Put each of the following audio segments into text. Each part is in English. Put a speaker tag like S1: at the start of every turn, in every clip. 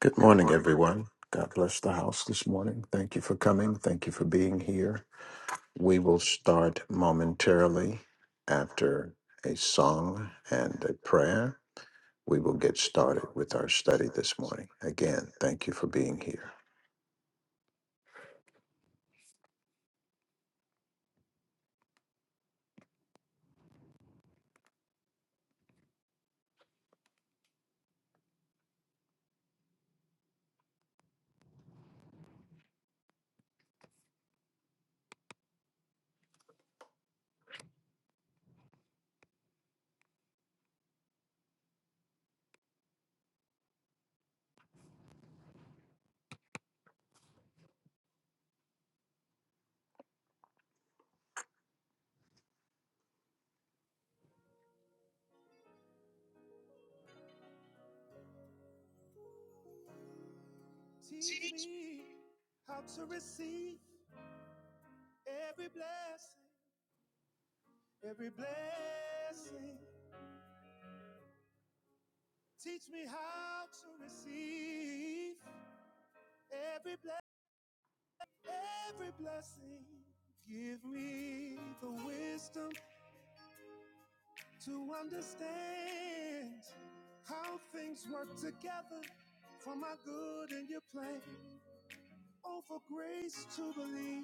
S1: Good morning, everyone. God bless the house this morning. Thank you for coming. Thank you for being here. We will start momentarily after a song and a prayer. We will get started with our study this morning. Again, thank you for being here.
S2: Teach me how to receive every blessing, every blessing. Teach me how to receive every blessing, every blessing. Give me the wisdom to understand how things work together for my good and your plan. Oh, for grace to believe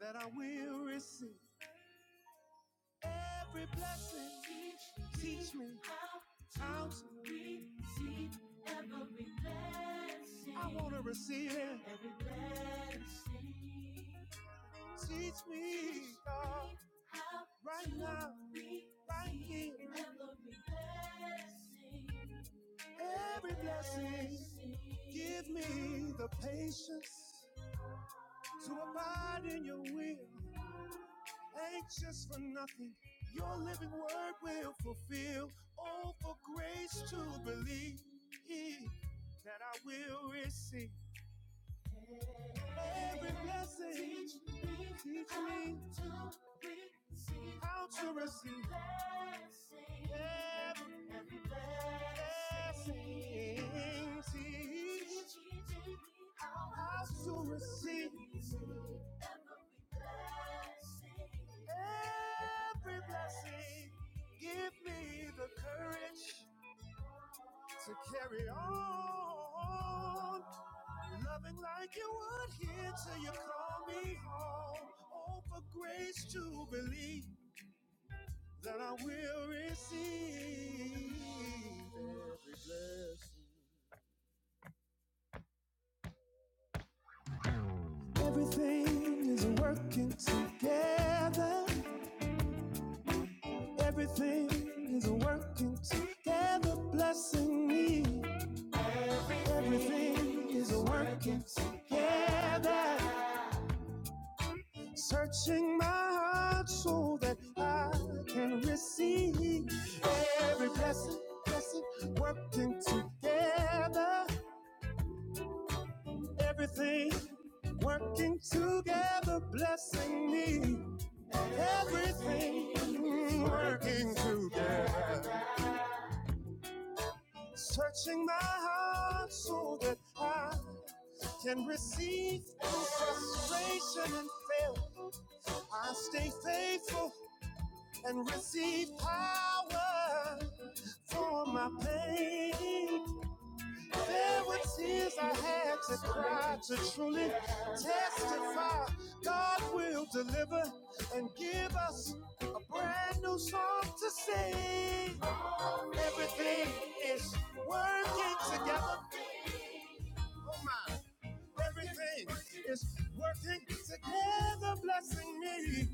S2: that I will receive every blessing. Teach me out. I wanna receive it. Teach me, God, right now, right here, every blessing. Give me the patience to abide in your will, anxious for nothing. Your living word will fulfill. Oh, for grace to believe that I will receive every blessing. Teach me teach me how to receive every blessings teach us receive every blessing. Give me the courage to carry on, loving like you would here till you call me home. Oh, for grace to believe that I will receive every blessing. Everything is working together. Everything is working together, blessing me. Everything is working together. Searching my heart so that I can receive every blessing, blessing, working together. Everything working together, blessing me. Everything working together. Searching my heart so that I can receive through frustration and fail. I stay faithful and receive power for my pain. There were tears I had to cry to truly testify. God will deliver and give us a brand new song to sing. Everything is working together. Oh my. Everything is working together, blessing me.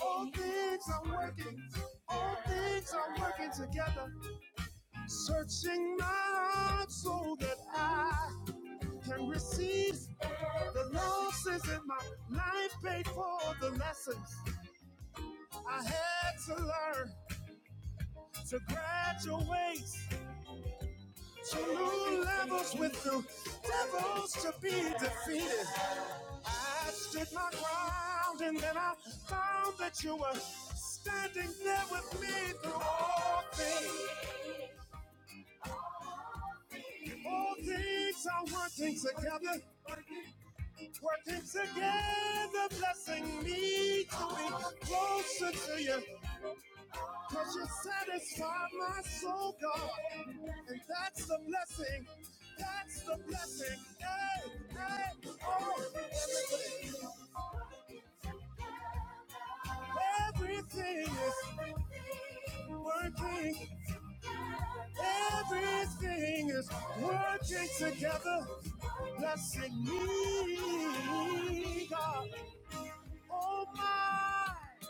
S2: All things are working. All things are working together. Searching my heart so that I can receive the losses in my life paid for the lessons I had to learn to graduate. To new levels with new devils to be defeated. I stood my ground and then I found that you were standing there with me through all things. All things are working together. Working together, blessing me to be closer to you. Cause you satisfy my soul, God. And that's the blessing. That's the blessing. Hey, hey, oh, everything. Everything is working. Everything is working together. Blessing me, God. Oh, my.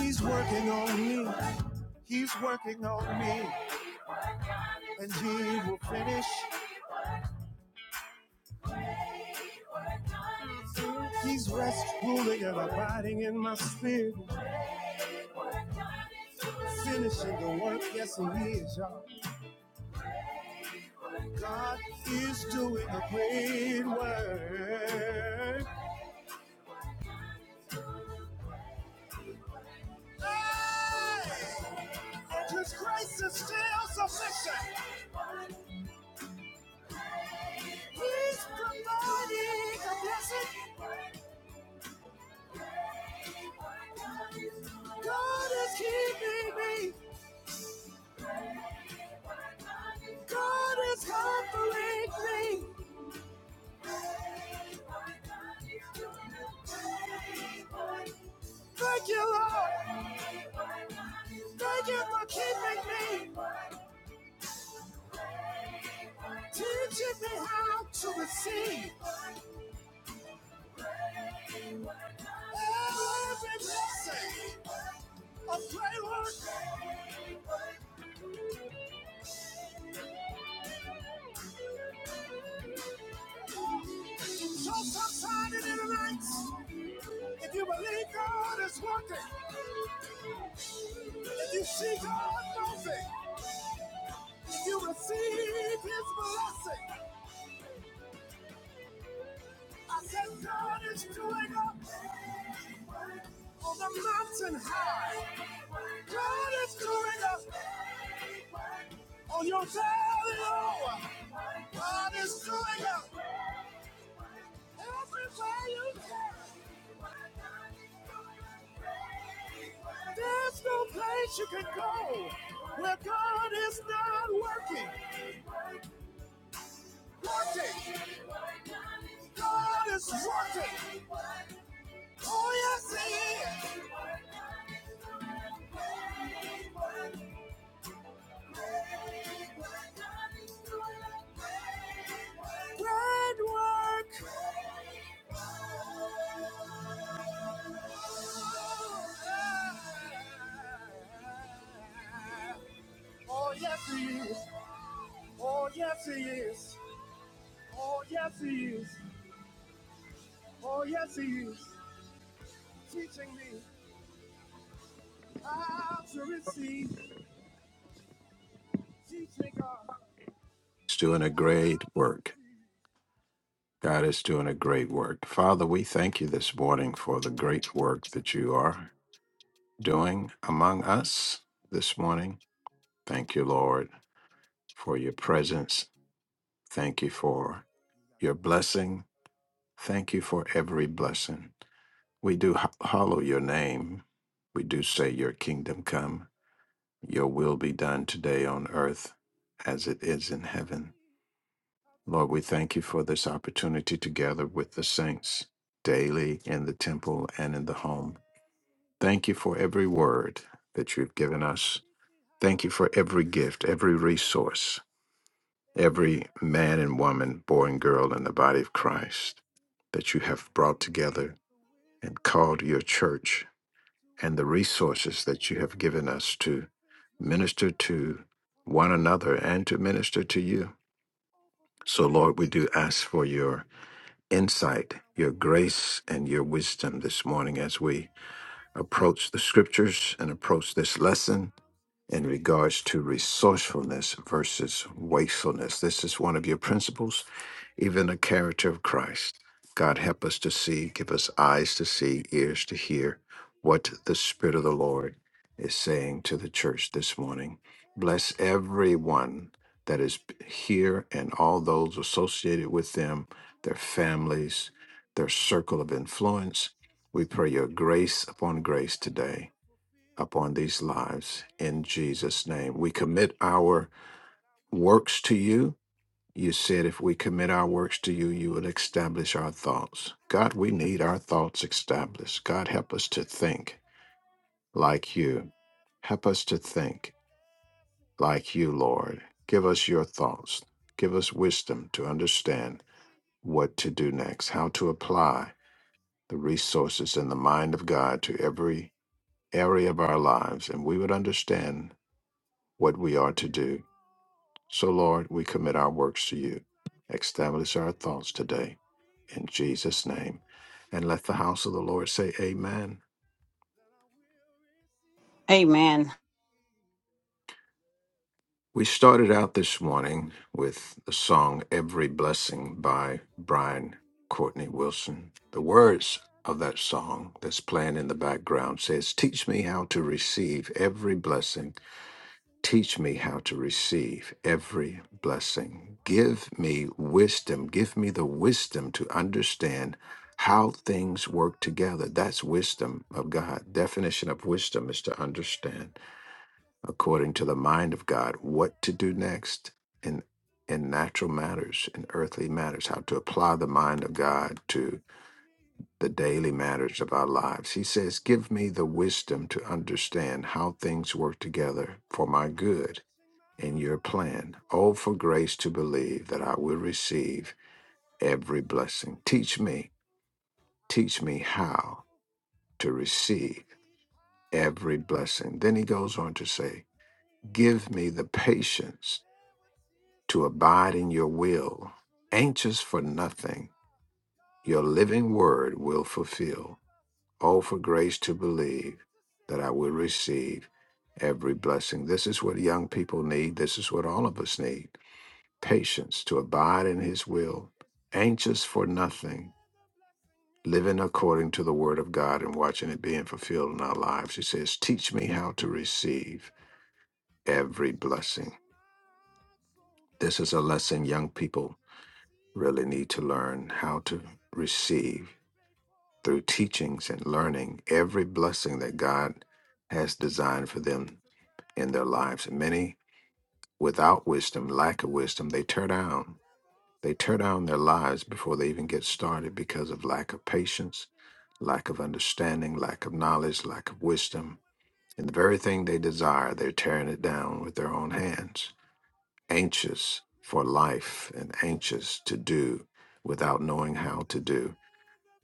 S2: He's working on me. He's working on me. And he will finish. He's rest ruling and abiding in my spirit. Finishing the work, yes, he is, y'all. God is doing a great work. And his grace is still sufficient. He's providing a blessing. God is keeping me. God is comforting me. Thank you, Lord. Thank you for keeping me. Teaching me how to receive every blessing a great work. So sometimes in the nights, if you believe God is working, if you see God moving, if you receive His blessing, I said God is doing up on the mountain high. God is doing up on your valley low. God is doing up everywhere you go. There's no place you can go where God is not working. Working. God is working. Oh, yes, He is. Great work. Oh, yes, He is. Oh, yes, He is. Oh, yes, He is. Oh, yes, He is teaching me how to receive. Teach me, God,
S1: It's doing a great
S2: how to
S1: work.
S2: receive.
S1: God is doing a great work. Father, we thank you this morning for the great work that you are doing among us this morning. Thank you, Lord, for your presence Thank you for
S2: You gotta
S1: your
S2: keep your hands open.
S1: blessing. Thank you for every blessing. We do ho- hallow your name. We do say, Your kingdom come, your will be done today on earth as it is in
S2: Teach
S1: heaven.
S2: me how to
S1: Lord, we thank you
S2: receive
S1: for this opportunity to gather with the
S2: every
S1: saints
S2: blessing.
S1: daily in the temple
S2: every
S1: and in the home.
S2: blessing.
S1: Thank you for every word that you've given us.
S2: Teach me
S1: Thank you
S2: how
S1: for every
S2: to
S1: gift, every
S2: receive
S1: resource
S2: every
S1: every
S2: blessing.
S1: man and woman, boy and girl in the body of
S2: every
S1: Christ
S2: blessing.
S1: that you
S2: Give
S1: have
S2: me the
S1: brought together
S2: wisdom
S1: and called your church
S2: to
S1: and the resources that you
S2: understand
S1: have given us
S2: how
S1: to
S2: things work
S1: minister
S2: together
S1: to
S2: for my
S1: one
S2: good
S1: another and
S2: and
S1: to
S2: your plan.
S1: minister to you.
S2: Oh, for
S1: So,
S2: grace to
S1: Lord, we do ask
S2: believe
S1: for your insight,
S2: that I
S1: your
S2: will
S1: grace,
S2: receive
S1: and your wisdom this morning as we
S2: every blessing.
S1: approach the
S2: Teach,
S1: scriptures and
S2: teach me
S1: approach this
S2: how,
S1: lesson
S2: how to
S1: in
S2: receive
S1: regards to
S2: every blessing.
S1: resourcefulness versus
S2: I want
S1: wastefulness.
S2: to
S1: This is
S2: receive
S1: one of your
S2: it.
S1: principles even the character of Christ. God, help us to
S2: Teach me,
S1: see, give us
S2: God,
S1: eyes to see, ears
S2: right now,
S1: to hear
S2: right here,
S1: what the Spirit
S2: every
S1: of the
S2: blessing.
S1: Lord is saying to the church this morning. Bless everyone that is
S2: Give me
S1: here
S2: the
S1: and all
S2: patience
S1: those associated with them,
S2: to
S1: their
S2: abide in your
S1: families,
S2: will.
S1: their circle of influence.
S2: anxious for
S1: We pray your
S2: nothing.
S1: grace
S2: Your
S1: upon
S2: living
S1: grace
S2: word
S1: today
S2: will fulfill.
S1: upon these
S2: Oh, for
S1: lives
S2: grace
S1: in
S2: to believe
S1: Jesus' name. We commit
S2: that
S1: our
S2: I will
S1: works to
S2: receive
S1: you you said if we commit our works to
S2: every
S1: you, you will
S2: blessing. you
S1: establish our
S2: Teach
S1: thoughts. God, we need our thoughts established.
S2: me
S1: God,
S2: how
S1: help us
S2: to
S1: to
S2: receive every blessing. Teach
S1: think
S2: me
S1: like you.
S2: how
S1: Help us to think
S2: to receive
S1: like you,
S2: every
S1: Lord.
S2: blessing.
S1: Give us your thoughts. Give us wisdom to understand what to do next, how to apply the resources in the mind of God to every
S2: Give
S1: area of
S2: me
S1: our
S2: the
S1: lives, and we would
S2: courage.
S1: understand what
S2: to
S1: we are to
S2: carry
S1: do
S2: on.
S1: So, Lord, we commit our works to you.
S2: Loving like you would here
S1: Establish our
S2: till
S1: thoughts
S2: you
S1: today
S2: call me
S1: in
S2: home.
S1: Jesus' name.
S2: Oh, for
S1: And let
S2: grace
S1: the
S2: to
S1: house of the Lord say,
S2: believe
S1: Amen.
S2: that I will receive
S3: Amen.
S2: every blessing.
S1: We started out this morning with the song Every Blessing by
S2: Everything
S1: Brian
S2: is
S1: Courtney
S2: working
S1: Wilson. The words of
S2: together.
S1: that song that's playing in the background says, Teach me
S2: Everything
S1: how to
S2: is
S1: receive
S2: working
S1: every blessing
S2: together, blessing
S1: Teach me
S2: me.
S1: how to receive every
S2: Everything is
S1: blessing.
S2: working together.
S1: Give me wisdom. Give me the wisdom to understand how
S2: Searching my
S1: things work
S2: heart
S1: together.
S2: so
S1: That's
S2: that I
S1: wisdom of
S2: can
S1: God. Definition
S2: receive
S1: of wisdom is to
S2: every
S1: understand,
S2: blessing, blessing working
S1: according to
S2: together,
S1: the
S2: everything
S1: mind of
S2: working
S1: God, what to do
S2: together,
S1: next in in natural
S2: blessing
S1: matters, in
S2: me,
S1: earthly matters, how to apply the
S2: everything
S1: mind of
S2: working
S1: God to the daily matters of our lives. He says, Give me the wisdom
S2: together.
S1: to understand how things work together for my good
S2: Searching my
S1: in your
S2: heart
S1: plan.
S2: so
S1: Oh, for
S2: that I
S1: grace to believe that I
S2: can
S1: will
S2: receive
S1: receive every blessing.
S2: frustration and
S1: Teach
S2: fail.
S1: me,
S2: I
S1: teach me
S2: stay
S1: how
S2: faithful
S1: to
S2: and
S1: receive
S2: receive power
S1: every
S2: for
S1: blessing. Then he goes on to
S2: my
S1: say,
S2: pain. There
S1: Give me the patience
S2: were tears
S1: to
S2: I had
S1: abide
S2: to
S1: in your
S2: cry to
S1: will,
S2: truly
S1: anxious for nothing,
S2: testify. God
S1: your
S2: will
S1: living word
S2: deliver
S1: will
S2: and give us a
S1: fulfill. Oh, for grace
S2: brand
S1: to
S2: new
S1: believe
S2: song to
S1: that I
S2: sing.
S1: will
S2: Everything is
S1: receive
S2: working
S1: every
S2: together.
S1: blessing. This is what young people
S2: Oh
S1: need. This is what
S2: my,
S1: all of us need
S2: everything
S1: patience to abide in his will,
S2: is working
S1: anxious for nothing,
S2: together, blessing me.
S1: living according to the word of God and watching it
S2: All
S1: being
S2: things
S1: fulfilled
S2: are
S1: in our
S2: working.
S1: lives. He says, Teach
S2: All
S1: me how
S2: things
S1: to
S2: are working
S1: receive
S2: together.
S1: every blessing.
S2: Searching out so that
S1: This is a lesson
S2: I
S1: young people
S2: can receive
S1: really
S2: the
S1: need to learn how to
S2: losses in my
S1: receive
S2: life, pay
S1: through
S2: for the
S1: teachings and
S2: lessons
S1: learning every
S2: I
S1: blessing that
S2: had to
S1: God
S2: learn
S1: has designed for them
S2: to
S1: in their lives. And
S2: graduate.
S1: many without
S2: She who
S1: wisdom,
S2: levels
S1: lack
S2: with the
S1: of wisdom, they tear
S2: devils to
S1: down They tear
S2: be
S1: down their lives
S2: defeated.
S1: before they
S2: I
S1: even get started because
S2: stood
S1: of
S2: my
S1: lack of patience,
S2: ground and then I
S1: lack of
S2: found that
S1: understanding,
S2: you were
S1: lack of knowledge,
S2: standing
S1: lack
S2: there
S1: of
S2: with me
S1: wisdom. And the
S2: through
S1: very thing they
S2: all
S1: desire, they're
S2: things.
S1: tearing it down with their own hands,
S2: All things are working
S1: anxious
S2: together,
S1: for life and
S2: working together,
S1: anxious to do
S2: blessing me to
S1: without knowing how to do.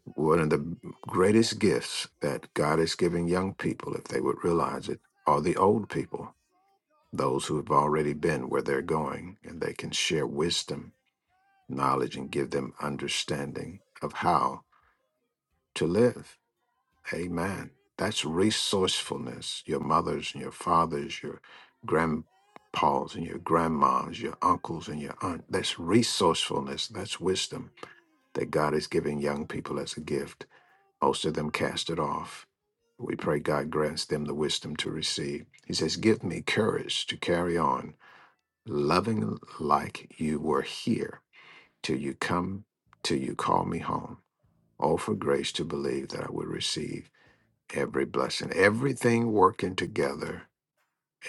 S1: One of the
S2: be
S1: greatest gifts that God
S2: closer
S1: is
S2: to you.
S1: giving young people, if they would
S2: Cause
S1: realize
S2: you
S1: it, are the
S2: satisfy
S1: old
S2: my
S1: people,
S2: soul, God. And
S1: those
S2: that's
S1: who
S2: the
S1: have
S2: blessing.
S1: already
S2: That's
S1: been where
S2: the
S1: they're
S2: blessing.
S1: going, and they can
S2: Hey, hey,
S1: share
S2: oh. Everything is
S1: wisdom
S2: working.
S1: knowledge and give them understanding of how to live. Amen. That's
S2: Everything is working together. Blessing
S1: resourcefulness. Your
S2: me,
S1: mothers
S2: God.
S1: and your fathers, your grandpas and your grandmas, your uncles and your aunt. That's resourcefulness. That's wisdom that God is giving young people as a gift.
S2: Oh,
S1: Most of them cast it off. We
S2: my.
S1: pray God grants them the wisdom to receive. He says, Give me courage to carry on, loving like you were here till you come, till you call me home. Oh, for grace to believe that I would receive every blessing, everything working together,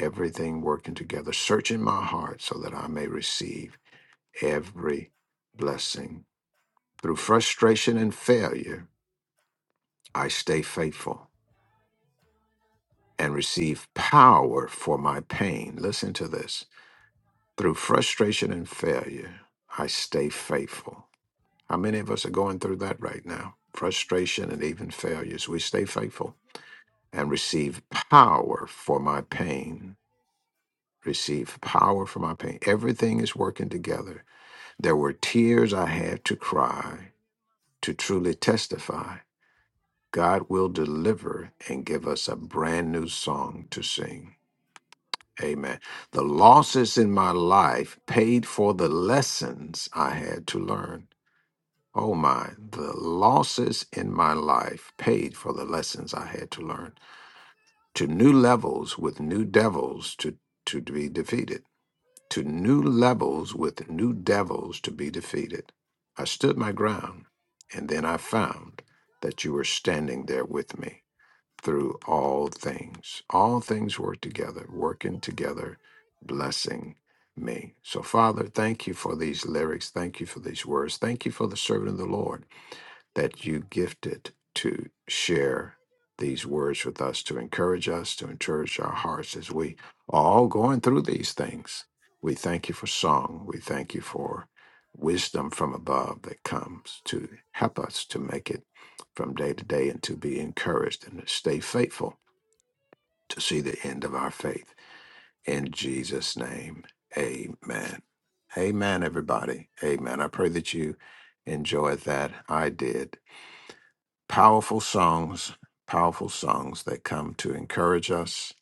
S1: everything working together, searching my heart so that I may receive every blessing. Through frustration and failure, I stay faithful and receive power for my pain. Listen to this. Through frustration and failure, I stay faithful. How many of us are going through that right now? Frustration and even failures. We stay
S2: He's
S1: faithful
S2: working on me. He's working on
S1: and
S2: me.
S1: receive power for my
S2: And he will
S1: pain.
S2: finish.
S1: Receive power for my pain. Everything is working together.
S2: He's
S1: There were
S2: rest ruling and
S1: tears I had to cry
S2: abiding in my spirit,
S1: to
S2: finishing the work.
S1: truly testify. God will
S2: Yes, He is. y'all.
S1: deliver and give
S2: God
S1: us
S2: is
S1: a
S2: doing great
S1: brand
S2: work.
S1: new song to sing. Amen. The losses in my life paid for the lessons I had to learn. Oh my, the losses in my life paid for the lessons I had to learn.
S2: His grace is still
S1: to
S2: sufficient.
S1: new levels with new devils to, to be defeated. To new levels with new devils to be defeated. I stood my ground, and then I found that you were standing there with me through all things. All things work together, working together, blessing me. So, Father, thank you for these lyrics. Thank you for these words. Thank you for the servant of the Lord that you gifted to share these words with us, to encourage us, to encourage our hearts as we are all going through these things. We thank you for song. We thank you for wisdom from above that comes to help us to make it from day to day and to be encouraged and to stay faithful to see the end of our faith. In Jesus' name, amen. Amen, everybody. Amen. I pray that you enjoyed that. I did. Powerful songs, powerful songs that come to encourage us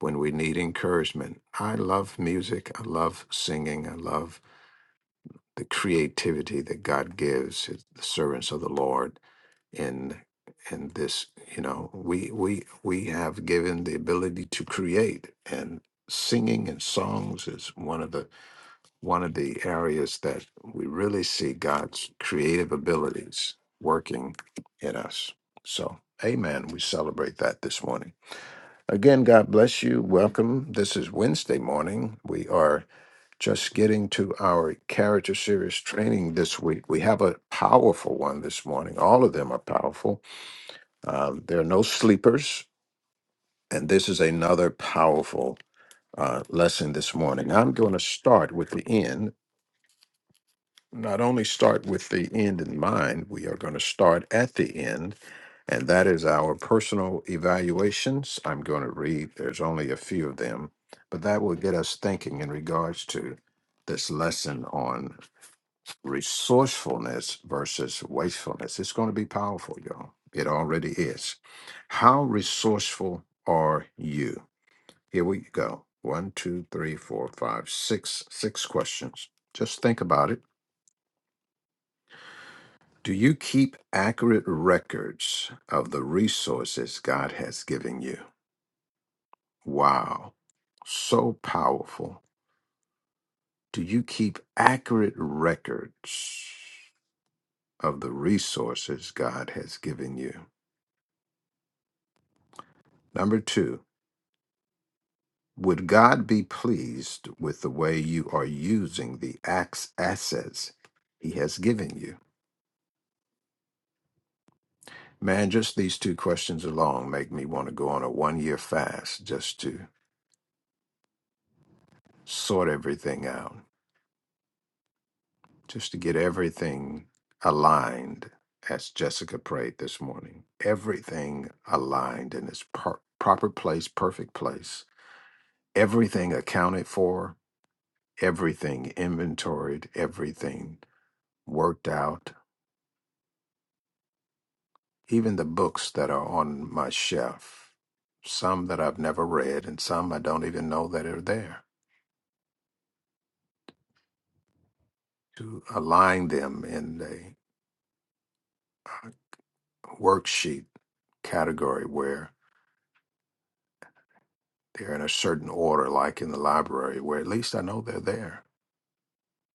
S1: when we need encouragement. I love music. I love singing. I love the creativity that God gives his, the servants of the Lord in in this, you know, we we we have given the ability to create and singing and songs is one of the one of the areas that we really see God's creative abilities working in us. So, amen. We celebrate that this morning. Again, God bless you. Welcome. This is Wednesday morning. We are just getting to our character series training this week. We have a powerful one this morning. All of them are powerful. Um, there are no sleepers. And this is another powerful uh, lesson this morning. I'm going to start with the end not only start with the end in mind, we are going to start at the end, and that is our personal evaluations. I'm going to read, there's only a few of them, but that will get us thinking in regards to this lesson on resourcefulness versus wastefulness. It's going to be powerful, y'all. It already is. How resourceful are you? Here we go. One, two, three, four, five, six, six questions. Just think about it Do you keep accurate records of the resources God has given you? Wow, so powerful. Do you keep accurate records of the resources God has given you? Number two, would God be pleased with the way you are using the axe assets He has given you? Man, just these two questions alone make me want to go on a one year fast just to sort everything out. just to get everything aligned as Jessica prayed this morning. Everything aligned in its per- proper place, perfect place. Everything accounted for, everything inventoried, everything worked out. Even the books that are on my shelf, some that I've never read and some I don't even know that are there, to align them in a uh, worksheet category where. They're in a certain order, like in the library, where at least I know they're there.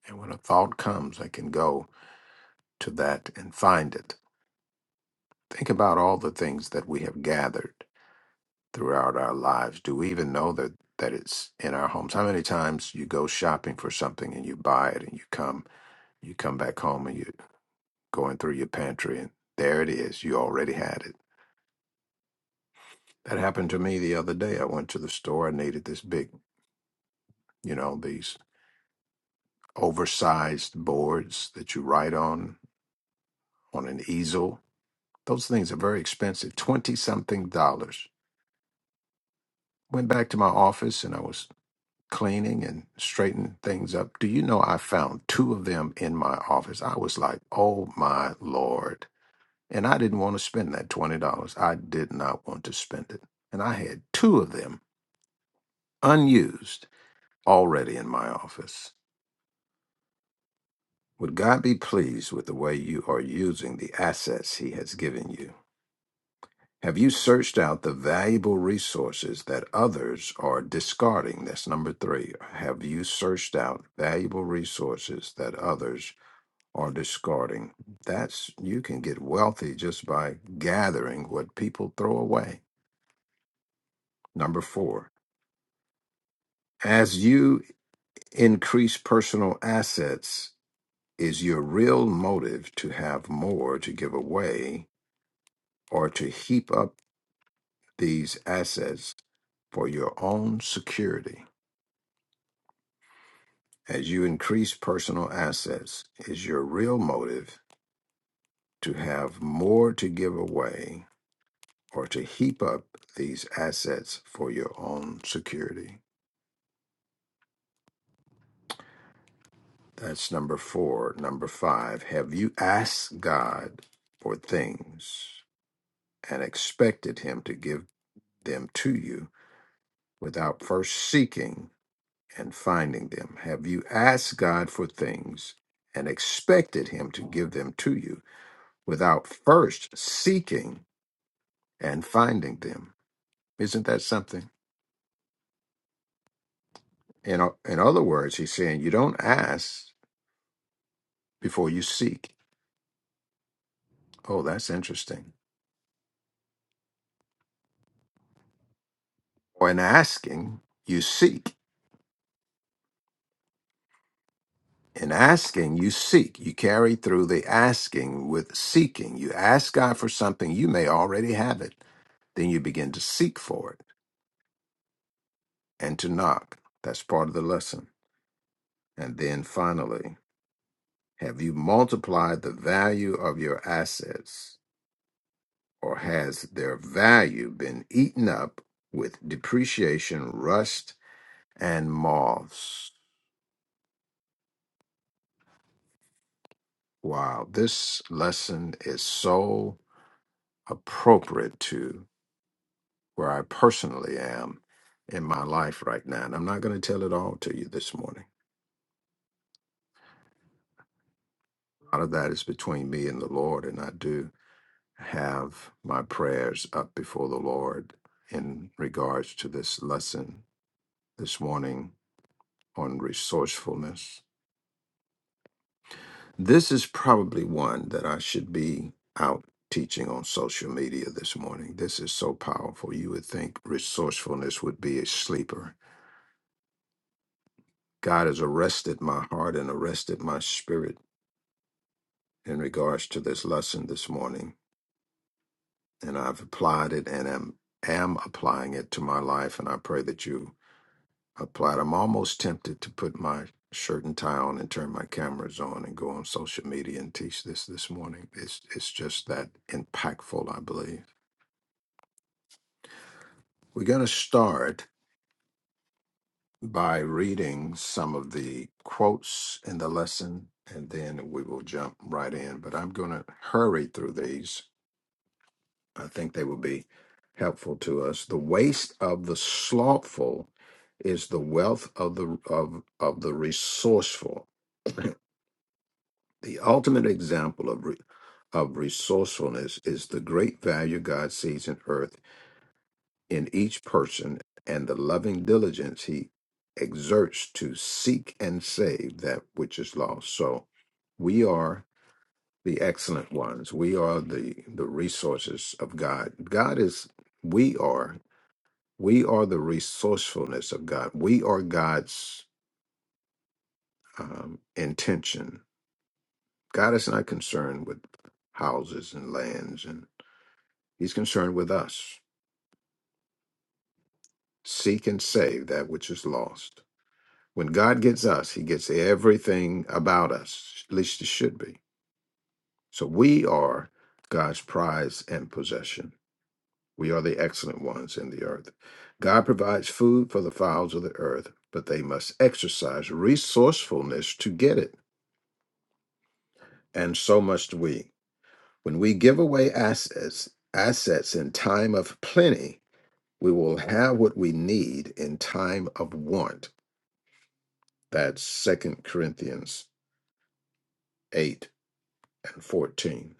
S1: And when a thought comes, I can go to that and find it. Think about all the things that we have gathered throughout our lives. Do we even know that, that it's in our homes? How many times you go shopping for something and you buy it and you come you come back home and you're going through your pantry and there it is. You already had it. That happened to me the other day. I went to the store. I needed this big, you know, these oversized boards that you write on on an easel. Those things are very expensive, 20 something dollars. Went back to my office and I was cleaning and straightening things up. Do you know I found two of them in my office? I was like, oh my Lord. And I didn't want to spend that $20. I did not want to spend it. And I had two of them unused already in my office. Would God be pleased with the way you are using the assets He has given you? Have you searched out the valuable resources that others are discarding? That's number three. Have you searched out valuable resources that others are discarding? That's, you can get wealthy just by gathering what people throw away. Number four, as you increase personal assets, is your real motive to have more to give away or to heap up these assets for your own security? As you increase personal assets, is your real motive to have more to give away or to heap up these assets for your own security? That's number four. Number five, have you asked God for things and expected Him to give them to you without first seeking and finding them? Have you asked God for things and expected Him to give them to you without first seeking? and finding them. Isn't that something? In, o- in other words, he's saying you don't ask before you seek. Oh, that's interesting. Or in asking, you seek. In asking, you seek. You carry through the asking with seeking. You ask God for something, you may already have it. Then you begin to seek for it and to knock. That's part of the lesson. And then finally, have you multiplied the value of your assets? or has their value been eaten up with depreciation, rust, and moths? Wow, this lesson is so appropriate to where I personally am in my life right now. And I'm not going to tell it all to you this morning. A lot of that is between me and the Lord, and I do have my prayers up before the Lord in regards to this lesson this morning on resourcefulness. This is probably one that I should be out teaching on social media this morning. This is so powerful. You would think resourcefulness would be a sleeper. God has arrested my heart and arrested my spirit in regards to this lesson this morning. And I've applied it and am, am applying it to my life. And I pray that you apply it. I'm almost tempted to put my shirt and tie on and turn my cameras on and go on social media and teach this this morning. It's, it's just that impactful, I believe. We're going to start by reading some of the quotes in the lesson, and then we will jump right in. But I'm going to hurry through these. I think they will be helpful to us. The waste of the slothful is the wealth of the of of the resourceful. The ultimate example of re, of resourcefulness is the great value God sees in earth in each person and the loving diligence he exerts to seek and save that which is lost. So we are the excellent ones. We are the the resources of God. God is we are we are the resourcefulness of God. We are God's um, intention. God is not concerned with houses and lands and he's concerned with us. Seek and save that which is lost. When God gets us, he gets everything about us, at least it should be. So we are God's prize and possession. We are the excellent ones in the earth. God provides food for the fowls of the earth, but they must exercise resourcefulness to get it, and so must we. When we give away assets, assets in time of plenty, we will have what we need in time of want. That's Second Corinthians 8 and 14.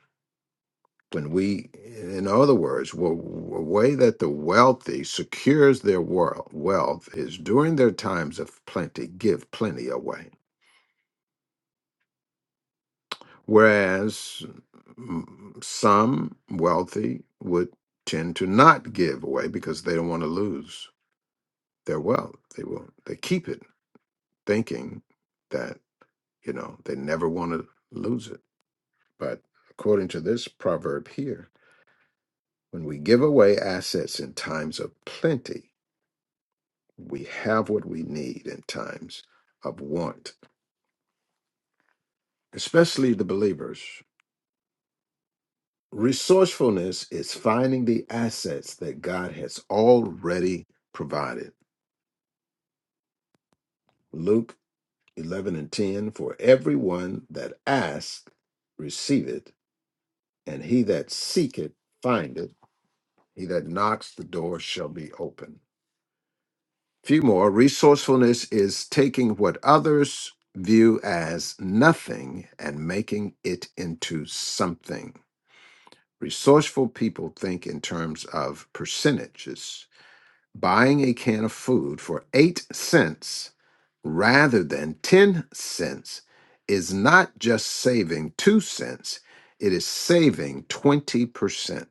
S1: When we, in other words, w- w- a way that the wealthy secures their wor- wealth is during their times of plenty, give plenty away. Whereas mm, some wealthy would tend to not give away because they don't want to lose their wealth. They will they keep it, thinking that you know they never want to lose it. But according to this proverb here, when we give away assets in times of plenty, We have what we need in times of want, especially the believers. Resourcefulness is finding the assets that God has already provided. Luke 11 and 10 For everyone that asks, receiveth, and he that seeketh, findeth. He that knocks, the door shall be open. Few more. Resourcefulness is taking what others view as nothing and making it into something. Resourceful people think in terms of percentages. Buying a can of food for 8 cents rather than 10 cents is not just saving 2 cents, it is saving 20%.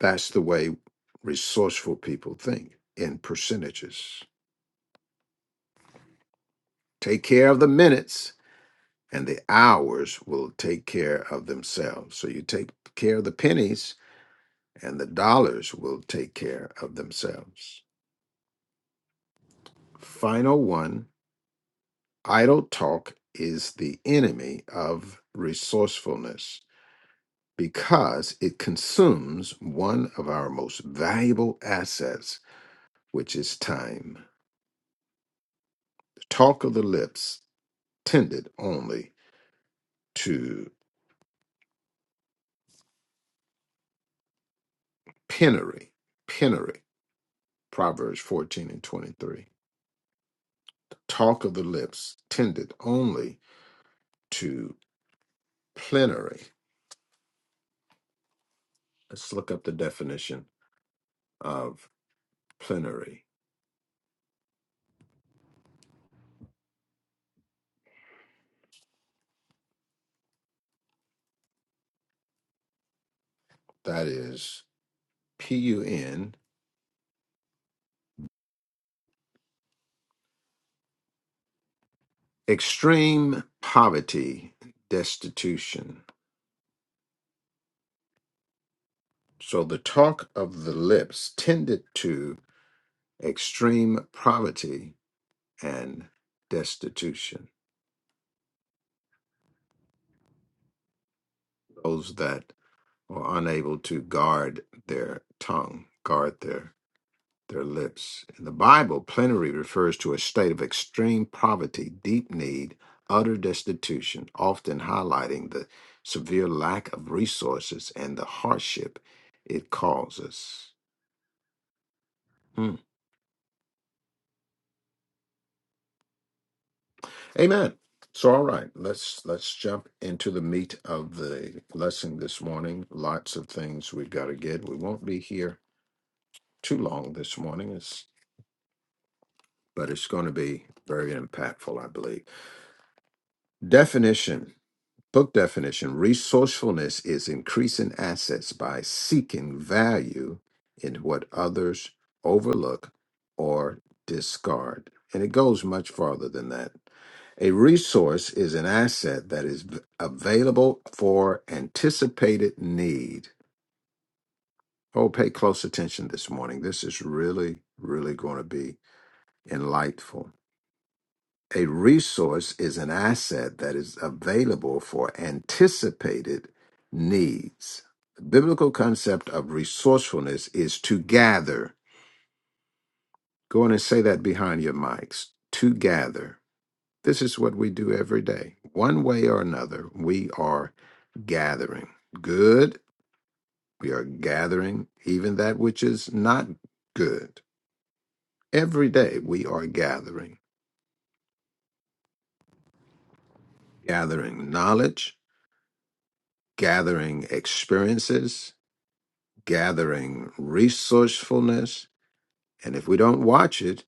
S1: That's the way resourceful people think in percentages. Take care of the minutes, and the hours will take care of themselves. So you take care of the pennies, and the dollars will take care of themselves. Final one idle talk is the enemy of resourcefulness because it consumes one of our most valuable assets, which is time. The talk of the lips tended only to penury, penury, Proverbs 14 and 23. Talk of the lips tended only to plenary. Let's look up the definition of plenary. That is P U N. Extreme poverty, destitution. So the talk of the lips tended to extreme poverty and destitution. Those that are unable to guard their tongue, guard their their lips. In the Bible, plenary refers to a state of extreme poverty, deep need, utter destitution, often highlighting the severe lack of resources and the hardship it causes. Mm. Amen. So, all right, let's let's jump into the meat of the lesson this morning. Lots of things we've got to get. We won't be here too long this morning, it's, but it's going to be very impactful, I believe. Definition Book definition resourcefulness is increasing assets by seeking value in what others overlook or discard. And it goes much farther than that. A resource is an asset that is v- available for anticipated need. Oh, pay close attention this morning. This is really, really going to be enlightful. A resource is an asset that is available for anticipated needs. The biblical concept of resourcefulness is to gather. Go on and say that behind your mics to gather. This is what we do every day. One way or another, we are gathering. Good, we are gathering even that which is not good. Every day, we are gathering, gathering knowledge, gathering experiences, gathering resourcefulness. And if we don't watch it,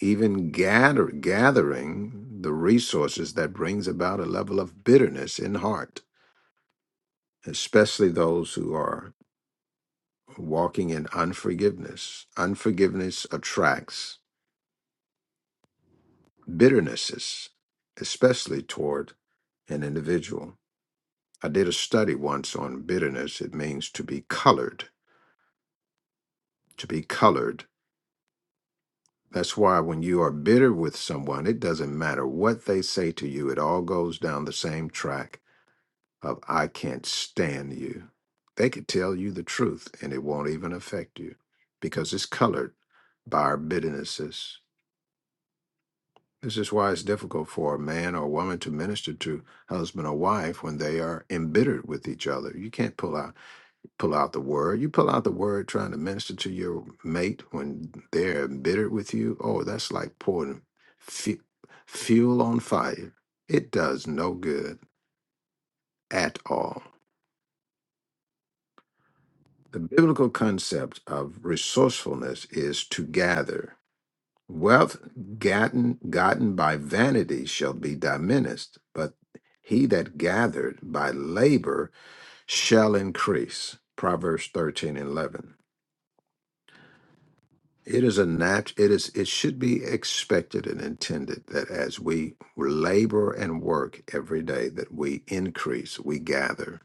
S1: even gather, gathering the resources that brings about a level of bitterness in heart, especially those who are walking in unforgiveness. Unforgiveness attracts bitternesses, especially toward an individual. I did a study once on bitterness. It means to be colored, to be colored That's why when you are bitter with someone, it doesn't matter what they say to you, it all goes down the same track of I can't stand you. They could tell you the truth and it won't even affect you because it's colored by our bitternesses. This is why it's difficult for a man or woman to minister to husband or wife when they are embittered with each other. You can't pull out pull out the word. You pull out the word trying to minister to your mate when they're embittered with you. Oh, that's like pouring fu- fuel on fire. It does no good at all. The biblical concept of resourcefulness is to gather. Wealth gotten, gotten by vanity shall be diminished, but he that gathered by labor shall increase. Proverbs 13 and 11. It is a nat it is it should be expected and intended that as we labor and work every day that we increase, we gather.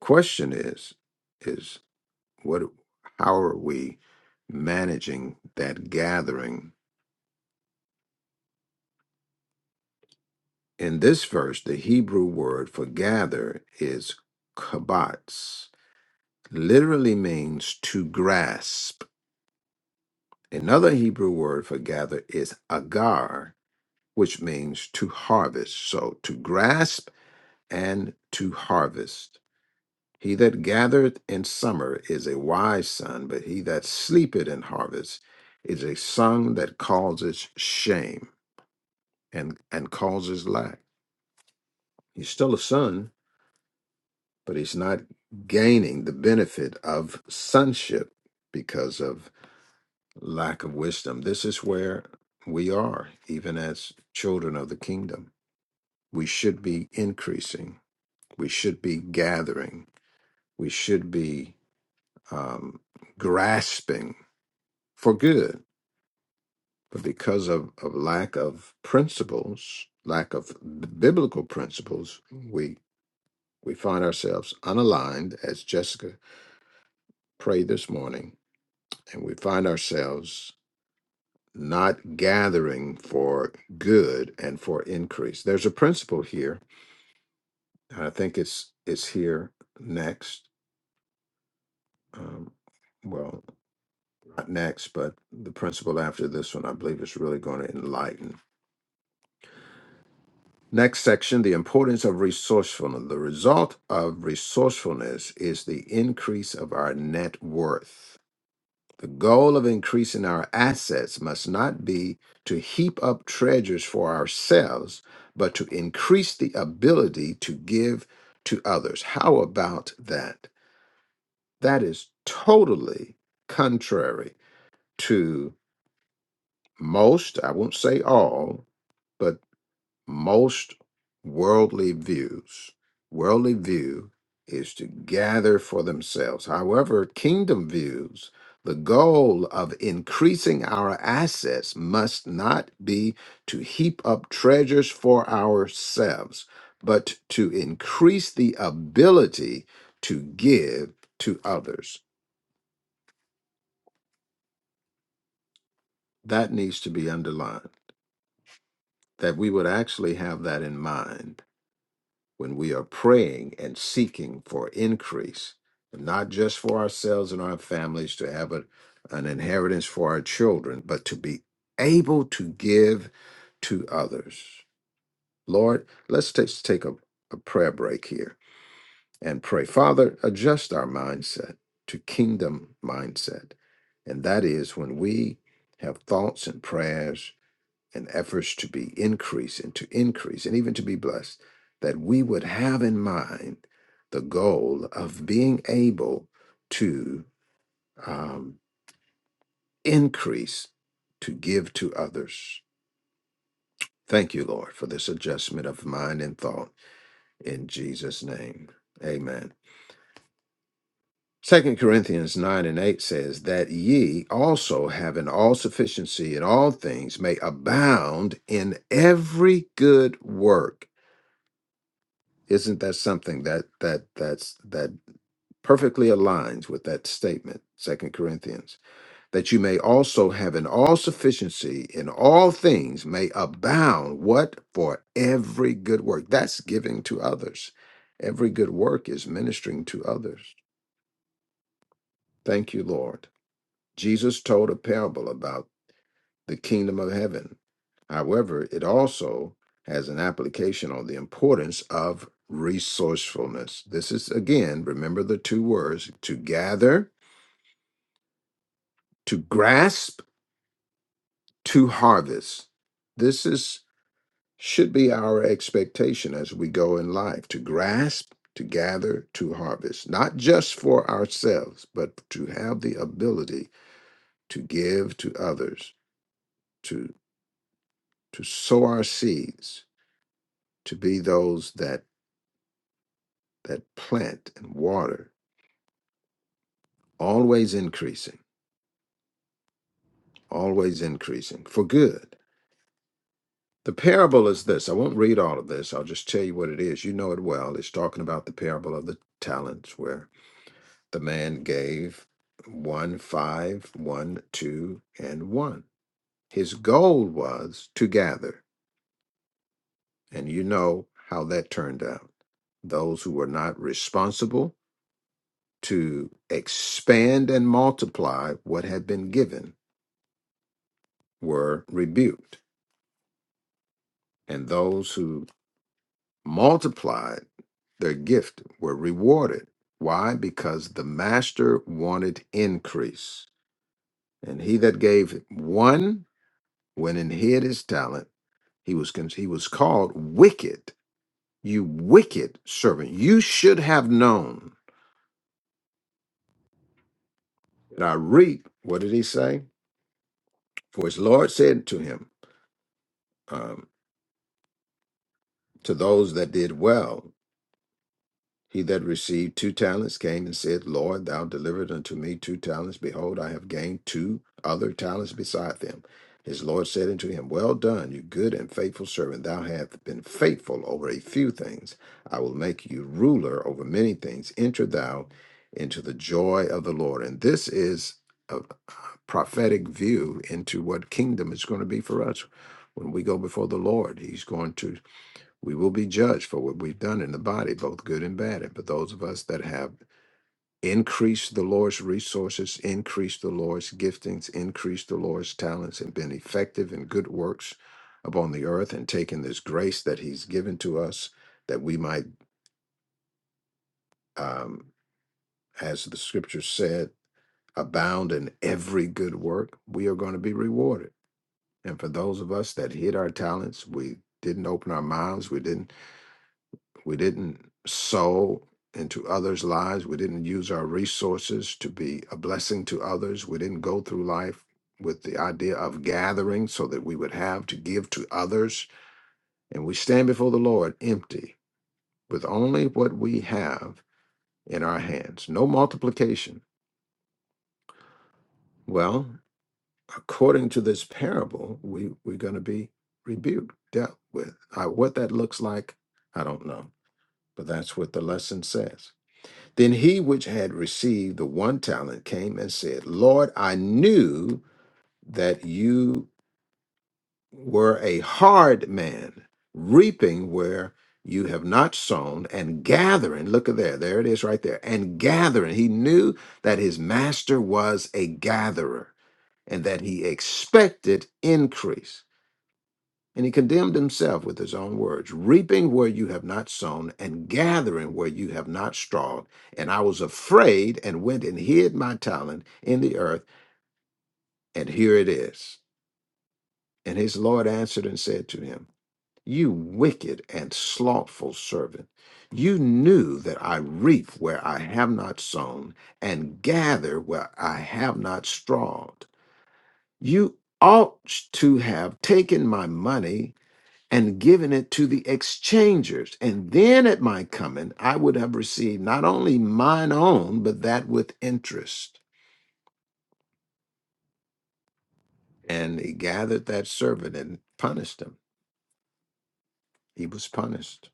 S1: Question is is what how are we managing that gathering? In this verse, the Hebrew word for gather is kabats, literally means to grasp. Another Hebrew word for gather is agar, which means to harvest. So to grasp and to harvest. He that gathereth in summer is a wise son, but he that sleepeth in harvest is a son that causes shame and, and causes lack. He's still a son, but he's not gaining the benefit of sonship because of lack of wisdom. This is where we are, even as children of the kingdom. We should be increasing We should be gathering. We should be um, grasping for good. But because of, of lack of principles, lack of b- biblical principles, we we find ourselves unaligned, as Jessica prayed this morning, and we find ourselves not gathering for good and for increase. There's a principle here, and I think it's it's here next. Um, well. not next, but the principle after this one, I believe, is really going to enlighten. Next section the importance of resourcefulness. The result of resourcefulness is the increase of our net worth. The goal of increasing our assets must not be to heap up treasures for ourselves, but to increase the ability to give to others. How about that? That is totally contrary to most, I won't say all, but most worldly views, worldly view is to gather for themselves. However, kingdom views, the goal of increasing our assets must not be to heap up treasures for ourselves, but to increase the ability to give to others. That needs to be underlined, that we would actually have that in mind when we are praying and seeking for increase, not just for ourselves and our families to have a, an inheritance for our children, but to be able to give to others. Lord, let's ta- take a, a prayer break here and pray. Father, adjust our mindset to kingdom mindset. And that is when we have thoughts and prayers and efforts to be increased and to increase and even to be blessed, that we would have in mind the goal of being able to um, increase, to give to others. Thank you, Lord, for this adjustment of mind and thought in Jesus' name. Amen. Second Corinthians 9 and 8 says, That ye also having all sufficiency in all things may abound in every good work Isn't that something that that that's that perfectly aligns with that statement, Second Corinthians, that you may also have an all sufficiency in all things may abound what for every good work. That's giving to others. Every good work is ministering to others. Thank you, Lord. Jesus told a parable about the kingdom of heaven. However, it also has an application on the importance of resourcefulness. This is, again, remember the two words to gather, to grasp, to harvest. This is should be our expectation as we go in life to grasp, to gather, to harvest, not just for ourselves, but to have the ability to give to others, to to sow our seeds, to be those that that plant and water, always increasing, always increasing for good. The parable is this. I won't read all of this. I'll just tell you what it is. You know it well. It's talking about the parable of the talents, where the man gave one, five, one, two, and one. His goal was to gather. And you know how that turned out. Those who were not responsible to expand and multiply what had been given were rebuked, and those who multiplied their gift were rewarded. Why? Because the master wanted increase. And he that gave one went and hid his talent. He was con- he was called wicked. You wicked servant. You should have known that I reap. What did he say? For his Lord said to him, um, to those that did well. He that received two talents came and said, Lord, thou delivered unto me two talents. Behold, I have gained two other talents beside them. His Lord said unto him, Well done, you good and faithful servant. Thou hast been faithful over a few things. I will make you ruler over many things. Enter thou into the joy of the Lord. And this is a prophetic view into what kingdom is going to be for us. When we go before the Lord, He's going to we will be judged for what we've done in the body, both good and bad. And for those of us that have increased the Lord's resources, increased the Lord's giftings, increased the Lord's talents, and been effective in good works upon the earth, and taken this grace that He's given to us, that we might, um, as the scripture said, abound in every good work, we are going to be rewarded. And for those of us that hid our talents, we didn't open our mouths, we didn't We didn't sow into others' lives. We didn't use our resources to be a blessing to others. We didn't go through life with the idea of gathering so that we would have to give to others. And we stand before the Lord empty with only what we have in our hands, no multiplication. Well, according to this parable, we, we're going to be rebuked, dealt with. Uh, what that looks like, I don't know, but that's what the lesson says. Then he which had received the one talent came and said, Lord, I knew that you were a hard man, reaping where you have not sown and gathering. Look at there, there it is right there. And gathering. He knew that his master was a gatherer and that he expected increase. And he condemned himself with his own words, reaping where you have not sown and gathering where you have not strawed. And I was afraid and went and hid my talent in the earth, and here it is. And his Lord answered and said to him, You wicked and slothful servant, you knew that I reap where I have not sown and gather where I have not strawed. You ought to have taken my money and given it to the exchangers. And then at my coming, I would have received not only mine own, but that with interest. And he gathered that servant and punished him. He was punished.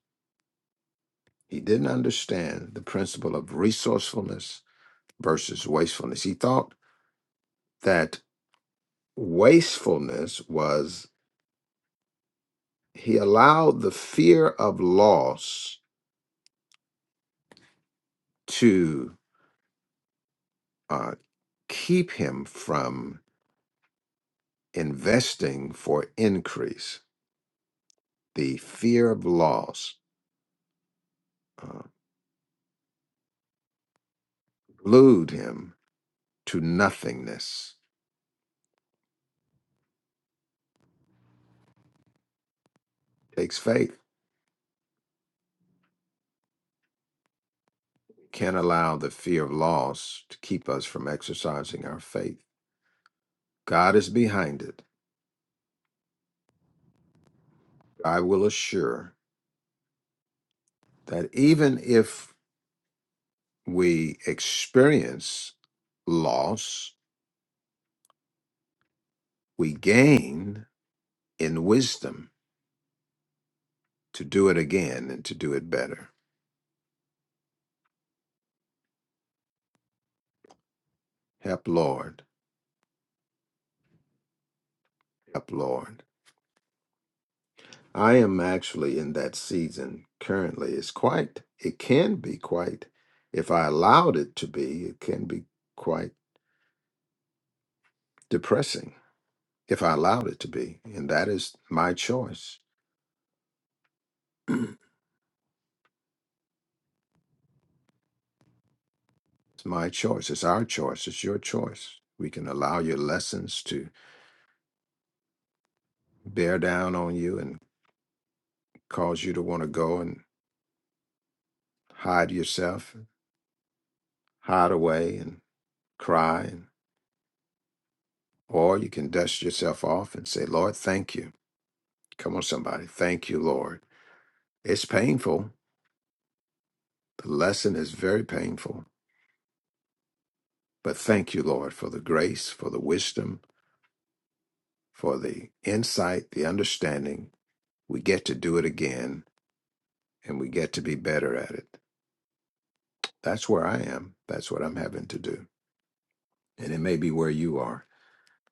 S1: He didn't understand the principle of resourcefulness versus wastefulness. He thought that wastefulness was, he allowed the fear of loss to uh, keep him from investing for increase The fear of loss uh, glued him to nothingness. Takes faith. Can't allow the fear of loss to keep us from exercising our faith. God is behind it. I will assure that even if we experience loss, we gain in wisdom to do it again and to do it better. Help, Lord. Help, Lord. I am actually in that season currently. It's quite, it can be quite, if I allowed it to be, it can be quite depressing if I allowed it to be. And that is my choice. it's my choice. It's our choice. It's your choice. We can allow your lessons to bear down on you and cause you to want to go and hide yourself, hide away and cry. And, or you can dust yourself off and say, Lord, thank you. Come on, somebody. Thank you, Lord It's painful. The lesson is very painful. But thank you, Lord, for the grace, for the wisdom, for the insight, the understanding. We get to do it again and we get to be better at it. That's where I am. That's what I'm having to do. And it may be where you are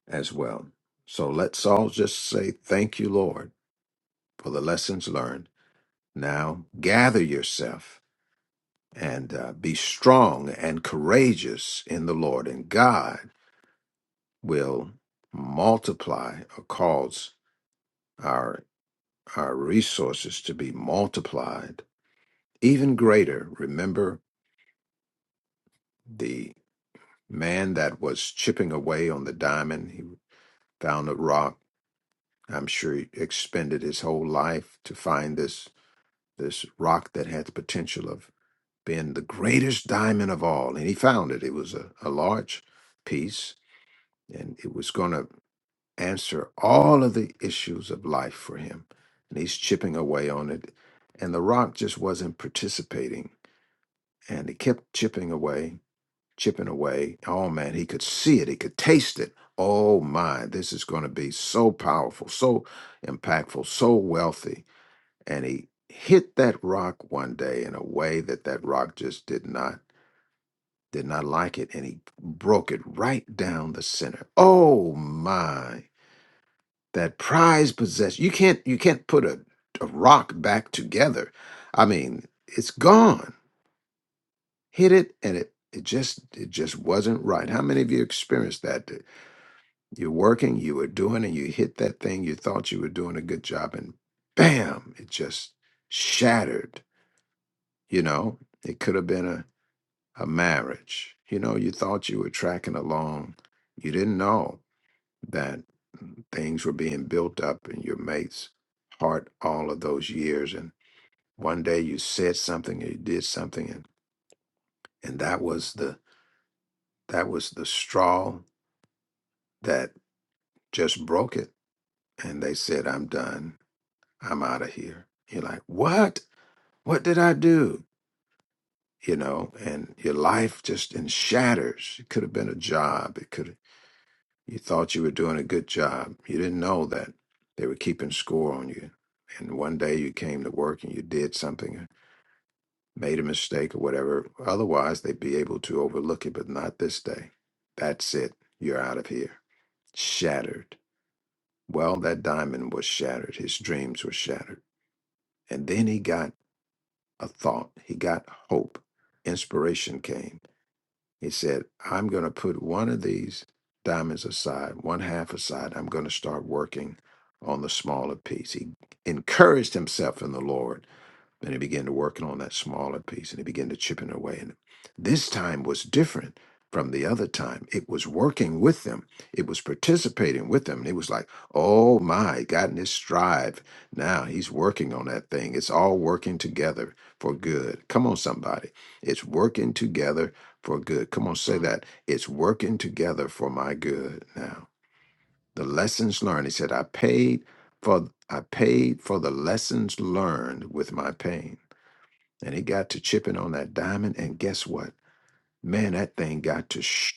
S1: as well. So let's all just say, Thank you, Lord, for the lessons learned. Now gather yourself and uh, be strong and courageous in the Lord and God will multiply or cause our our resources to be multiplied even greater remember the man that was chipping away on the diamond he found a rock i'm sure he expended his whole life to find this this rock that had the potential of being the greatest diamond of all and he found it it was a, a large piece and it was going to answer all of the issues of life for him. And he's chipping away on it. And The Rock just wasn't participating. And he kept chipping away, chipping away. Oh man, he could see it, he could taste it. Oh my, this is going to be so powerful, so impactful, so wealthy. And he hit that rock one day in a way that that rock just did not did not like it and he broke it right down the center. Oh my. that prized possession. You can't you can't put a, a rock back together. I mean, it's gone. Hit it and it it just it just wasn't right. How many of you experienced that? that You're working, you were doing, and you hit that thing you thought you were doing a good job, and bam, it just shattered. You know, it could have been a, a marriage. You know, you thought you were tracking along. You didn't know that things were being built up in your mate's heart all of those years and one day you said something or you did something and and that was the that was the straw that just broke it and they said i'm done i'm out of here you're like what what did i do you know and your life just in shatters it could have been a job it could You thought you were doing a good job. You didn't know that they were keeping score on you. And one day you came to work and you did something, made a mistake or whatever. Otherwise, they'd be able to overlook it, but not this day. That's it. You're out of here. Shattered. Well, that diamond was shattered. His dreams were shattered. And then he got a thought, he got hope. Inspiration came He said, I'm going to put one of these diamonds aside, one half aside. I'm going to start working on the smaller piece. He encouraged himself in the Lord and they began to working on that smaller piece and they began to chipping away. And this time was different from the other time. It was working with them. It was participating with them. And it was like, oh my, got in this strive. Now he's working on that thing. It's all working together for good. Come on, somebody. It's working together for good. Come on, say that. It's working together for my good now. The lessons learned. He said, I paid for I paid for the lessons learned with my pain and it got to chipping on that diamond. And guess what? Man, that thing got to sh-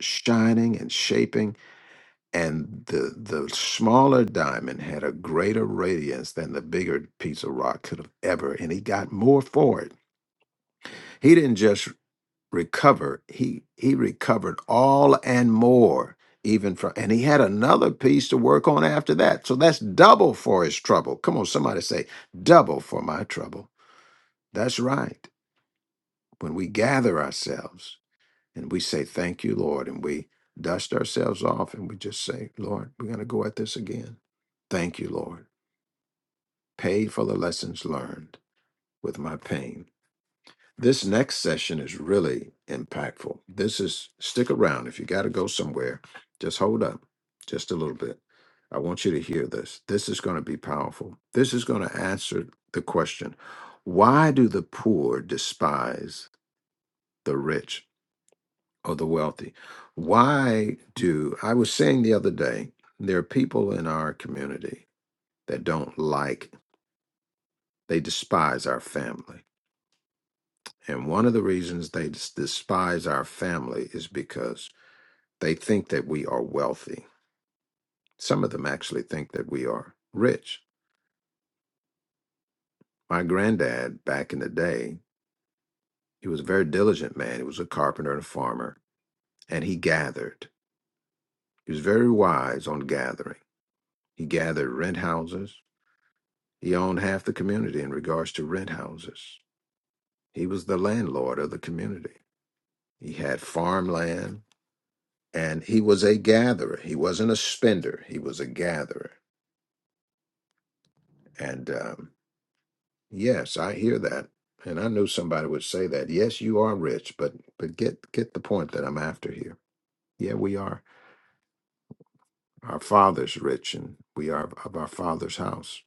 S1: shining and shaping, and the the smaller diamond had a greater radiance than the bigger piece of rock could have ever. And he got more for it. He didn't just recover; he he recovered all and more. Even from, and he had another piece to work on after that. So that's double for his trouble. Come on, somebody say, double for my trouble. That's right. When we gather ourselves And we say, Thank you, Lord. And we dust ourselves off and we just say, Lord, we're going to go at this again. Thank you, Lord. Pay for the lessons learned with my pain. This next session is really impactful. This is, stick around. If you got to go somewhere, just hold up just a little bit. I want you to hear this. This is going to be powerful. This is going to answer the question why do the poor despise the rich? or the wealthy. Why do I was saying the other day, there are people in our community that don't like, they despise our family. And one of the reasons they des- despise our family is because they think that we are wealthy. Some of them actually think that we are rich. My granddad back in the day, he was a very diligent man. He was a carpenter and a farmer, and he gathered. He was very wise on gathering. He gathered rent houses. He owned half the community in regards to rent houses. He was the landlord of the community. He had farmland and he was a gatherer. He wasn't a spender, he was a gatherer. And um, yes, I hear that. And I knew somebody would say that. Yes, you are rich, but but get get the point that I'm after here. Yeah, we are our father's rich and we are of our father's house.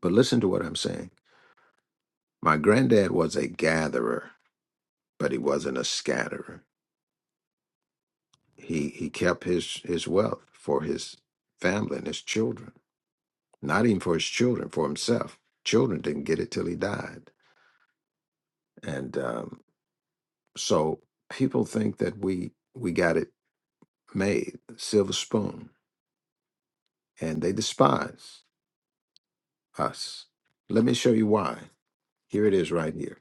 S1: But listen to what I'm saying. My granddad was a gatherer, but he wasn't a scatterer. he he kept his his wealth for his family and his children not even for his children for himself children didn't get it till he died and um, so people think that we we got it made silver spoon and they despise us let me show you why here it is right here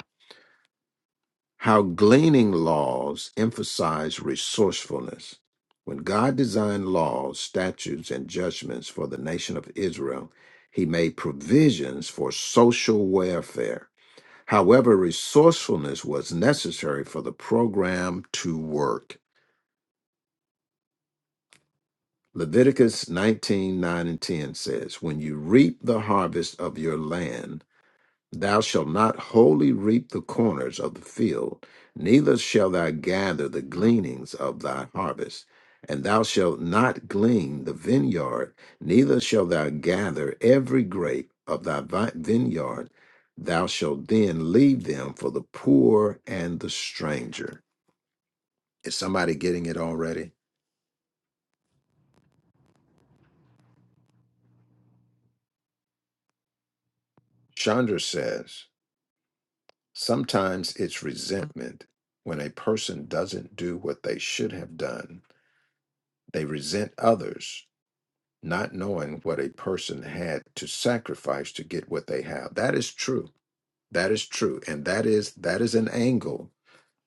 S1: How gleaning laws emphasize resourcefulness. When God designed laws, statutes, and judgments for the nation of Israel, he made provisions for social welfare. However, resourcefulness was necessary for the program to work. Leviticus nineteen nine and 10 says, When you reap the harvest of your land, Thou shalt not wholly reap the corners of the field, neither shalt thou gather the gleanings of thy harvest. And thou shalt not glean the vineyard, neither shalt thou gather every grape of thy vi- vineyard. Thou shalt then leave them for the poor and the stranger. Is somebody getting it already? Chandra says, sometimes it's resentment when a person doesn't do what they should have done. They resent others not knowing what a person had to sacrifice to get what they have. That is true. That is true. And that is that is an angle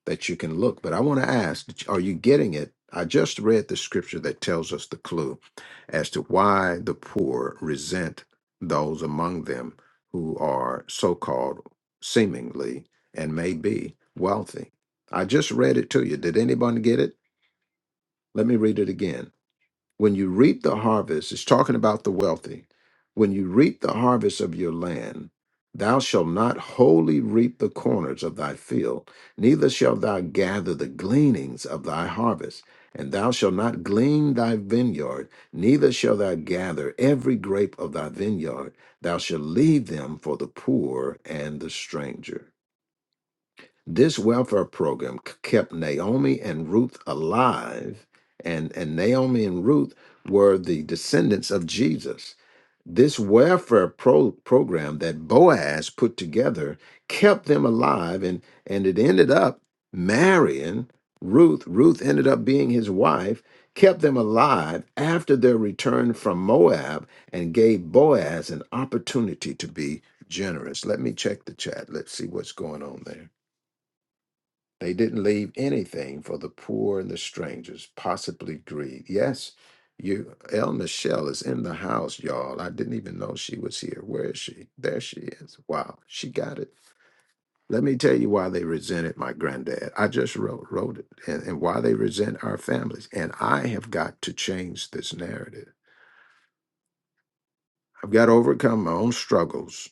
S1: that you can look. But I want to ask, are you getting it? I just read the scripture that tells us the clue as to why the poor resent those among them who are so-called seemingly and may be wealthy. I just read it to you. Did anybody get it? Let me read it again. When you reap the harvest, it's talking about the wealthy. When you reap the harvest of your land, thou shalt not wholly reap the corners of thy field, neither shalt thou gather the gleanings of thy harvest. And thou shalt not glean thy vineyard, neither shalt thou gather every grape of thy vineyard. Thou shalt leave them for the poor and the stranger. This welfare program k- kept Naomi and Ruth alive, and, and Naomi and Ruth were the descendants of Jesus. This welfare pro- program that Boaz put together kept them alive, and, and it ended up marrying Ruth. Ruth ended up being his wife, kept them alive after their return from Moab, and gave Boaz an opportunity to be generous. Let me check the chat. Let's see what's going on there. They didn't leave anything for the poor and the strangers, possibly greed. Yes, you El Michelle is in the house, y'all. I didn't even know she was here. Where is she? There she is. Wow, she got it. Let me tell you why they resented my granddad. I just wrote wrote it and, and why they resent our families. And I have got to change this narrative. I've got to overcome my own struggles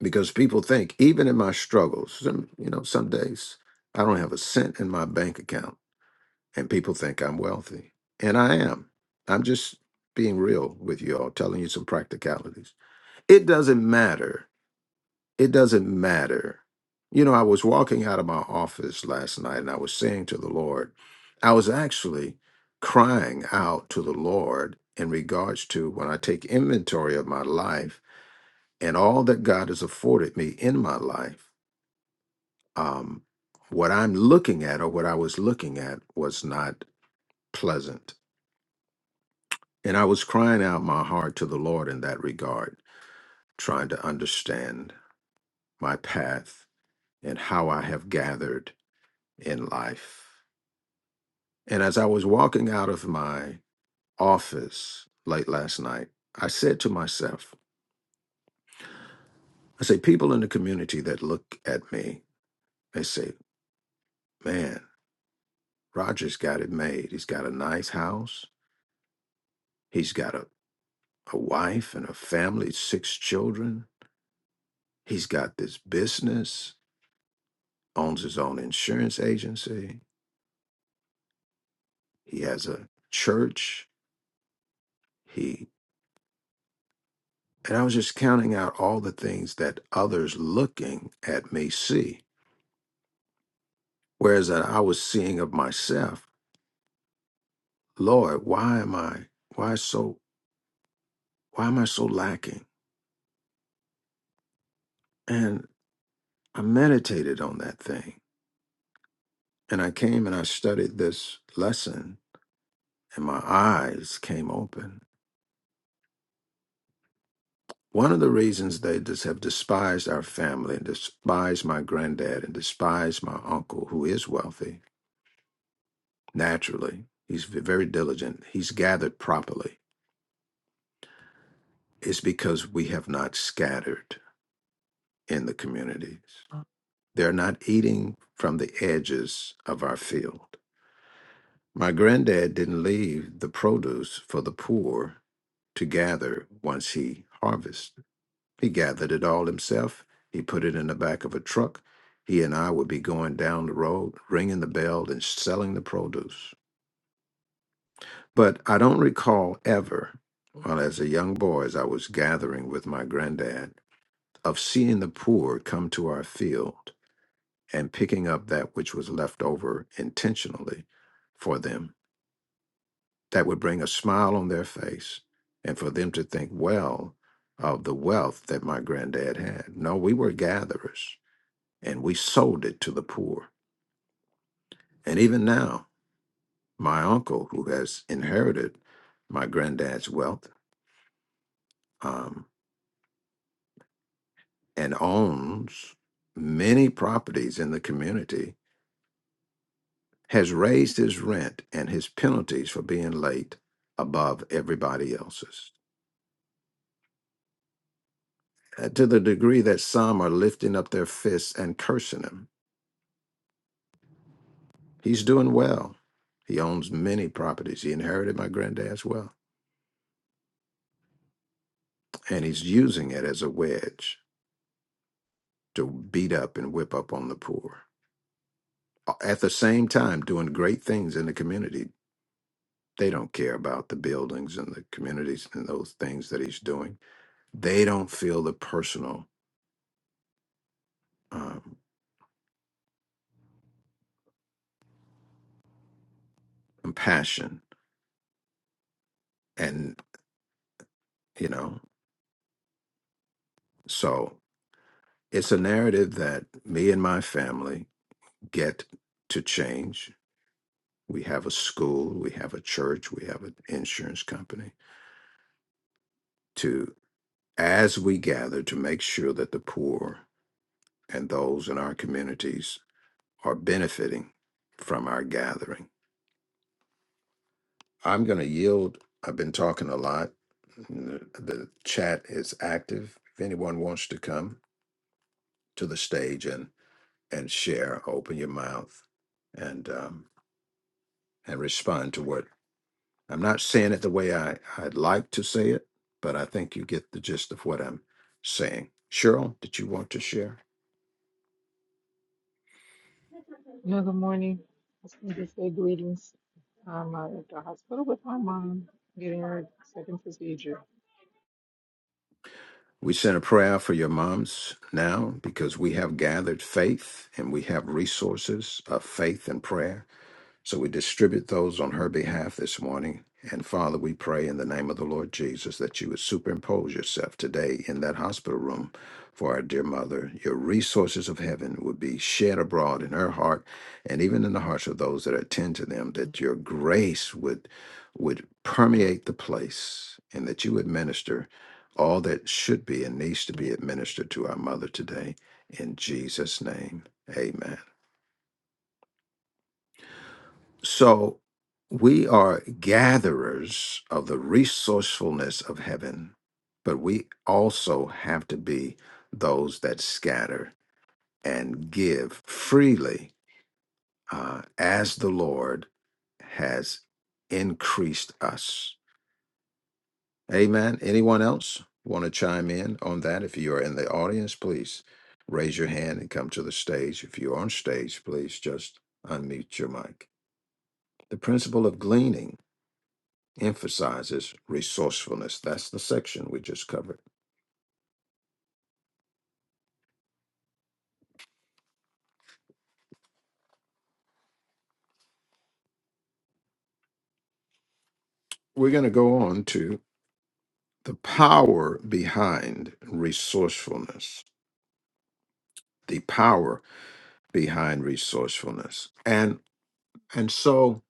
S1: because people think, even in my struggles, some, you know, some days I don't have a cent in my bank account and people think I'm wealthy. And I am. I'm just being real with you all, telling you some practicalities. It doesn't matter. It doesn't matter. You know, I was walking out of my office last night and I was saying to the Lord, I was actually crying out to the Lord in regards to when I take inventory of my life and all that God has afforded me in my life. Um, what I'm looking at or what I was looking at was not pleasant And I was crying out my heart to the Lord in that regard, trying to understand my path and how I have gathered in life. And as I was walking out of my office late last night, I said to myself, I say, people in the community that look at me, they say, man, Roger's got it made. He's got a nice house. He's got a, a wife and a family, six children. He's got this business, owns his own insurance agency He has a church. He and I was just counting out all the things that others looking at me see, whereas that I was seeing of myself. Lord, why am I? Why so? Why am I so lacking? And I meditated on that thing, and I came and I studied this lesson, and my eyes came open. One of the reasons they just have despised our family and despised my granddad and despised my uncle, who is wealthy, naturally. He's v- very diligent. He's gathered properly. It's because we have not scattered in the communities. They're not eating from the edges of our field. My granddad didn't leave the produce for the poor to gather once he harvested. He gathered it all himself. He put it in the back of a truck. He and I would be going down the road, ringing the bell and selling the produce. But I don't recall ever, while as a young boy, as I was gathering with my granddad, of seeing the poor come to our field and picking up that which was left over intentionally for them. That would bring a smile on their face and for them to think well of the wealth that my granddad had. No, we were gatherers and we sold it to the poor. And even now, my uncle, who has inherited my granddad's wealth, um, and owns many properties in the community, has raised his rent and his penalties for being late above everybody else's uh, to the degree that some are lifting up their fists and cursing him. He's doing well. He owns many properties. He inherited my granddad's wealth, and he's using it as a wedge to beat up and whip up on the poor. Uh, At the same time, doing great things in the community, They don't care about the buildings and the communities and those things that he's doing. They don't feel the personal um, compassion. And, you know, so it's a narrative that me and my family get to change. We have a school, we have a church, we have an insurance company to, as we gather, to make sure that the poor and those in our communities are benefiting from our gathering I'm going to yield. I've been talking a lot. The, the chat is active. If anyone wants to come to the stage and and share, open your mouth and um, and respond to what I'm not saying it the way I, I'd like to say it, but I think you get the gist of what I'm saying. Cheryl, did you want to share?
S4: No, good morning. I just wanted to say greetings. I'm uh, at the hospital with my mom, getting her second procedure.
S1: We send a prayer for your moms now because we have gathered faith and we have resources of faith and prayer So we distribute those on her behalf this morning. And Father, we pray in the name of the Lord Jesus that you would superimpose yourself today in that hospital room for our dear mother. Your resources of heaven would be shed abroad in her heart and even in the hearts of those that attend to them, that your grace would would permeate the place and that you would minister all that should be and needs to be administered to our mother today. In Jesus' name. Amen. So we are gatherers of the resourcefulness of heaven, but we also have to be those that scatter and give freely uh, as the Lord has increased us. Amen. Anyone else want to chime in on that? If you are in the audience, please raise your hand and come to the stage. If you're on stage, please just unmute your mic. The principle of gleaning. emphasizes resourcefulness. That's the section we just covered. We're going to go on to the power behind resourcefulness. The power behind resourcefulness. And and so,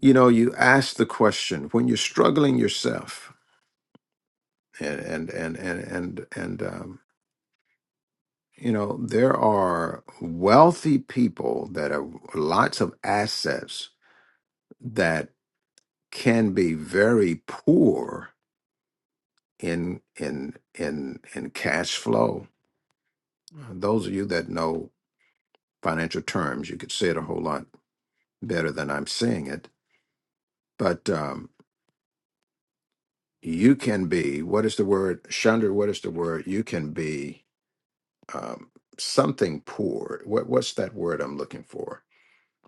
S1: you know, you ask the question when you're struggling yourself and and and and and, and um you know, there are wealthy people that have lots of assets that can be very poor in in in in cash flow. Uh, Those of you that know financial terms, you could say it a whole lot better than I'm saying it. But um, you can be what is the word, Chandra? What is the word? You can be um, something poor. What what's that word I'm looking for?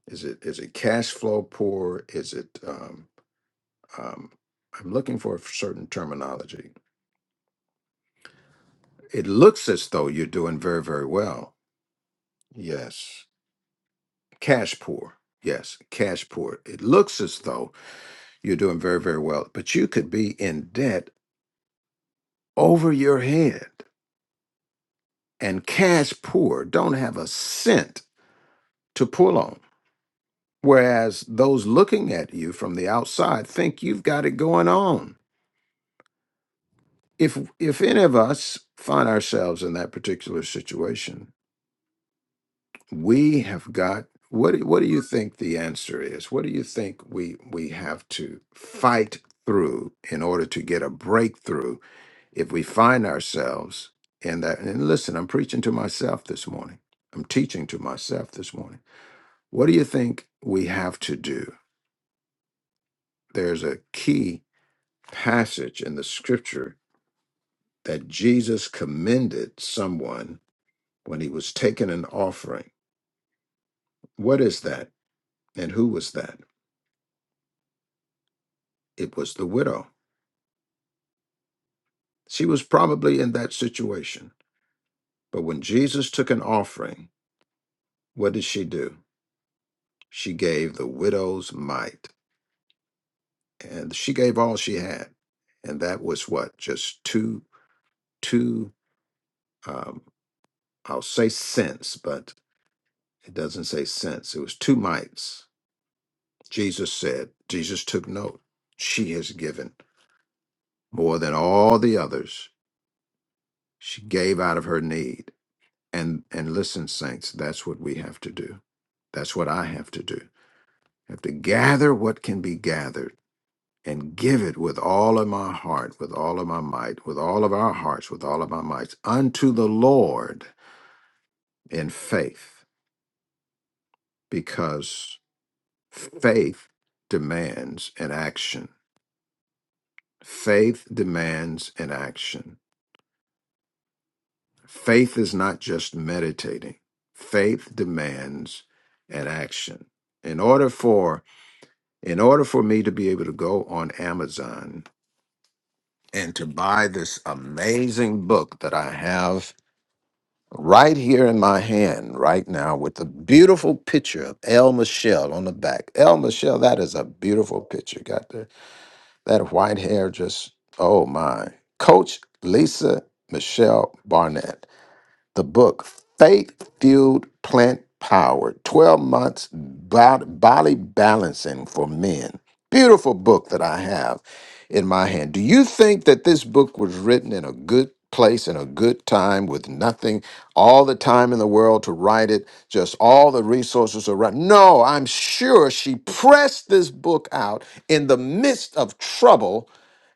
S1: Is it is it cash flow poor? Is it um, um, I'm looking for a certain terminology. It looks as though you're doing very very well. Yes, Cash poor. Yes, cash poor. It looks as though you're doing very, very well, but you could be in debt over your head. And cash poor don't have a cent to pull on. Whereas those looking at you from the outside think you've got it going on. If if any of us find ourselves in that particular situation, we have got what do- what do you think the answer is what do you think we we have to fight through in order to get a breakthrough if we find ourselves in that and listen i'm preaching to myself this morning i'm teaching to myself this morning what do you think we have to do there's a key passage in the scripture that jesus commended someone when he was taking an offering what is that and who was that it was the widow She was probably in that situation. But when Jesus took an offering, what did she do? She gave the widow's mite, and she gave all she had, and that was what just two two. Um, I'll say cents, but it doesn't say cents. It was two mites. Jesus said. Jesus took note. She has given more than all the others. She gave out of her need. And and listen, saints, that's what we have to do. That's what I have to do have to gather what can be gathered and give it with all of my heart, with all of my might, with all of our hearts, with all of our mights unto the Lord in faith, because faith demands an action. Faith demands an action. Faith is not just meditating. Faith demands an action. In order for in order for me to be able to go on Amazon and to buy this amazing book that I have right here in my hand right now with the beautiful picture of El Michelle on the back. El Michelle, that is a beautiful picture. Got the, that white hair just, oh my. Coach Lisa Michelle Barnett the book Faith Fueled Plant Power 12 Months Bod- Body Balancing for Men. Beautiful book that I have in my hand. Do you think that this book was written in a good place, in a good time, with nothing, all the time in the world to write it, just all the resources around? No, I'm sure she pressed this book out in the midst of trouble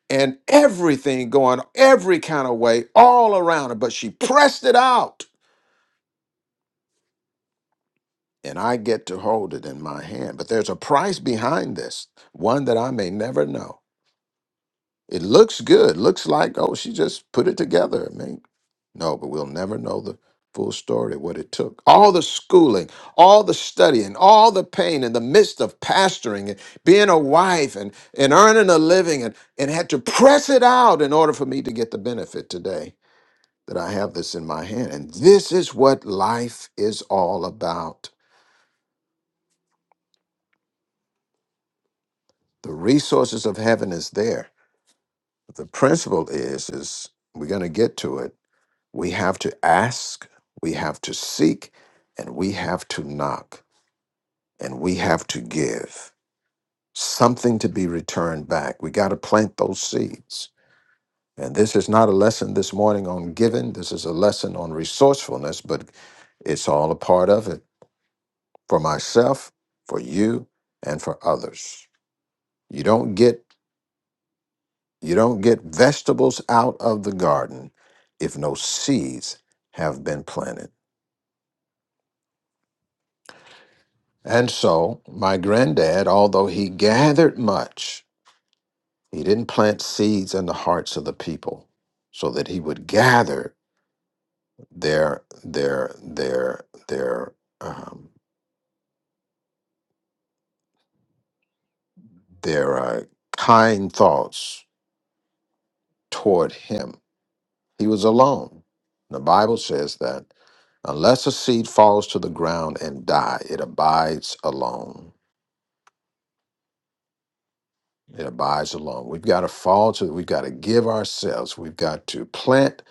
S1: and everything going every kind of way all around her, but she pressed it out and I get to hold it in my hand. But there's a price behind this, one that I may never know. It looks good, looks like, oh, she just put it together. I mean, no, but we'll never know the full story, what it took. All the schooling, all the studying, all the pain in the midst of pastoring and being a wife and, and earning a living and, and had to press it out in order for me to get the benefit today that I have this in my hand. And this is what life is all about. The resources of heaven is there. The principle is is we're going to get to it. We have to ask, we have to seek, and we have to knock, and we have to give something to be returned back. We got to plant those seeds. And this is not a lesson this morning on giving. This is a lesson on resourcefulness, but it's all a part of it for myself, for you, and for others. You don't get You don't get vegetables out of the garden if no seeds have been planted. And so, my granddad, although he gathered much, he didn't plant seeds in the hearts of the people so that he would gather their their their their um, their uh, kind thoughts toward him. He was alone. The Bible says that unless a seed falls to the ground and die, it abides alone it abides alone. We've got to fall to, we've got to give ourselves, we've got to plant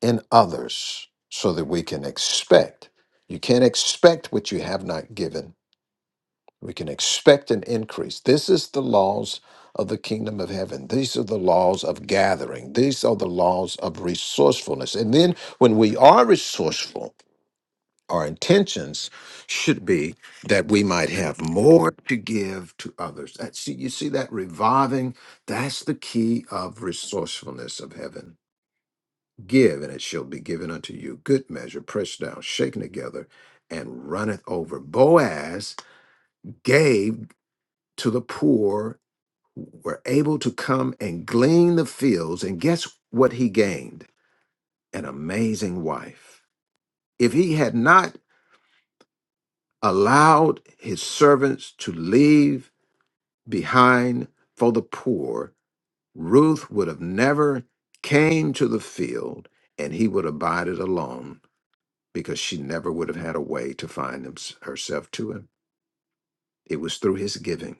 S1: in others so that we can expect. You can't expect what you have not given. We can expect an increase. This is the laws of the kingdom of heaven. These are the laws of gathering. These are the laws of resourcefulness. And then when we are resourceful, our intentions should be that we might have more to give to others. That see, you see that reviving. That's the key of resourcefulness of heaven. Give, and it shall be given unto you. Good measure, pressed down, shaken together, and runneth over. Boaz gave to the poor who were able to come and glean the fields, and guess what he gained? An amazing wife. If he had not allowed his servants to leave behind for the poor, Ruth would have never came to the field and he would have abided alone because she never would have had a way to find him, herself to him. It was through his giving.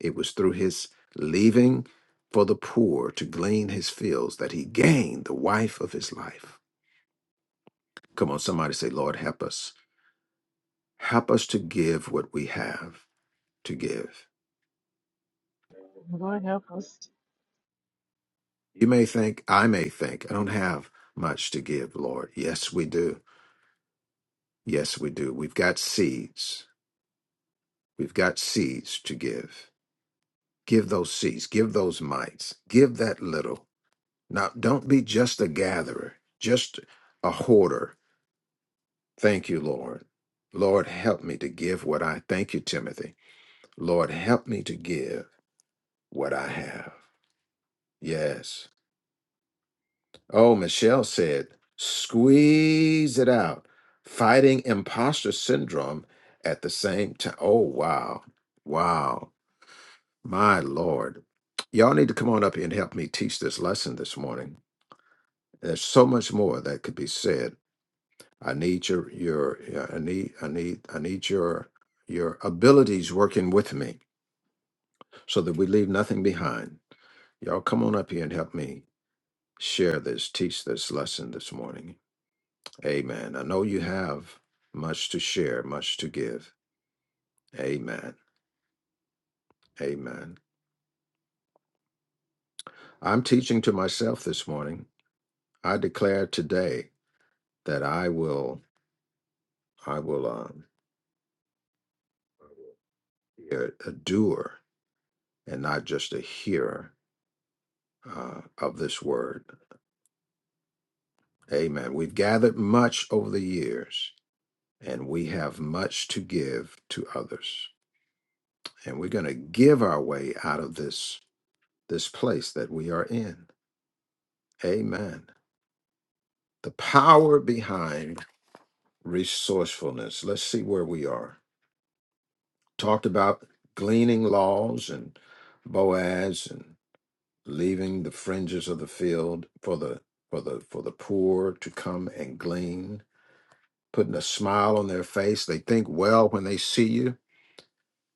S1: It was through his leaving for the poor to glean his fields that he gained the wife of his life. Come on, somebody say, Lord, help us. Help us to give what we have to give
S4: Lord help us.
S1: You may think, I may think, I don't have much to give, Lord. Yes, we do. Yes, we do. We've got seeds. We've got seeds to give. Give those seeds. Give those mites. Give that little. Now, don't be just a gatherer, just a hoarder. Thank you, Lord. Lord, help me to give what I thank you, Timothy. Lord, help me to give what I have. Yes. Oh, Michelle said, squeeze it out, fighting imposter syndrome at the same time. Oh, wow. Wow. My Lord. Y'all need to come on up here and help me teach this lesson this morning. There's so much more that could be said. I need your your yeah, I need I need I need your your abilities working with me so that we leave nothing behind. Y'all come on up here and help me share this, teach this lesson this morning. Amen. I know you have much to share, much to give. Amen. Amen. I'm teaching to myself this morning. I declare today that I will, I will um, be a a doer and not just a hearer uh, of this word. Amen. We've gathered much over the years, and we have much to give to others. And we're going to give our way out of this this place that we are in. Amen. the power behind resourcefulness. Let's see where we are. Talked about gleaning laws and Boaz and leaving the fringes of the field for the for the for the poor to come and glean, putting a smile on their face. They think well when they see you.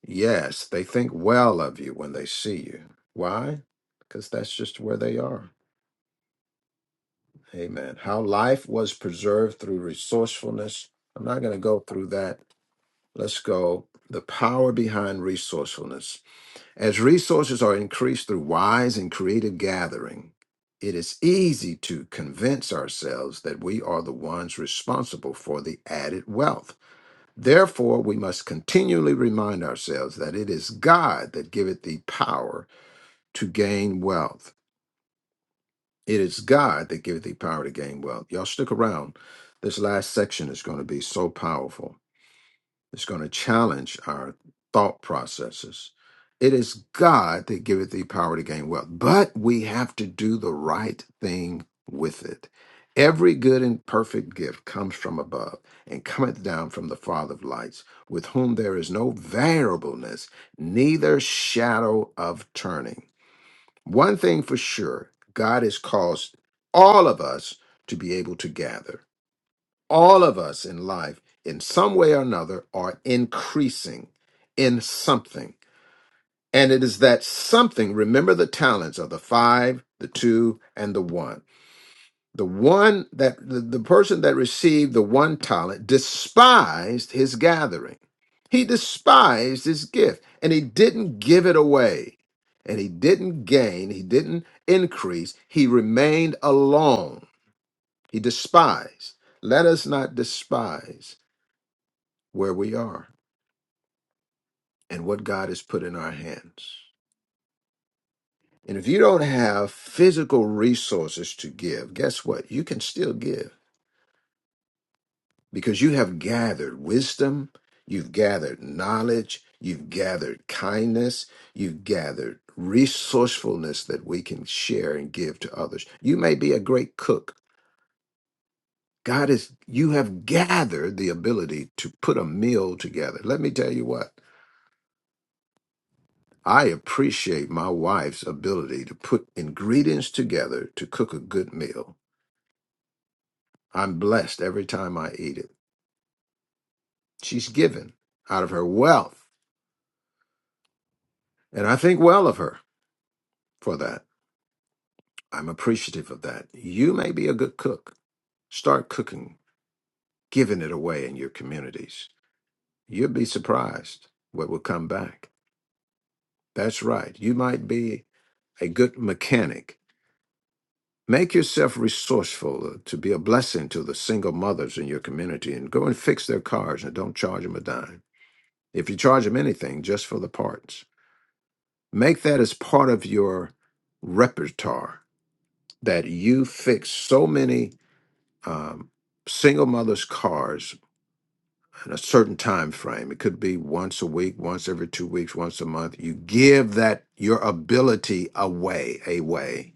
S1: Yes, they think well of you when they see you. Why? Because that's just where they are. Amen. How life was preserved through resourcefulness. I'm not going to go through that Let's go. The power behind resourcefulness. As resources are increased through wise and creative gathering, it is easy to convince ourselves that we are the ones responsible for the added wealth. Therefore, we must continually remind ourselves that it is God that giveth thee power to gain wealth. It is God that giveth thee power to gain wealth. Y'all stick around. This last section is going to be so powerful. It's going to challenge our thought processes. It is God that giveth thee power to gain wealth, but we have to do the right thing with it. Every good and perfect gift comes from above and cometh down from the Father of lights, with whom there is no variableness, neither shadow of turning. One thing for sure, God has caused all of us to be able to gather all of us in life, in some way or another, are increasing in something. And it is that something, remember the talents of the five, the two, and the one. The one that the, the person that received the one talent despised his gathering. He despised his gift and he didn't give it away. And he didn't gain, he didn't increase, he remained alone. He despised. Let us not despise where we are and what God has put in our hands. And if you don't have physical resources to give, guess what? You can still give because you have gathered wisdom, you've gathered knowledge, you've gathered kindness, you've gathered resourcefulness that we can share and give to others. You may be a great cook. God is, you have gathered the ability to put a meal together. Let me tell you what. I appreciate my wife's ability to put ingredients together to cook a good meal. I'm blessed every time I eat it. She's given out of her wealth, and I think well of her for that. I'm appreciative of that. You may be a good cook. Start cooking, giving it away in your communities. You'll be surprised what will come back. That's right. You might be a good mechanic Make yourself resourceful to be a blessing to the single mothers in your community and go and fix their cars and don't charge them a dime. If you charge them anything, just for the parts. Make that as part of your repertoire that you fix so many um, single mothers' cars in a certain time frame. It could be once a week, once every two weeks, once a month. You give that your ability away, away.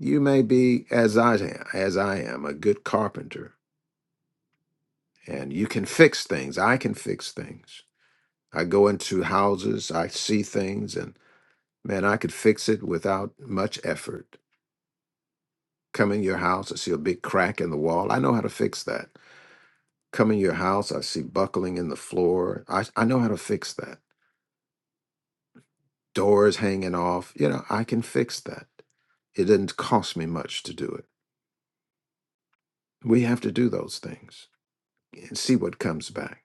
S1: You may be, as I am, as I am, a good carpenter and you can fix things. I can fix things. I go into houses, I see things, and man, I could fix it without much effort. Come in your house, I see a big crack in the wall. I know how to fix that. Come in your house, I see buckling in the floor. I, I know how to fix that. Doors hanging off. You know, I can fix that. It didn't cost me much to do it. We have to do those things and see what comes back.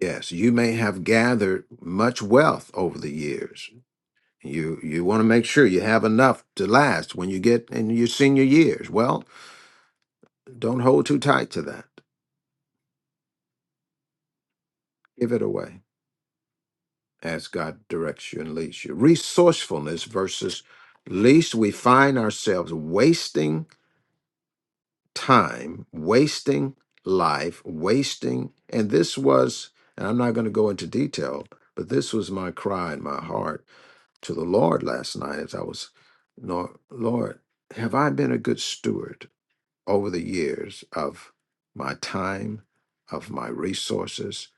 S1: Yes, you may have gathered much wealth over the years You you want to make sure you have enough to last when you get in your senior years. Well, don't hold too tight to that. Give it away as God directs you and leads you. Resourcefulness versus least we find ourselves wasting time, wasting life, wasting and this was and I'm not going to go into detail, but this was my cry in my heart to the Lord last night as I was Lord, Lord, have I been a good steward? over the years of my time, of my resources,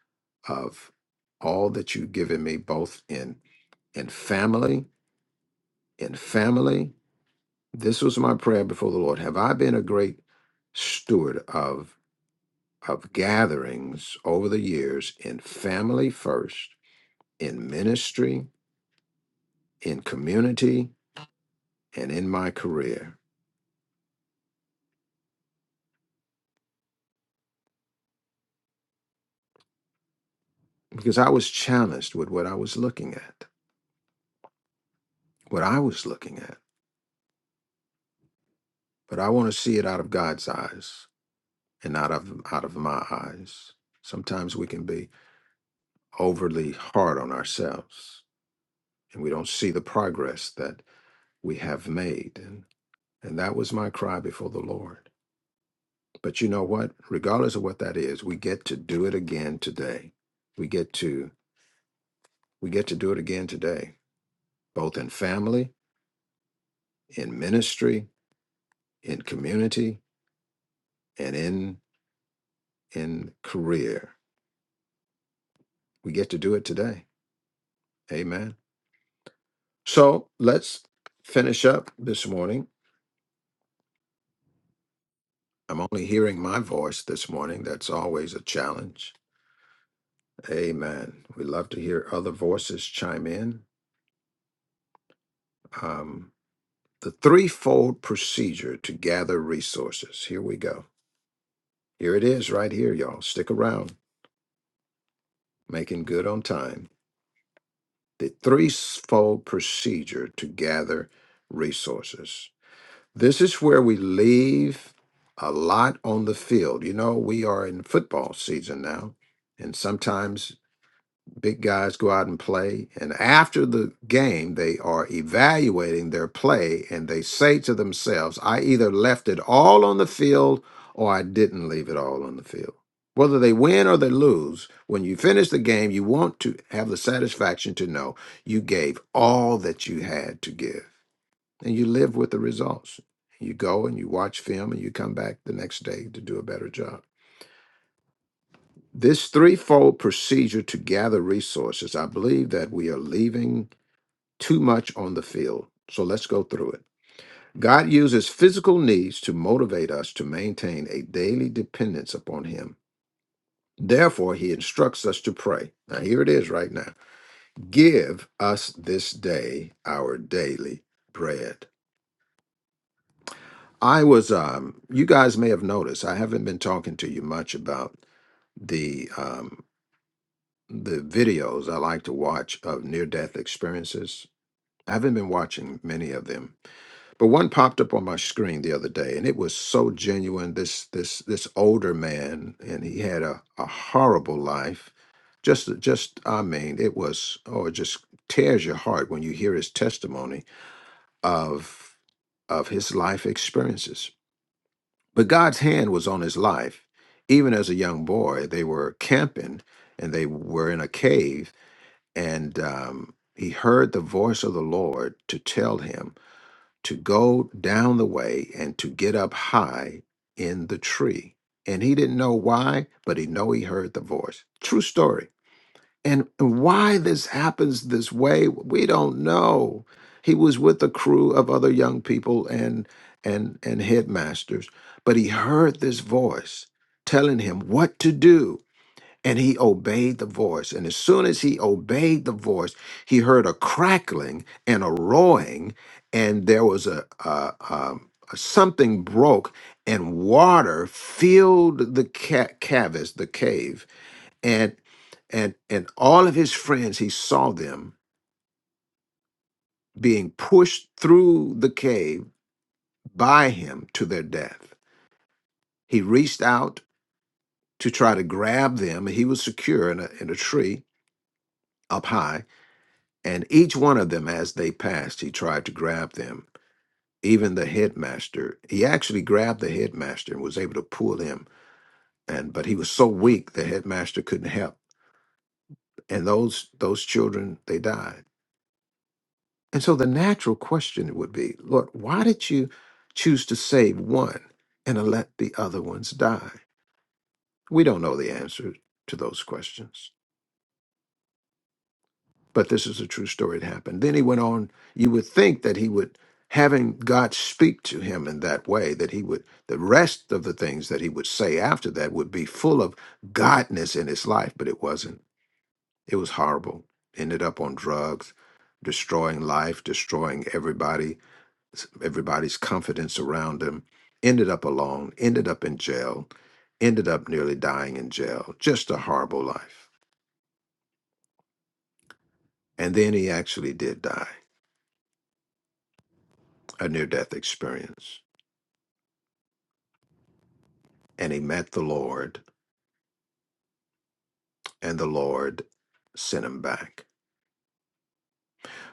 S1: of all that you've given me, both in in family, in family. This was my prayer before the Lord. Have I been a great steward of of gatherings over the years in family first, in ministry, in community, and in my career? Because I was challenged with what I was looking at, what I was looking at. But I want to see it out of God's eyes. and out of out of my eyes. Sometimes we can be overly hard on ourselves and we don't see the progress that we have made. And and that was my cry before the Lord. But you know what? Regardless of what that is, we get to do it again today. We get to we get to do it again today, both in family, in ministry, in community, and in in career. We get to do it today. Amen. So let's finish up this morning I'm only hearing my voice this morning. That's always a challenge. Amen. We love to hear other voices chime in. Um, the threefold procedure to gather resources. Here we go. Here it is, right here, y'all. Stick around, making good on time. The threefold procedure to gather resources. This is where we leave a lot on the field. You know, we are in football season now, and sometimes big guys go out and play and after the game they are evaluating their play and they say to themselves i either left it all on the field or i didn't leave it all on the field whether they win or they lose when you finish the game you want to have the satisfaction to know you gave all that you had to give and you live with the results you go and you watch film and you come back the next day to do a better job this threefold procedure to gather resources, I believe that we are leaving too much on the field. So let's go through it. God uses physical needs to motivate us to maintain a daily dependence upon Him. Therefore, He instructs us to pray. Now, here it is right now Give us this day our daily bread. I was, um, you guys may have noticed, I haven't been talking to you much about the um, the videos I like to watch of near death experiences. I haven't been watching many of them, but one popped up on my screen the other day, and it was so genuine. This this this older man, and he had a, a horrible life. Just just I mean, it was oh, it just tears your heart when you hear his testimony of of his life experiences. But God's hand was on his life. Even as a young boy, they were camping and they were in a cave and um, he heard the voice of the Lord to tell him to go down the way and to get up high in the tree. And he didn't know why, but he know he heard the voice. True story. And and why this happens this way, we don't know. He was with a crew of other young people and and and headmasters, but he heard this voice telling him what to do and he obeyed the voice. And as soon as he obeyed the voice, he heard a crackling and a roaring, and there was a, a, um, a something broke, and water filled the ca- cavest, the cave, and and and all of his friends. He saw them being pushed through the cave by him to their death. He reached out to try to grab them, and he was secure in a, in a tree up high And each one of them, as they passed, he tried to grab them. Even the headmaster, he actually grabbed the headmaster and was able to pull him. And but he was so weak, the headmaster couldn't help. And those those children, they died. And so the natural question would be, Lord, why did you choose to save one and let the other ones die? We don't know the answer to those questions. but this is a true story it happened then he went on you would think that he would having god speak to him in that way that he would the rest of the things that he would say after that would be full of godness in his life but it wasn't it was horrible ended up on drugs destroying life destroying everybody everybody's confidence around him ended up alone ended up in jail ended up nearly dying in jail just a horrible life and then he actually did die a near death experience and he met the Lord, and the Lord sent him back.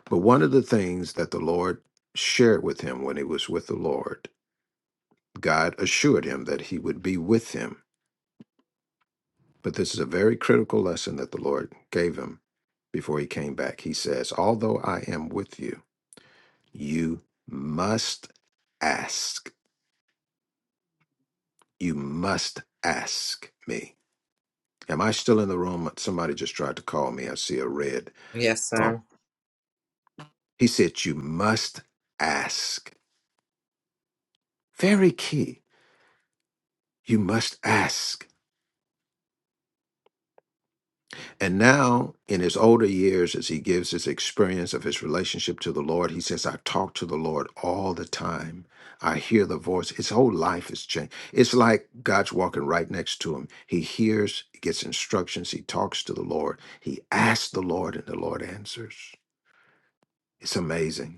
S1: But one of the things that the Lord shared with him when he was with the Lord, God assured him that he would be with him. But this is a very critical lesson that the Lord gave him before he came back. He says, Although I am with you, you must ask. You must ask me. Am I still in the room? Somebody just tried to call me. I see a red
S5: Yes,
S1: thumb.
S5: sir.
S1: He said, You must ask Very key. You must ask. And now, in his older years, as he gives his experience of his relationship to the Lord, he says, I talk to the Lord all the time. I hear the voice. His whole life is changed. It's like God's walking right next to him. He hears, he gets instructions, he talks to the Lord, he asks the Lord, and the Lord answers. It's amazing.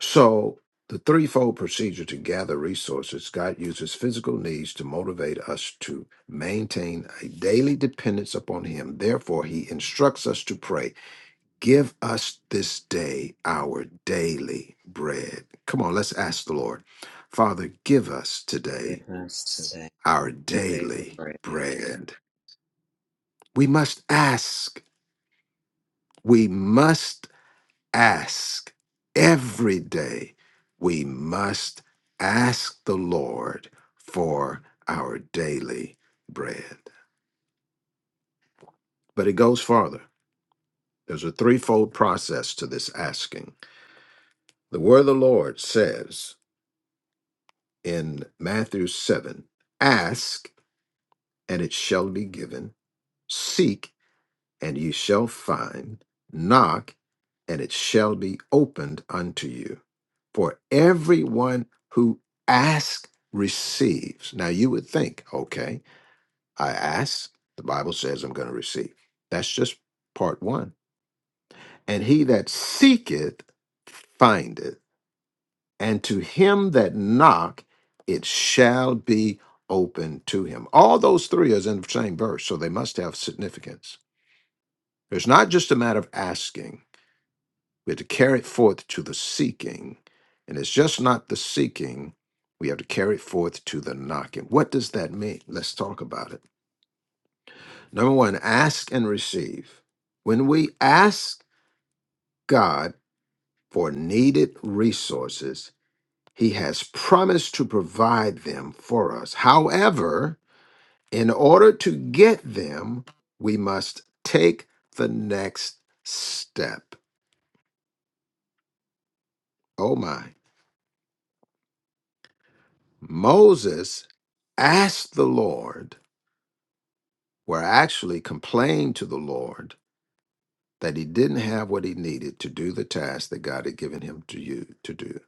S1: So, the threefold procedure to gather resources, God uses physical needs to motivate us to maintain a daily dependence upon Him. Therefore, He instructs us to pray, Give us this day our daily bread. Come on, let's ask the Lord. Father, give us
S5: Give
S1: today
S5: us today
S1: our
S5: daily
S1: daily
S5: bread.
S1: bread. We must ask. We must ask every day. We must ask the Lord for our daily bread. But it goes farther. There's a threefold process to this asking. The word of the Lord says in Matthew 7 Ask, and it shall be given. Seek, and ye shall find. Knock, and it shall be opened unto you. For everyone who asks receives. Now you would think, okay, I ask, the Bible says I'm going to receive. That's just part one. And he that seeketh findeth, and to him that knock, it shall be open to him. All those three is in the same verse, so they must have significance. It's not just a matter of asking. We have to carry it forth to the seeking. And it's just not the seeking, we have to carry it forth to the knocking. What does that mean? Let's talk about it. Number one, ask and receive. When we ask God for needed resources, He has promised to provide them for us. However, in order to get them, we must take the next step. Oh my. Moses asked the Lord, or actually complained to the Lord that he didn't have what he needed to do the task that God had given him to you to do.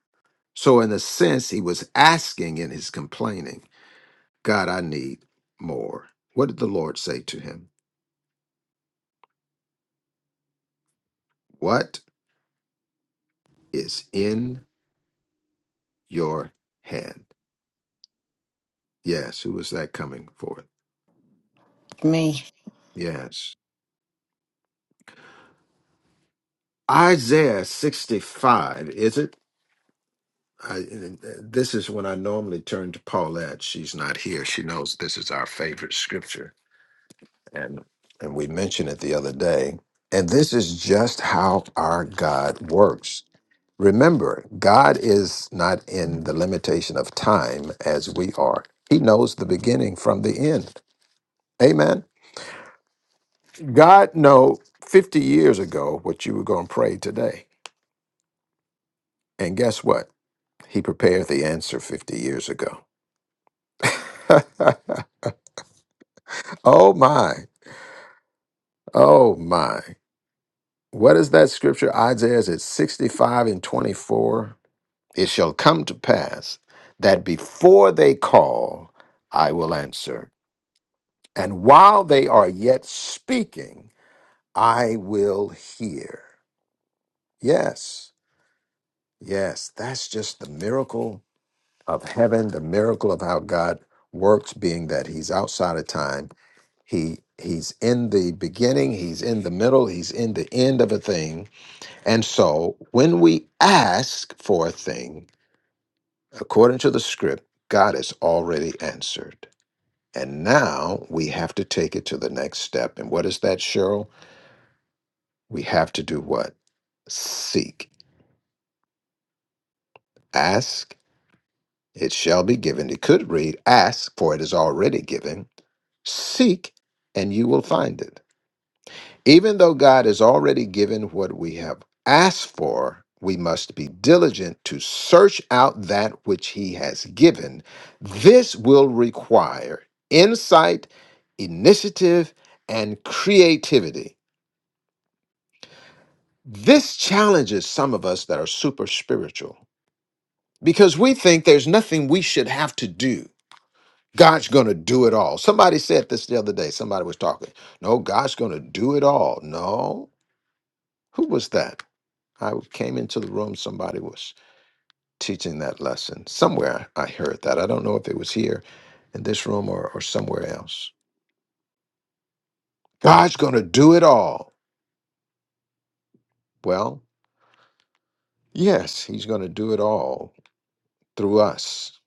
S1: So in a sense, he was asking in his complaining, God, I need more. What did the Lord say to him? What is in your hand? Yes, who was that coming forth?
S3: Me.
S1: Yes. Isaiah 65, is it? I, this is when I normally turn to Paulette. She's not here. She knows this is our favorite scripture, and and we mentioned it the other day. And this is just how our God works. Remember, God is not in the limitation of time as we are. He knows the beginning from the end. Amen. God know 50 years ago what you were going to pray today. And guess what? He prepared the answer 50 years ago. oh my. Oh my. What is that scripture? Isaiah is it 65 and 24. It shall come to pass that before they call, I will answer. And while they are yet speaking, I will hear. Yes, yes, that's just the miracle of heaven, the miracle of how God works, being that He's outside of time. He He's in the beginning, He's in the middle, He's in the end of a thing And so when we ask for a thing, according to the script, God has already answered. And now we have to take it to the next step. And what is that, Cheryl? We have to do what? Seek. Ask, it shall be given. It could read, ask, for it is already given. Seek, and you will find it. Even though God has already given what we have asked for, we must be diligent to search out that which He has given. This will require insight, initiative, and creativity. This challenges some of us that are super spiritual because we think there's nothing we should have to do. God's going to do it all. Somebody said this the other day. Somebody was talking. No, God's going to do it all. No. Who was that? I came into the room, somebody was teaching that lesson. Somewhere I heard that. I don't know if it was here in this room or, or somewhere else. God's going to do it all. Well, yes, He's going to do it all through us.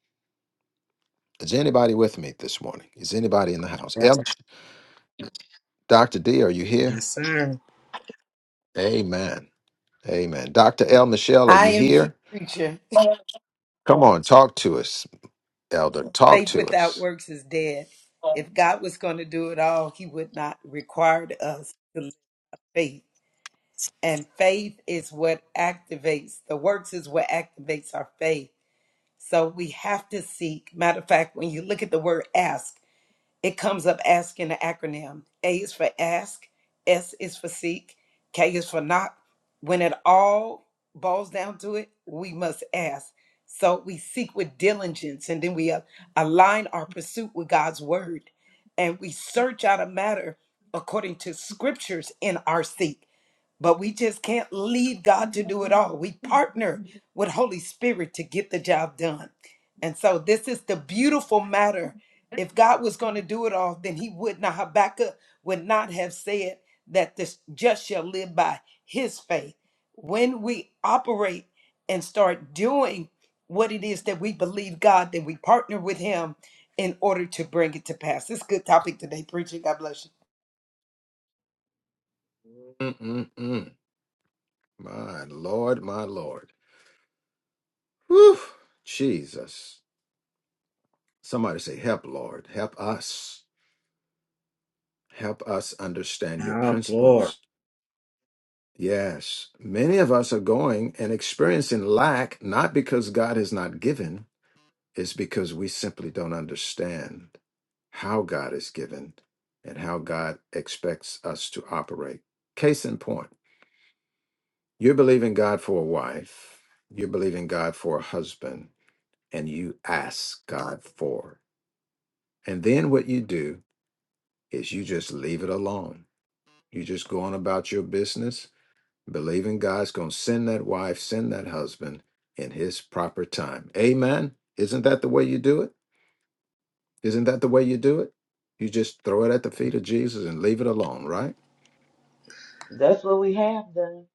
S1: Is anybody with me this morning? Is anybody in the house?
S5: Yes,
S1: El, Dr. D, are you here?
S5: yes, sir.
S1: Amen. Amen. Dr. L. Michelle, are
S6: I
S1: you
S6: am here,
S1: here?
S6: preacher.
S1: Come on, talk to us, Elder. Talk
S6: Faith
S1: to
S6: without
S1: us.
S6: works is dead. If God was going to do it all, He would not require us to live faith. And faith is what activates the works, is what activates our faith. So we have to seek. Matter of fact, when you look at the word ask, It comes up ask in the acronym. A is for ask, S is for seek, K is for knock. When it all boils down to it, we must ask. So we seek with diligence and then we a- align our pursuit with God's word. And we search out a matter according to scriptures in our seek. But we just can't leave God to do it all. We partner with Holy Spirit to get the job done. And so this is the beautiful matter. If God was going to do it all, then he would not Habakkuk would not have said that this just shall live by his faith. When we operate and start doing what it is that we believe God, then we partner with him in order to bring it to pass. This is a good topic today, preaching. God bless you.
S1: Mm-mm-mm. My Lord, my Lord. Whew, Jesus. Somebody say, Help, Lord. Help us. Help us understand your
S5: Oh, Lord.
S1: principles. Yes. Many of us are going and experiencing lack, not because God has not given, it's because we simply don't understand how God is given and how God expects us to operate. Case in point, you believe in God for a wife, you believe in God for a husband, and you ask God for. And then what you do is you just leave it alone. You just go on about your business, believing God's going to send that wife, send that husband in his proper time. Amen. Isn't that the way you do it? Isn't that the way you do it? You just throw it at the feet of Jesus and leave it alone, right?
S7: That's what we have done.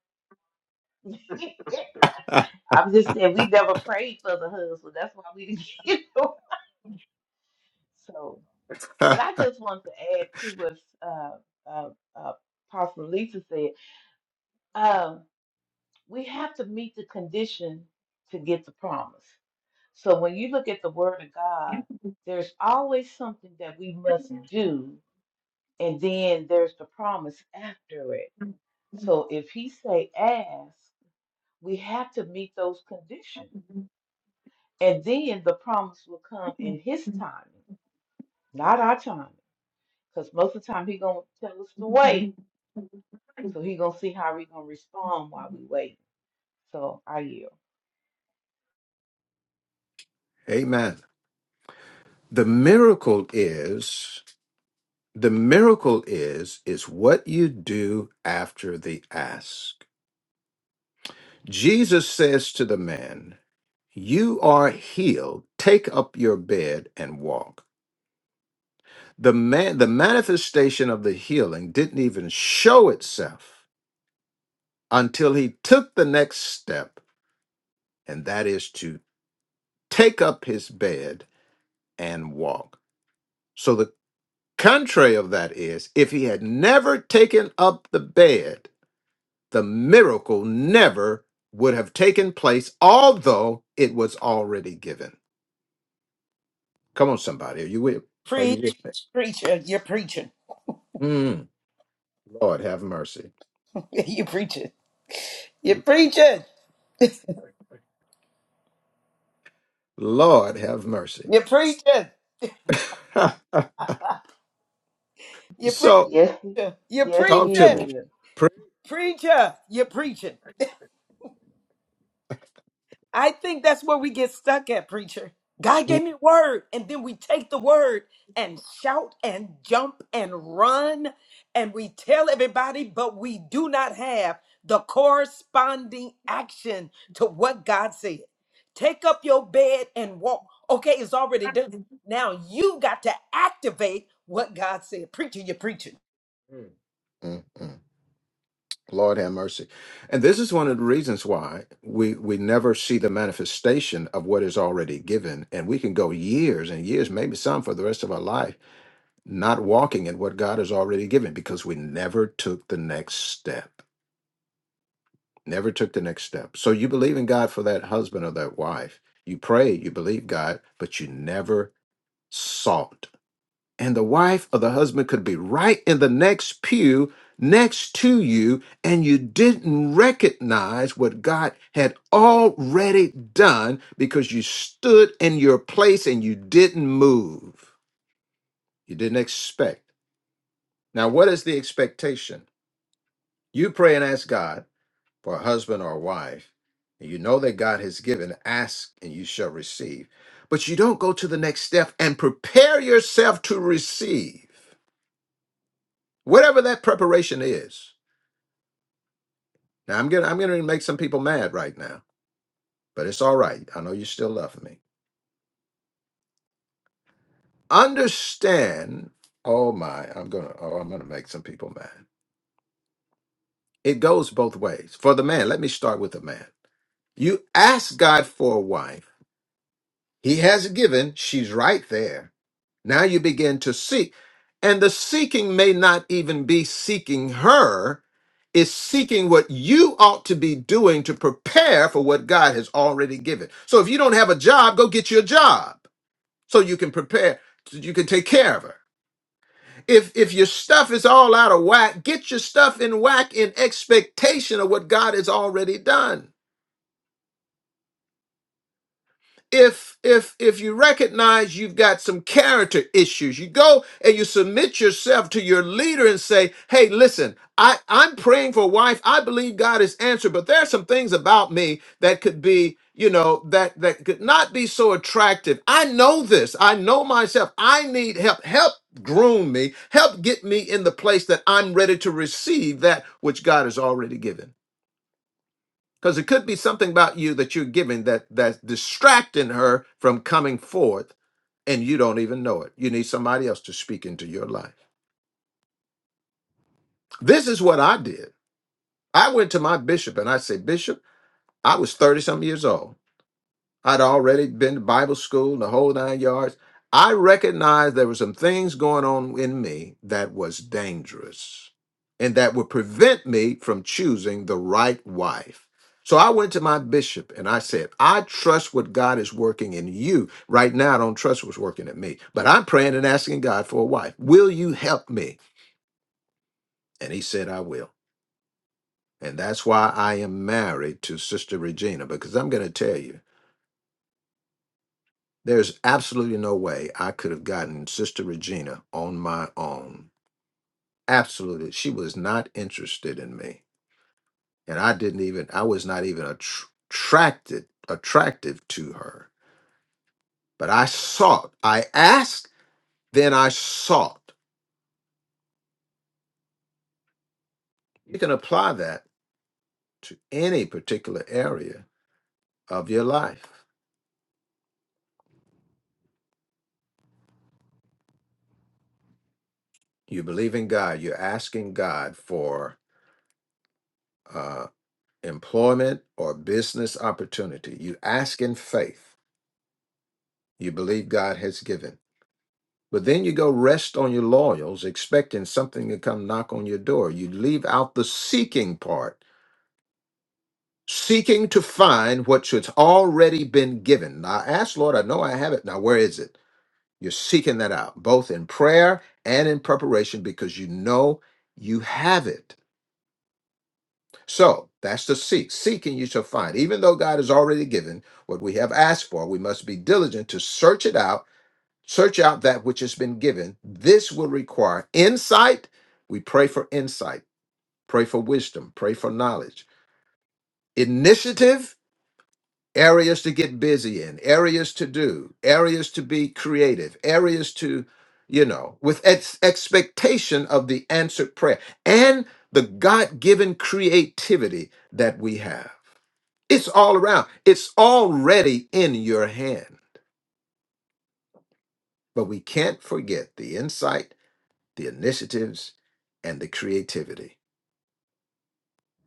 S7: I'm just saying we never prayed for the husband. That's why we didn't get one. So, and I just want to add to what uh, uh, uh, Pastor Lisa said. Um, we have to meet the condition to get the promise. So when you look at the Word of God, there's always something that we must do, and then there's the promise after it. So if He say ask, we have to meet those conditions. And then the promise will come in his timing, not our timing. Because most of the time he gonna tell us to wait. So he gonna see how we gonna respond while we wait. So I yield.
S1: Amen. The miracle is the miracle is is what you do after the ask. Jesus says to the man, You are healed. Take up your bed and walk. The man, the manifestation of the healing didn't even show itself until he took the next step, and that is to take up his bed and walk. So the contrary of that is if he had never taken up the bed, the miracle never would have taken place, although it was already given. Come on, somebody. Are you with are you
S6: Preach,
S1: with me?
S6: preacher, you're preaching.
S1: Mm, Lord have mercy.
S6: Yeah, You preaching. You preaching.
S1: Lord have mercy.
S6: You preaching. You preaching.
S1: so
S7: Yes, he-
S6: You
S7: yes,
S1: talk to
S6: preaching.
S1: me.
S7: he is.
S1: Pray.
S6: Preacher. You preaching. I think that's where we get stuck at, preacher. God gave me a word, and then we take the word and shout and jump and run, and we tell everybody, but we do not have the corresponding action to what God said. Take up your bed and walk. Okay, it's already done.
S1: Mm,
S6: Now you got to activate what God said. Preacher, you're preaching.
S1: mm, mm. Lord have mercy. And this is one of the reasons why we, we never see the manifestation of what is already given. And we can go years and years, maybe some for the rest of our life, not walking in what God has already given because we never took the next step. Never took the next step. So you believe in God for that husband or that wife. You pray, you believe God, but you never sought and the wife or the husband could be right in the next pew next to you, and you didn't recognize what God had already done because you stood in your place and you didn't move. You didn't expect. Now, what is the expectation? You pray and ask God for a husband or a wife, and you know that God has given, ask and you shall receive. But you don't go to the next step and prepare yourself to receive. whatever that preparation is. Now I'm gonna I'm gonna make some people mad right now, but it's all right. I know you still love me. Understand. Oh my, I'm gonna oh I'm gonna make some people mad. It goes both ways. For the man, let me start with the man. You ask God for a wife. He has given, she's right there. Now you begin to seek. And the seeking may not even be seeking her, it's seeking what you ought to be doing to prepare for what God has already given. So if you don't have a job, go get you a job so you can prepare, so you can take care of her. If if your stuff is all out of whack, get your stuff in whack in expectation of what God has already done. if if if you recognize you've got some character issues you go and you submit yourself to your leader and say hey listen i i'm praying for a wife i believe god has answered but there are some things about me that could be you know that that could not be so attractive i know this i know myself i need help help groom me help get me in the place that i'm ready to receive that which god has already given because it could be something about you that you're giving that that's distracting her from coming forth and you don't even know it you need somebody else to speak into your life this is what i did i went to my bishop and i said bishop i was 30 some years old I'd already been to Bible school, the whole nine yards. I recognized there were some things going on in me that was dangerous and that would prevent me from choosing the right wife. So I went to my bishop and I said, I trust what God is working in you. Right now, I don't trust what's working in me, but I'm praying and asking God for a wife. Will you help me? And he said, I will. And that's why I am married to Sister Regina, because I'm going to tell you. There's absolutely no way I could have gotten Sister Regina on my own. Absolutely. She was not interested in me. And I didn't even, I was not even attr- attracted, attractive to her. But I sought, I asked, then I sought. You can apply that to any particular area of your life. You believe in God, you're asking God for uh, employment or business opportunity. You ask in faith you believe God has given. But then you go rest on your laurels, expecting something to come knock on your door. You leave out the seeking part, seeking to find what should already been given. Now I ask, Lord, I know I have it. Now where is it? You're seeking that out, both in prayer and in preparation, because you know you have it. So that's the seek. Seeking you shall find. Even though God has already given what we have asked for, we must be diligent to search it out Search out that which has been given. This will require insight. We pray for insight, pray for wisdom, pray for knowledge. Initiative, areas to get busy in, areas to do, areas to be creative, areas to, you know, with ex- expectation of the answered prayer and the God given creativity that we have. It's all around, it's already in your hand. But we can't forget the insight the initiatives, and the creativity.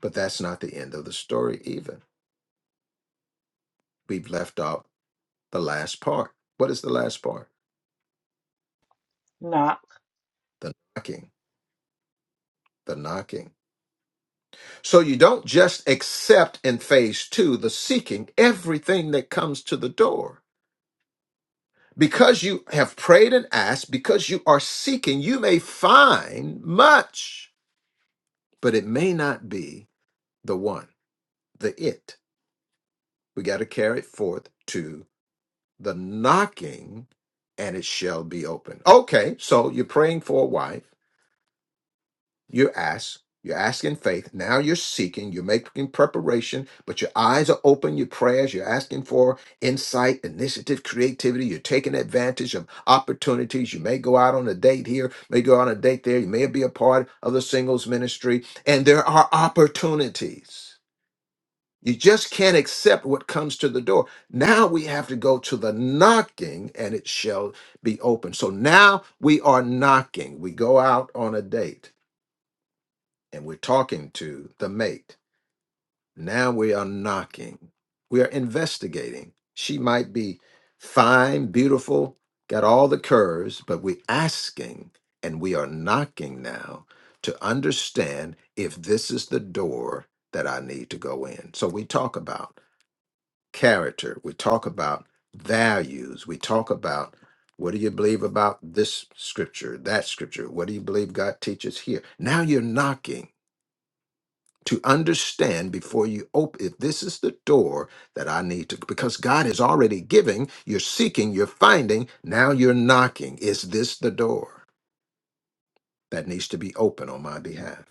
S1: But that's not the end of the story, even. We've left out the last part. What is the last part?
S7: Not
S1: The knocking, the knocking. So you don't just accept in phase two the seeking everything that comes to the door. Because you have prayed and asked, because you are seeking, you may find much, but it may not be the one, the it. We got to carry it forth to the knocking and it shall be open. Okay, so you're praying for a wife. You ask, you're asking faith. Now you're seeking, you're making preparation, but your eyes are open, your prayers, you're asking for insight, initiative, creativity. You're taking advantage of opportunities. You may go out on a date here, may go on a date there. You may be a part of the singles ministry, and there are opportunities. You just can't accept what comes to the door. Now we have to go to the knocking and it shall be open. So now we are knocking. We go out on a date and we're talking to the mate. Now we are knocking. We are investigating. She might be fine, beautiful, got all the curves, but we're asking and we are knocking now to understand if this is the door that I need to go in. So we talk about character. We talk about values. We talk about what do you believe about this scripture, that scripture? What do you believe God teaches here? Now you're knocking to understand before you open if this is the door that I need to because God is already giving, you're seeking, you're finding, now you're knocking. Is this the door that needs to be open on my behalf?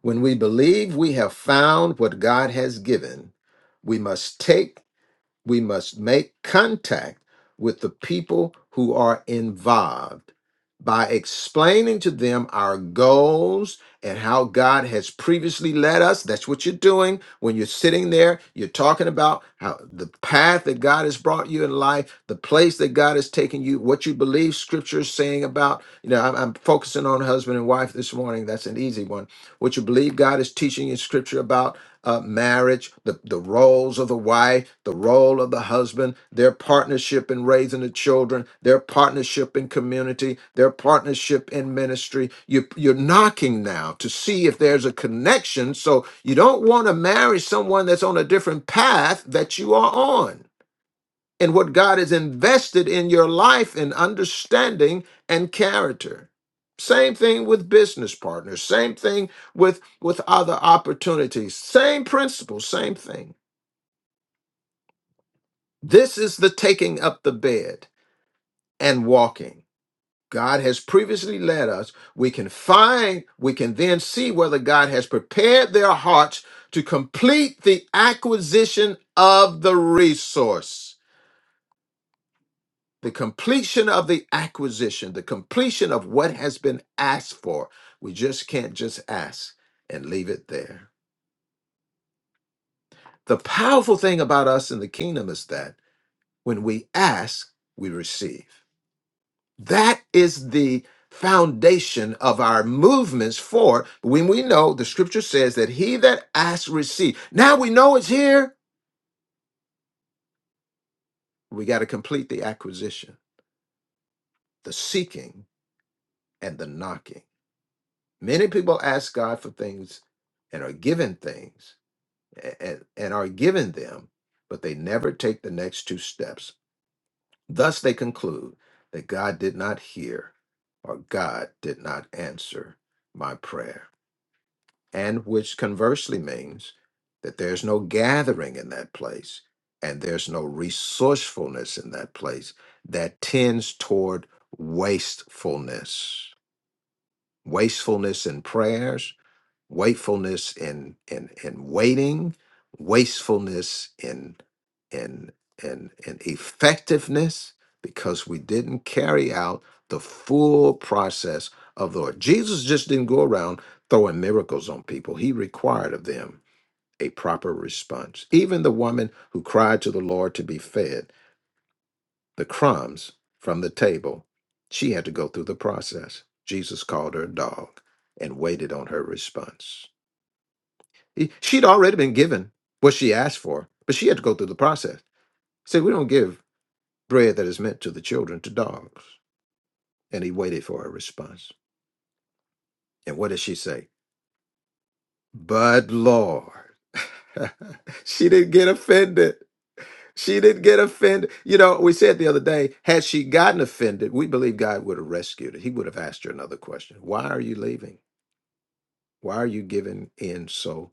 S1: When we believe we have found what God has given, we must take We must make contact with the people who are involved by explaining to them our goals and how God has previously led us. That's what you're doing when you're sitting there. You're talking about how the path that God has brought you in life, the place that God has taken you, what you believe Scripture is saying about. You know, I'm, I'm focusing on husband and wife this morning. That's an easy one. What you believe God is teaching in Scripture about uh, marriage, the, the roles of the wife, the role of the husband, their partnership in raising the children, their partnership in community, their partnership in ministry. You, you're knocking now to see if there's a connection. So you don't want to marry someone that's on a different path that you are on and what God has invested in your life in understanding and character. Same thing with business partners, same thing with with other opportunities. Same principle, same thing. This is the taking up the bed and walking. God has previously led us. We can find, we can then see whether God has prepared their hearts to complete the acquisition of the resource. the completion of the acquisition, the completion of what has been asked for. We just can't just ask and leave it there. The powerful thing about us in the kingdom is that when we ask, we receive. That is the foundation of our movements for when we know the scripture says that he that asks receives. Now we know it's here. We got to complete the acquisition, the seeking and the knocking. Many people ask God for things and are given things a- and are given them, but they never take the next two steps. Thus, they conclude that God did not hear or God did not answer my prayer, and which conversely means that there's no gathering in that place and there's no resourcefulness in that place that tends toward wastefulness. Wastefulness in prayers Wakefulness in in in waiting, wastefulness in in in in effectiveness, because we didn't carry out the full process of the Lord. Jesus just didn't go around throwing miracles on people. He required of them a proper response. Even the woman who cried to the Lord to be fed the crumbs from the table, she had to go through the process. Jesus called her a dog and waited on her response. E- She'd already been given what she asked for, but she had to go through the process. Say, We don't give bread that is meant to the children to dogs. And he waited for a response. And what did she say? But Lord. she didn't get offended. She didn't get offended. You know, we said the other day, had she gotten offended, we believe God would have rescued her. He would have asked her another question Why are you leaving? Why are you giving in so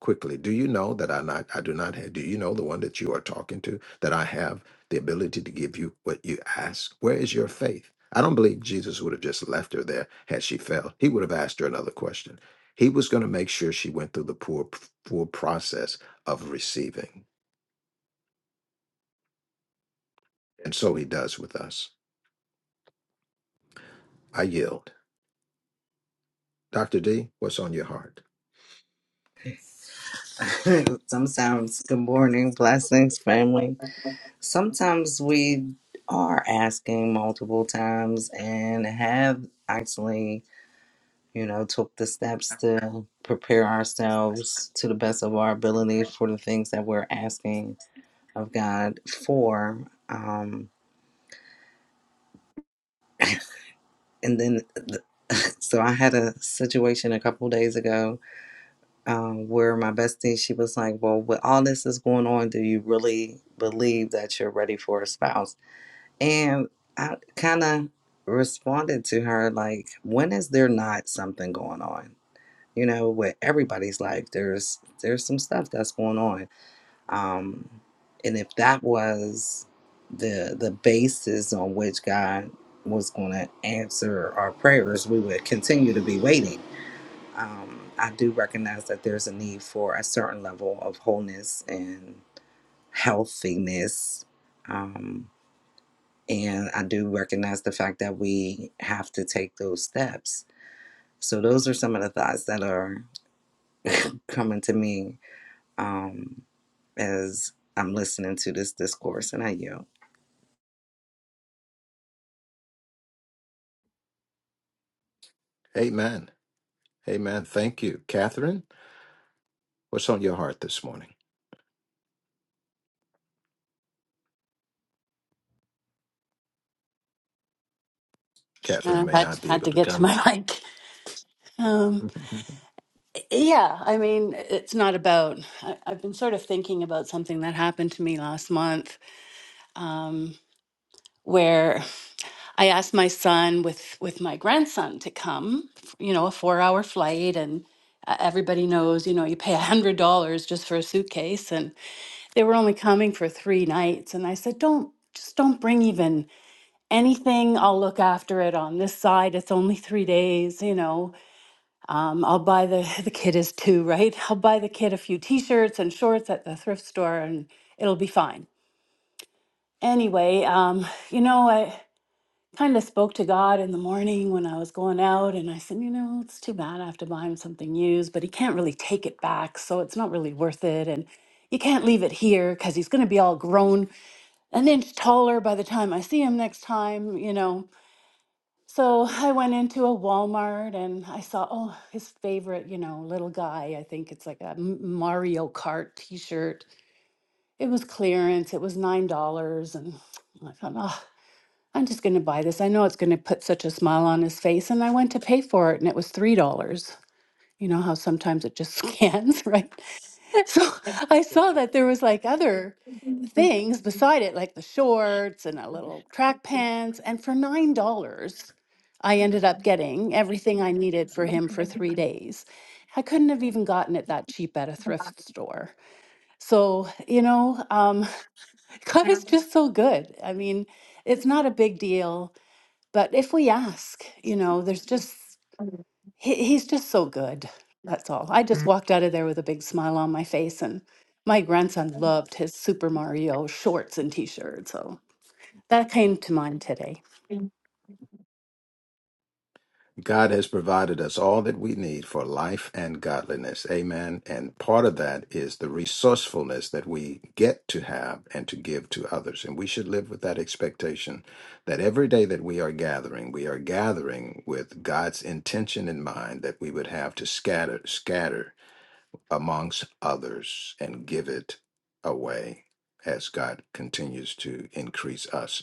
S1: quickly. Do you know that I not I do not have do you know the one that you are talking to that I have the ability to give you what you ask? Where is your faith? I don't believe Jesus would have just left her there had she failed. He would have asked her another question. He was going to make sure she went through the poor full process of receiving. And so he does with us. I yield. Dr. D, what's on your heart?
S5: Sometimes, good morning, blessings, family. Sometimes we are asking multiple times and have actually, you know, took the steps to prepare ourselves to the best of our ability for the things that we're asking of God for. Um, and then, so I had a situation a couple days ago um, where my bestie, she was like, Well, with all this is going on, do you really believe that you're ready for a spouse? And I kind of responded to her, like, when is there not something going on? You know, with everybody's life, there's there's some stuff that's going on. Um, and if that was the the basis on which God was going to answer our prayers, we would continue to be waiting um, I do recognize that there's a need for a certain level of wholeness and healthiness. Um, and I do recognize the fact that we have to take those steps. So, those are some of the thoughts that are coming to me um, as I'm listening to this discourse. And I yield.
S1: Amen. Amen. Thank you. Catherine, what's on your heart this morning? Catherine
S8: Uh,
S1: may
S8: I
S1: not be
S8: had
S1: able
S8: to
S1: to
S8: get to my mic. Um,
S1: come.
S8: yeah, I mean, it's not about. I, I've been sort of thinking about something that happened to me last month, um, where I asked my son with with my grandson to come. You know, a four hour flight, and uh, everybody knows. You know, you pay a hundred dollars just for a suitcase, and they were only coming for three nights. And I said, don't just don't bring even anything. I'll look after it on this side. It's only three days. You know Um, I'll buy the the kid is two, right? I'll buy the kid a few T-shirts and shorts at the thrift store, and it'll be fine. Anyway, um, you know, I kind of spoke to God in the morning when I was going out, and I said, you know, it's too bad I have to buy him something used, but he can't really take it back, so it's not really worth it, and you can't leave it here because he's going to be all grown an inch taller by the time I see him next time, you know. So I went into a Walmart and I saw, oh, his favorite, you know, little guy. I think it's like a M- Mario Kart t shirt. It was clearance, it was $9. And I thought, oh, I'm just going to buy this. I know it's going to put such a smile on his face. And I went to pay for it and it was $3. You know how sometimes it just scans, right? So I saw that there was like other things beside it, like the shorts and a little track pants. And for $9, I ended up getting everything I needed for him for three days. I couldn't have even gotten it that cheap at a thrift store. So, you know, um, God is just so good. I mean, it's not a big deal, but if we ask, you know, there's just he, he's just so good. That's all. I just walked out of there with a big smile on my face, and my grandson loved his Super Mario shorts and t shirt. So that came to mind today.
S1: God has provided us all that we need for life and godliness. Amen. And part of that is the resourcefulness that we get to have and to give to others. And we should live with that expectation that every day that we are gathering, we are gathering with God's intention in mind that we would have to scatter, scatter amongst others and give it away as God continues to increase us.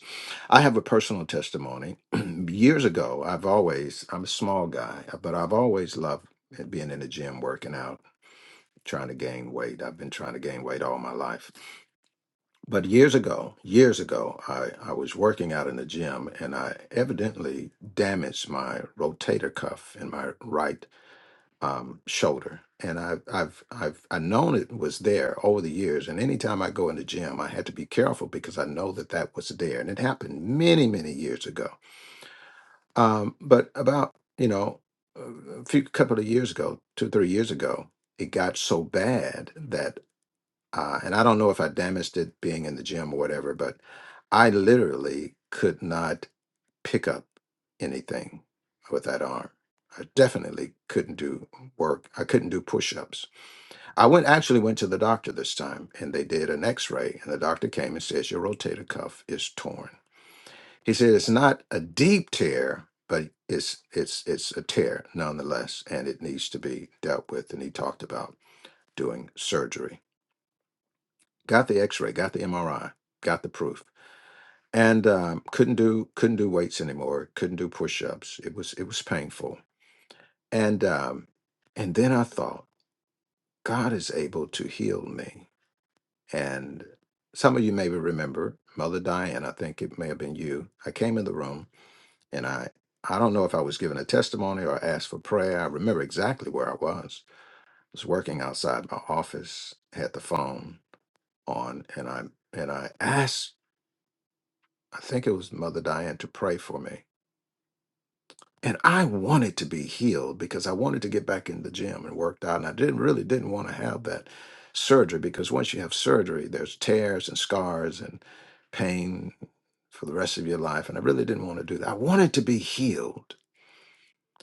S1: I have a personal testimony. Years ago, I've always, I'm a small guy, uh, but I've always loved being in the gym, working out, trying to gain weight. I've been trying to gain weight all my life. But years ago, years ago, I, I was working out in the gym and I evidently damaged my rotator cuff in my right um, shoulder, and I've I've I've I known it was there over the years. And anytime I go in the gym, I had to be careful because I know that that was there, and it happened many many years ago. Um, but about you know uh, a few couple of years ago, two three years ago, it got so bad that uh, and I don't know if I damaged it being in the gym or whatever, but I literally could not pick up anything with that arm. I definitely couldn't do work. I couldn't do push-ups. I went actually went to the doctor this time and they did an x-ray and the doctor came and says your rotator cuff is torn. He said it's not a deep tear, but it's it's it's a tear nonetheless and it needs to be dealt with and he talked about doing surgery. Got the x-ray, got the MRI, got the proof. And um, couldn't do couldn't do weights anymore. Couldn't do push-ups. It was it was painful And um, and then I thought, God is able to heal me. And some of you maybe remember Mother Diane. I think it may have been you. I came in the room, and I I don't know if I was given a testimony or asked for prayer. I remember exactly where I was. I was working outside my office, had the phone on, and I and I asked. I think it was Mother Diane to pray for me. and I wanted to be healed because I wanted to get back in the gym and worked out. And I didn't really didn't want to have that surgery because once you have surgery, there's tears and scars and pain for the rest of your life. And I really didn't want to do that. I wanted to be healed.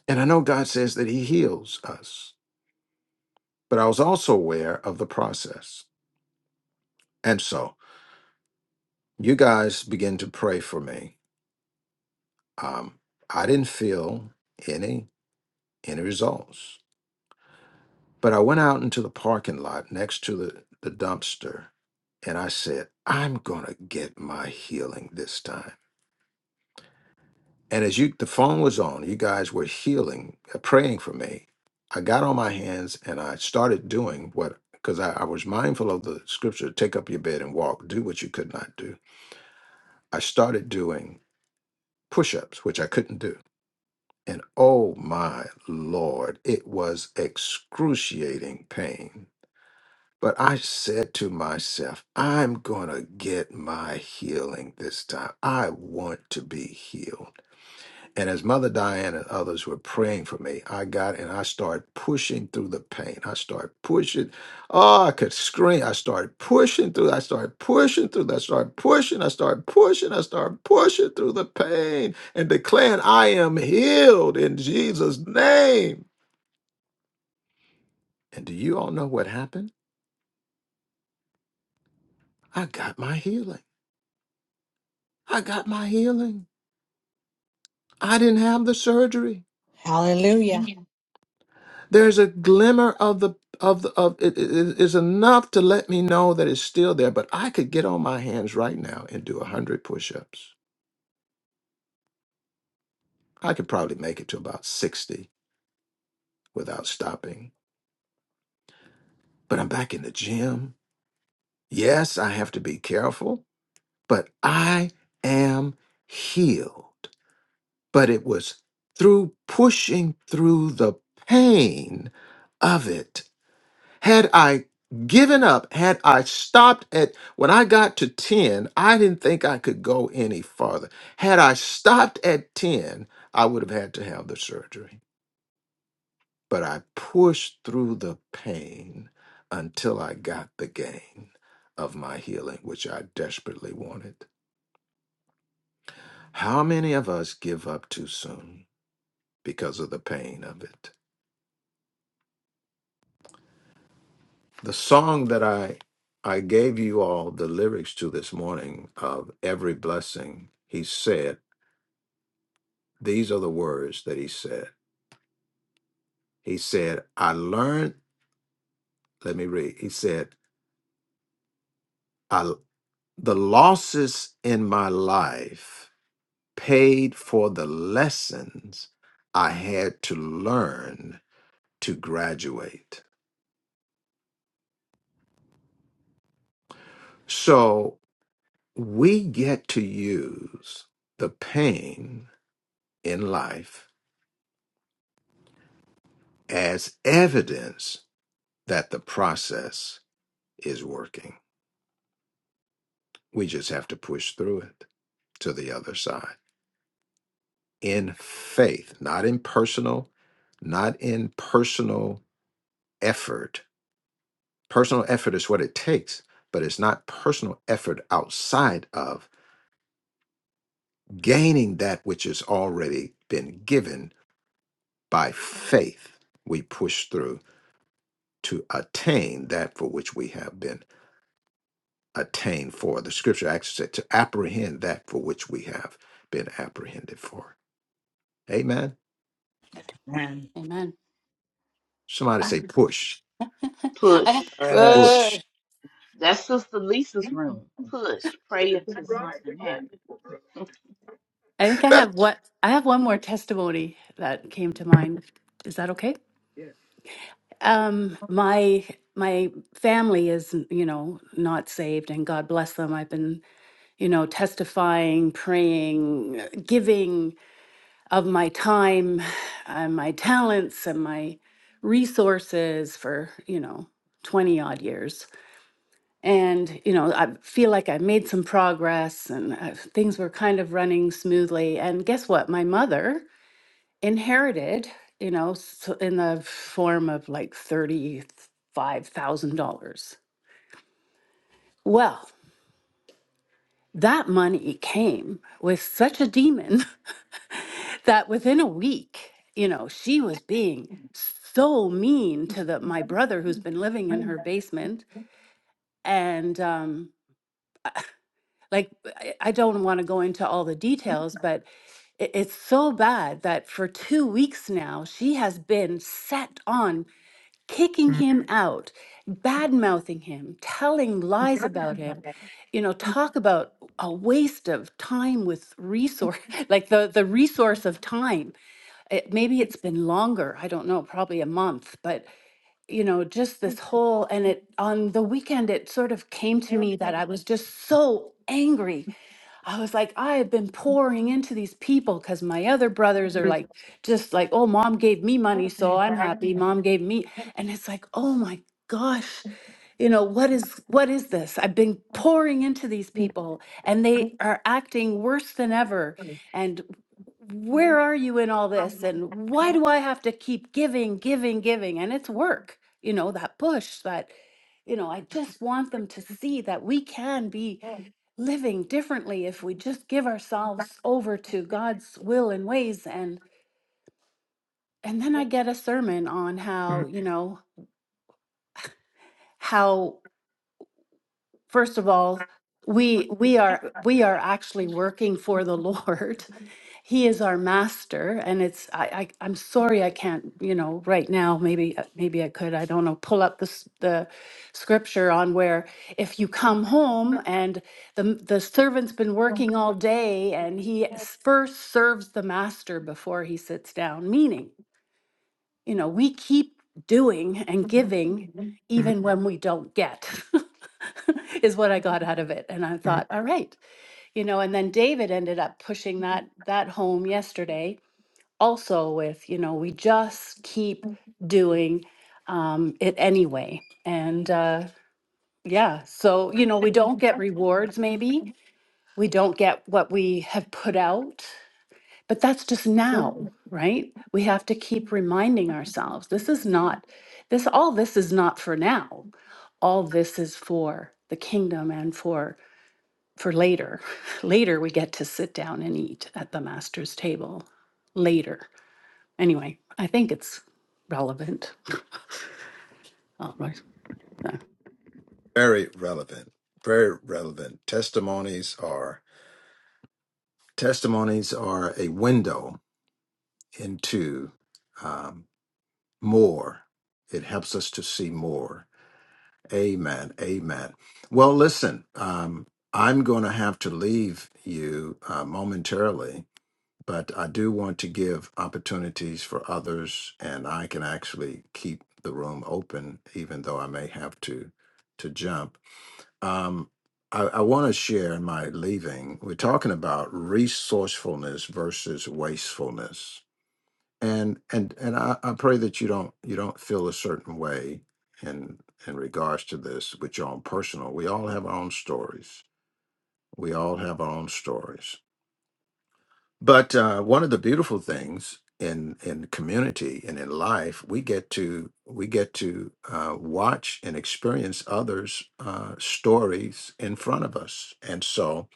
S1: And I know God says that He heals us, but I was also aware of the process. And so you guys begin to pray for me. Um, I didn't feel any any results But I went out into the parking lot next to the, the dumpster and I said, I'm gonna get my healing this time. And as you the phone was on, you guys were healing, uh, praying for me. I got on my hands and I started doing what because I, I was mindful of the scripture, take up your bed and walk, do what you could not do. I started doing push-ups, which I couldn't do. And oh my Lord, it was excruciating pain But I said to myself, I'm going to get my healing this time. I want to be healed. And as Mother Diane and others were praying for me, I got and I started pushing through the pain. I started pushing. Oh, I could scream. I started pushing through. I started pushing through. I started pushing. I started pushing. I started pushing through the pain and declaring, I am healed in Jesus' name. And do you all know what happened? I got my healing. I got my healing. I didn't have the surgery.
S3: Hallelujah.
S1: There's a glimmer of the of the of it is it, it- it's enough to let me know that it's still there. But I could get on my hands right now and do a hundred push-ups. I could probably make it to about sixty without stopping. But I'm back in the gym. Yes, I have to be careful, but I am healed. But it was through pushing through the pain of it Had I given up, had I stopped at when I got to 10, I didn't think I could go any farther. Had I stopped at 10, I would have had to have the surgery. But I pushed through the pain until I got the gain of my healing, which I desperately wanted. How many of us give up too soon because of the pain of it? The song that I I gave you all the lyrics to this morning of every blessing, he said, these are the words that he said. He said, I learned, let me read. He said, I the losses in my life paid for the lessons I had to learn to graduate. So we get to use the pain in life as evidence that the process is working. We just have to push through it to the other side in faith, not in personal, not in personal effort. Personal effort is what it takes, but it's not personal effort outside of gaining that which has already been given by faith. We push through to attain that for which we have been attain for. The scripture actually said to apprehend that for which we have been apprehended for. Amen.
S5: Man,
S8: Amen.
S1: Somebody
S8: I,
S1: say push,
S8: I
S7: push.
S5: Rush,
S1: push.
S7: That's Sister Lisa's room. Push. Pray until something happens.
S8: I think I have what I have one more testimony that came to mind. Is that okay? Um, my my family is, you know, not saved, and God bless them. I've been, you know, testifying, praying, giving, of my time and my talents and my resources for, you know, 20 odd years. And, you know, I feel like I made some progress and uh, things were kind of running smoothly. And guess what? My mother inherited, you know, s- so in the form of like $35,000. Well, that money came with such a demon that within a week, you know, she was being so mean to the my brother who's been living in her basement and um like I I don't want to go into all the details, but it- it's so bad that for two weeks now she has been set on kicking him out, bad mouthing him, telling lies about him. You know, talk about a waste of time with resource, like the the resource of time it, maybe it's been longer i don't know probably a month but you know just this whole and it on the weekend it sort of came to me that i was just so angry I was like, I have been pouring into these people because my other brothers are like, just like, oh, mom gave me money, so I'm happy. Mom gave me. And it's like, oh my gosh, you know, what is what is this? I've been pouring into these people and they are acting worse than ever. And where are you in all this? And why do I have to keep giving, giving, giving? And it's work, you know, that push that, you know, I just want them to see that we can be living differently if we just give ourselves over to God's will and ways and and then I get a sermon on how, you know, how first of all we we are we are actually working for the Lord He is our master, and it's I, I I'm sorry I can't you know right now maybe uh, maybe I could I don't know pull up the s- the scripture on where if you come home and the m- the servant's been working all day and he s- first serves the master before he sits down, meaning you know we keep doing and giving even when we don't get is what I got out of it, and I thought all right you know and then david ended up pushing that that home yesterday also with, you know, we just keep doing um, it anyway. And uh, yeah, so, you know, we don't get rewards, maybe. We don't get what we have put out, but that's just now, right? We have to keep reminding ourselves this is not, this, all this is not for now. All this is for the kingdom and for for later later we get to sit down and eat at the master's table later Anyway, I think it's relevant. Uh,
S1: Very relevant. Very relevant. Testimonies are testimonies are a window into um, more. It helps us to see more. Amen. Amen. Well, listen. Um, I'm going to have to leave you uh, momentarily but I do want to give opportunities for others, and I can actually keep the room open, even though I may have to to jump. Um, I, I want to share in my leaving. We're talking about resourcefulness versus wastefulness, and and and I, I pray that you don't you don't feel a certain way in in regards to this with your own personal. We all have our own stories. We all have our own stories but uh, one of the beautiful things in in community and in life, we get to we get to uh, watch and experience others' uh, stories in front of us. And so,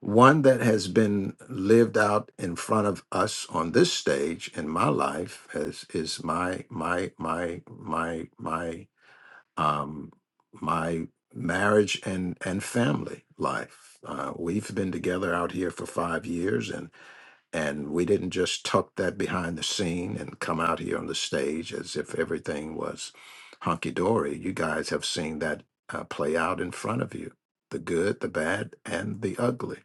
S1: one that has been lived out in front of us on this stage in my life is is my my my my my um, my marriage and and family life. Uh, we've been together out here for five years and and we didn't just tuck that behind the scene and come out here on the stage as if everything was honky dory. You guys have seen that uh, play out in front of you the good, the bad, and the ugly.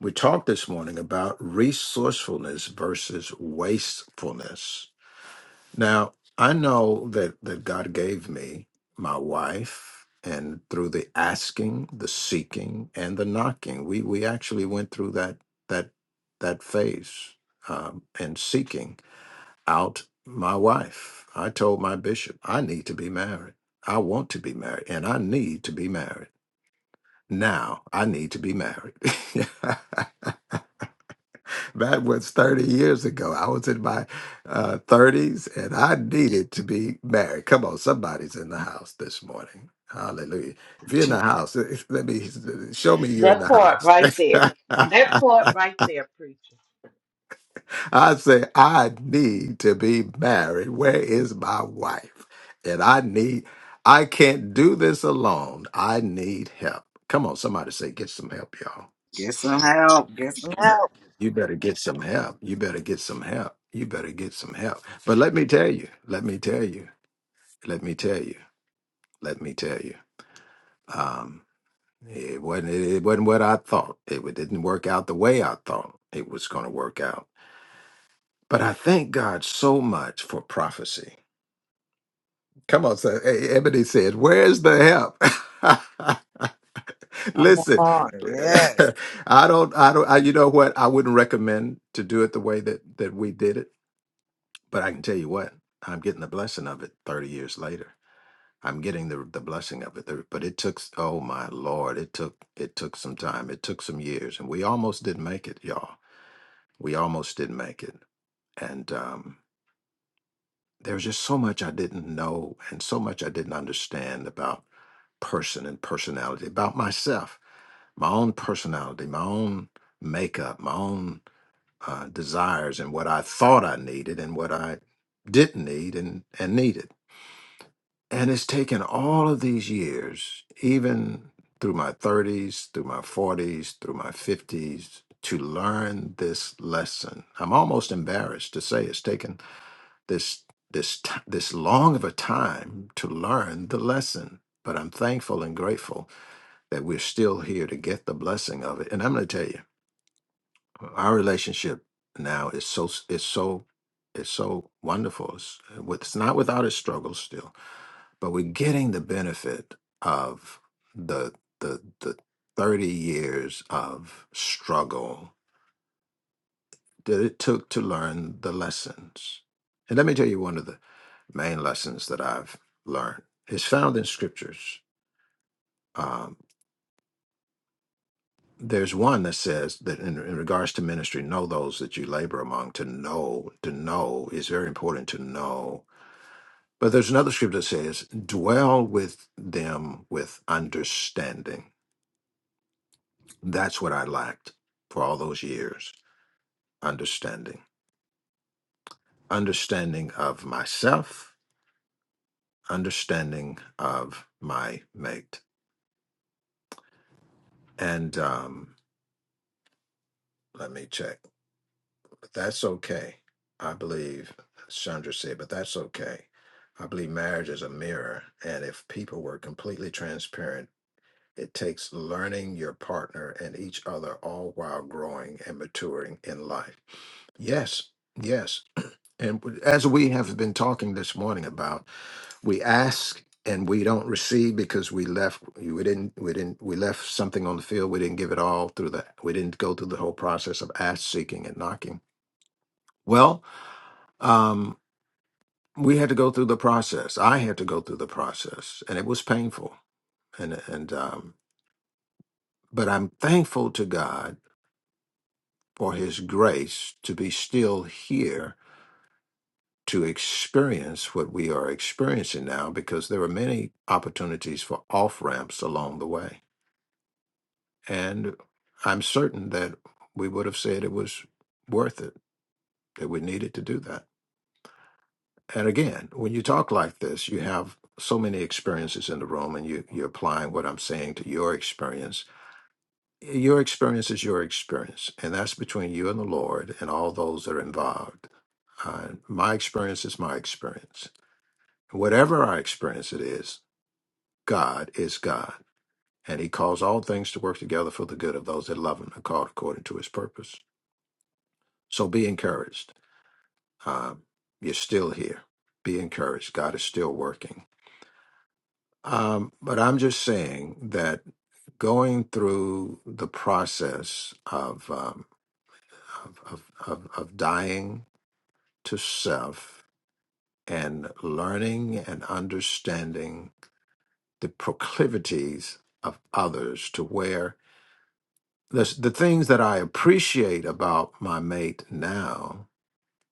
S1: We talked this morning about resourcefulness versus wastefulness. Now, I know that, that God gave me my wife, and through the asking, the seeking, and the knocking, we, we actually went through that that that phase um, and seeking out my wife. I told my bishop, I need to be married. I want to be married, and I need to be married. Now I need to be married. That was 30 years ago. I was in my uh, 30s and I needed to be married. Come on, somebody's in the house this morning. Hallelujah. If you're in the house, eh, eh, let me show me you're in
S7: That
S1: the
S7: part
S1: house.
S7: right there. That part right there, preacher.
S1: I say, I need to be married. Where is my wife? And I need, I can't do this alone. I need help. Come on, somebody say, get some help, y'all.
S5: get some help. Get some help.
S1: You better get some help. You better get some help. You better get some help. But let me tell you, let me tell you, let me tell you, let me tell you. Um, it wasn't it wasn't what I thought. It wa- didn't work out the way I thought it was going to work out. But I thank God so much for prophecy. Come on, sir. Hey, Ebony says, "Where's the help?"
S5: Come
S1: Listen,
S5: on.
S1: I don't, I don't, I, you know what? I wouldn't recommend to do it the way that that we did it But I can tell you what, I'm getting the blessing of it 30 years later. I'm getting the the blessing of it. There- But it took s- oh my lord, it took it took some time. It took some years and we almost didn't make it, y'all. We almost didn't make it. And um there was just so much I didn't know and so much I didn't understand about person and personality, about myself, my own personality, my own makeup, my own uh, desires and what I thought I needed and what I didn't need and and needed And it's taken all of these years, even through my 30s, through my 40s, through my 50s, to learn this lesson. I'm almost embarrassed to say it's taken this this t- this long of a time to learn the lesson, but I'm thankful and grateful that we're still here to get the blessing of it. And I'm going to tell you, our relationship now is so is so is so wonderful. It's, it's not without its struggles still but we're getting the benefit of the the the 30 years of struggle that it took to learn the lessons and let me tell you one of the main lessons that i've learned is found in scriptures um, there's one that says that in, in regards to ministry know those that you labor among to know to know is very important to know but there's another scripture that says dwell with them with understanding That's what I lacked for all those years understanding, understanding of myself, understanding of my mate. And um, let me check. But that's okay. I believe, Chandra said, but that's okay. I believe marriage is a mirror. And if people were completely transparent, it takes learning your partner and each other all while growing and maturing in life. Yes, yes. And w- as we have been talking this morning about, we ask and we don't receive because we left we didn't we didn't we left something on the field. We didn't give it all through the we didn't go through the whole process of ask, seeking, and knocking. Well, um, we had to go through the process. I had to go through the process, and it was painful. And and um, but I'm thankful to God for His grace to be still here to experience what we are experiencing now because there are many opportunities for off ramps along the way. And I'm certain that we would have said it was worth it, that we needed to do that. And again, when you talk like this, you have so many experiences in the room and you, you're applying what I'm saying to your experience. Your experience is your experience, and that's between you and the Lord and all those that are involved. Uh, my experience is my experience whatever our experience it is, God is God, and he calls all things to work together for the good of those that love him and are called according to his purpose. So be encouraged. Um, you're still here. Be encouraged. God is still working. Um, but I'm just saying that going through the process of, um, of, of, of, of dying to self and learning and understanding the proclivities of others to where the s- the things that I appreciate about my mate now,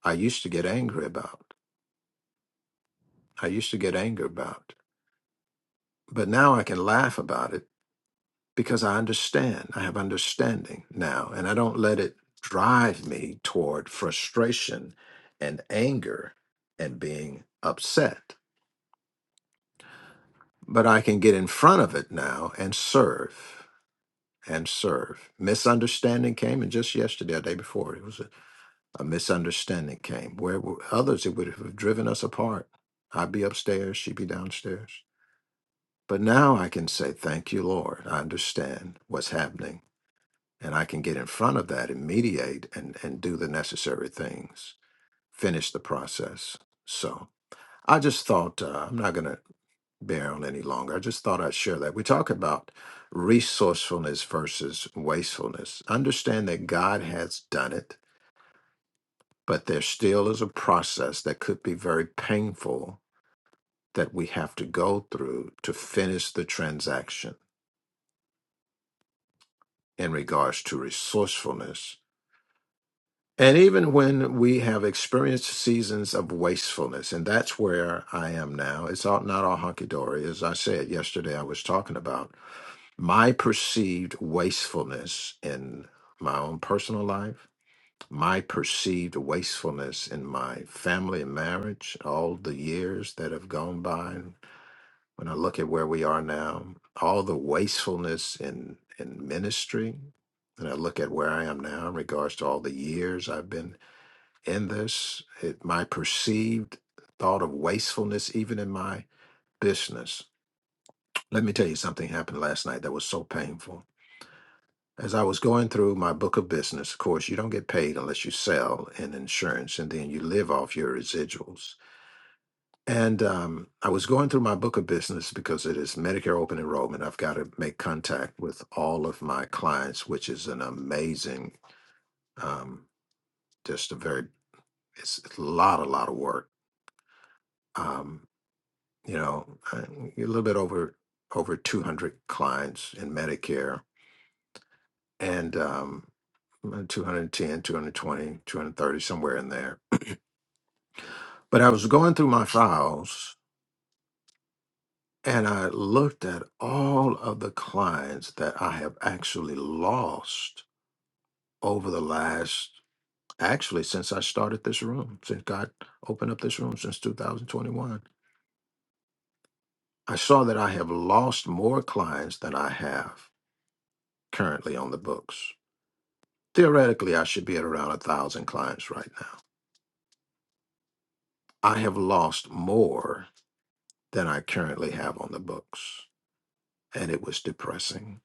S1: I used to get angry about. I used to get angry about, but now I can laugh about it because I understand. I have understanding now, and I don't let it drive me toward frustration and anger and being upset. But I can get in front of it now and serve and serve. Misunderstanding came, and just yesterday, or day before, it was A misunderstanding came. Where were others, it would have driven us apart. I'd be upstairs, she'd be downstairs. But now I can say, Thank you, Lord. I understand what's happening. And I can get in front of that and mediate and, and do the necessary things, finish the process. So I just thought, uh, I'm not going to bear on any longer. I just thought I'd share that. We talk about resourcefulness versus wastefulness. Understand that God has done it but there still is a process that could be very painful that we have to go through to finish the transaction in regards to resourcefulness. And even when we have experienced seasons of wastefulness, and that's where I am now, it's all, not all hunky dory. As I said yesterday, I was talking about my perceived wastefulness in my own personal life my perceived wastefulness in my family and marriage, all the years that have gone by. And when I look at where we are now, all the wastefulness in, in ministry, and I look at where I am now in regards to all the years I've been in this, it, my perceived thought of wastefulness, even in my business. Let me tell you something happened last night that was so painful. As I was going through my book of business, of course, you don't get paid unless you sell in insurance and then you live off your residuals. And um, I was going through my book of business because it is Medicare open enrollment. I've got to make contact with all of my clients, which is an amazing, um, just a very, it's a lot, a lot of work. Um, you know, I- a little bit over over 200 clients in Medicare and um, 210, somewhere in there. But I was going through my files and I looked at all of the clients that I have actually lost over the last, actually, since I started this room, since God opened up this room since 2021. I saw that I have lost more clients than I have currently on the books. Theoretically, I should be at around a thousand clients right now. I have lost more than I currently have on the books. And it was depressing.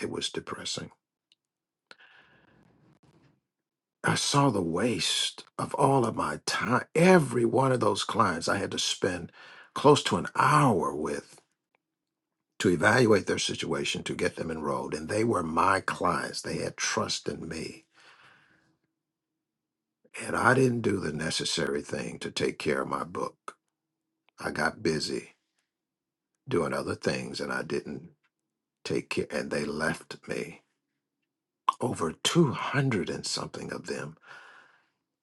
S1: It was depressing. I saw the waste of all of my time. Every one of those clients I had to spend close to an hour with to evaluate their situation, to get them enrolled. And they were my clients. They had trust in me. And I didn't do the necessary thing to take care of my book. I got busy doing other things and I didn't take care. And they left me. Over 200 and something of them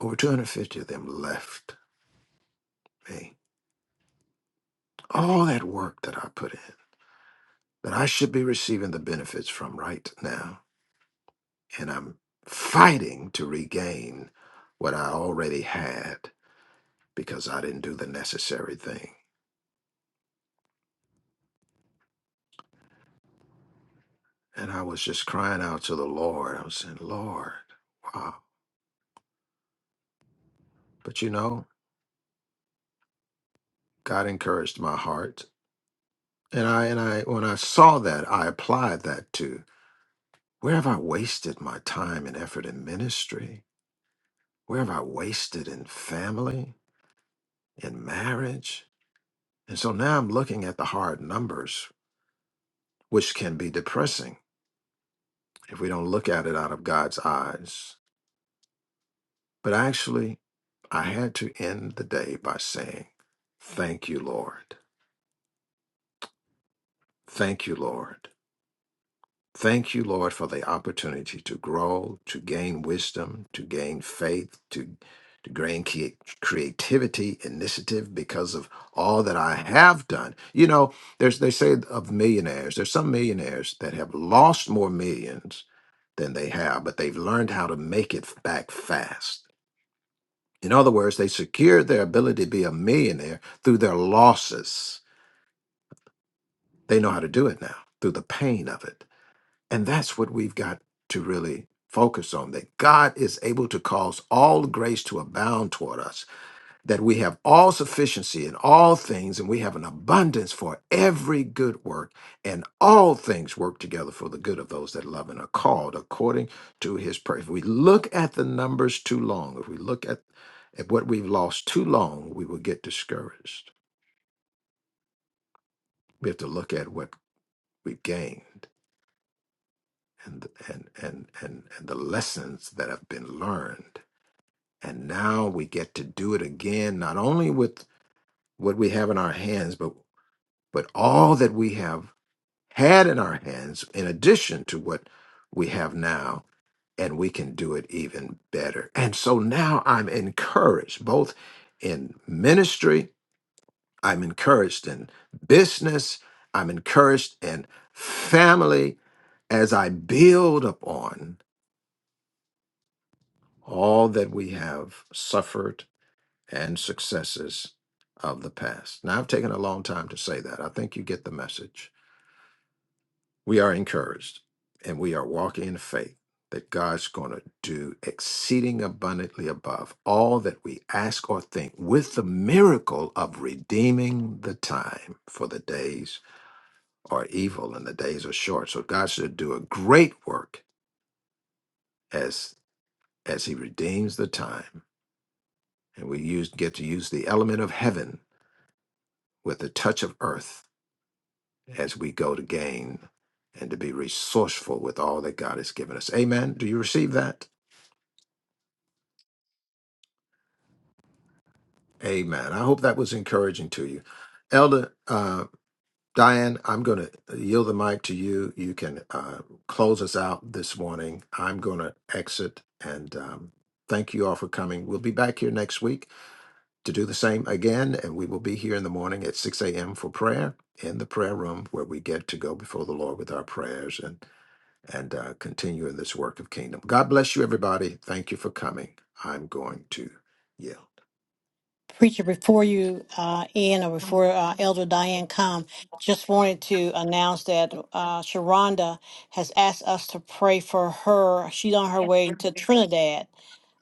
S1: Over 250 of them left me. All that work that I put in, that I should be receiving the benefits from right now. And I'm fighting to regain what I already had because I didn't do the necessary thing. And I was just crying out to the Lord. I was saying, Lord, wow. But you know, God encouraged my heart. And I and I when I saw that, I applied that to where have I wasted my time and effort in ministry? Where have I wasted in family, in marriage? And so now I'm looking at the hard numbers, which can be depressing if we don't look at it out of God's eyes. But actually, I had to end the day by saying, Thank you, Lord. Thank you, Lord. Thank you, Lord, for the opportunity to grow, to gain wisdom, to gain faith, to, to gain cre- creativity, initiative, because of all that I have done. You know, there's they say of millionaires, there's some millionaires that have lost more millions than they have, but they've learned how to make it back fast. In other words, they secured their ability to be a millionaire through their losses. They know how to do it now through the pain of it And that's what we've got to really focus on that God is able to cause all grace to abound toward us, that we have all sufficiency in all things, and we have an abundance for every good work, and all things work together for the good of those that love and are called according to his purpose. If we look at the numbers too long, if we look at, at what we've lost too long, we will get discouraged. We have to look at what we've gained. and and and and, and the lessons that have been learned and now we get to do it again not only with what we have in our hands but but all that we have had in our hands in addition to what we have now and we can do it even better and so now i'm encouraged both in ministry i'm encouraged in business i'm encouraged in family as i build upon all that we have suffered and successes of the past. Now, I've taken a long time to say that. I think you get the message. We are encouraged and we are walking in faith that God's going to do exceeding abundantly above all that we ask or think with the miracle of redeeming the time for the days are evil and the days are short. So God should do a great work as as he redeems the time and we use get to use the element of heaven with a touch of earth as we go to gain and to be resourceful with all that God has given us. Amen. Do you receive that? Amen. I hope that was encouraging to you. Elder uh, Diane, I'm going to yield the mic to you. You can uh, close us out this morning. I'm going to exit and um, thank you all for coming. We'll be back here next week to do the same again, and we will be here in the morning at 6 a.m. for prayer in the prayer room where we get to go before the Lord with our prayers and. and uh, continue in this work of kingdom. God bless you, everybody. Thank you for coming. I'm going to yell.
S3: Preacher, before you uh, end or before uh, Elder Diane come, just wanted to announce that uh, Sharonda has asked us to pray for her. She's on her way to Trinidad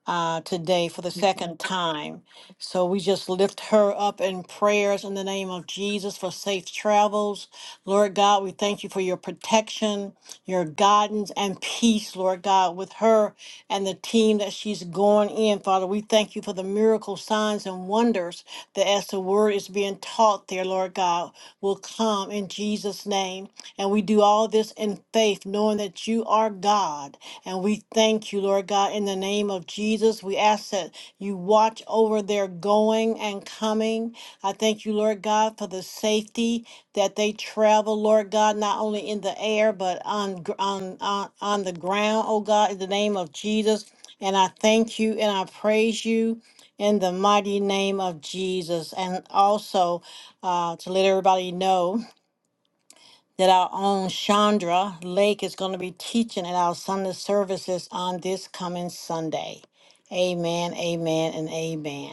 S3: uh, today for the second time. So we just lift her up in prayers in the name of Jesus for safe travels. Lord God, we thank you for your protection, your guidance, and peace, Lord God, with her and the team that she's going in, Father. We thank you for the miracle signs and wonders that as the word is being taught there, Lord God, will come in Jesus' name. And we do all this in faith, knowing that you are God. And we thank you, Lord God, in the name of Jesus. Jesus, we ask that you watch over their going and coming. I thank you, Lord God, for the safety that they travel, Lord God, not only in the air, but on, gr- on, on, on the ground, oh God, in the name of Jesus. And I thank you and I praise you in the mighty name of Jesus. And also uh, to let everybody know that our own Chandra Lake is going to be teaching at our Sunday services on this coming Sunday. Amen, amen, and amen.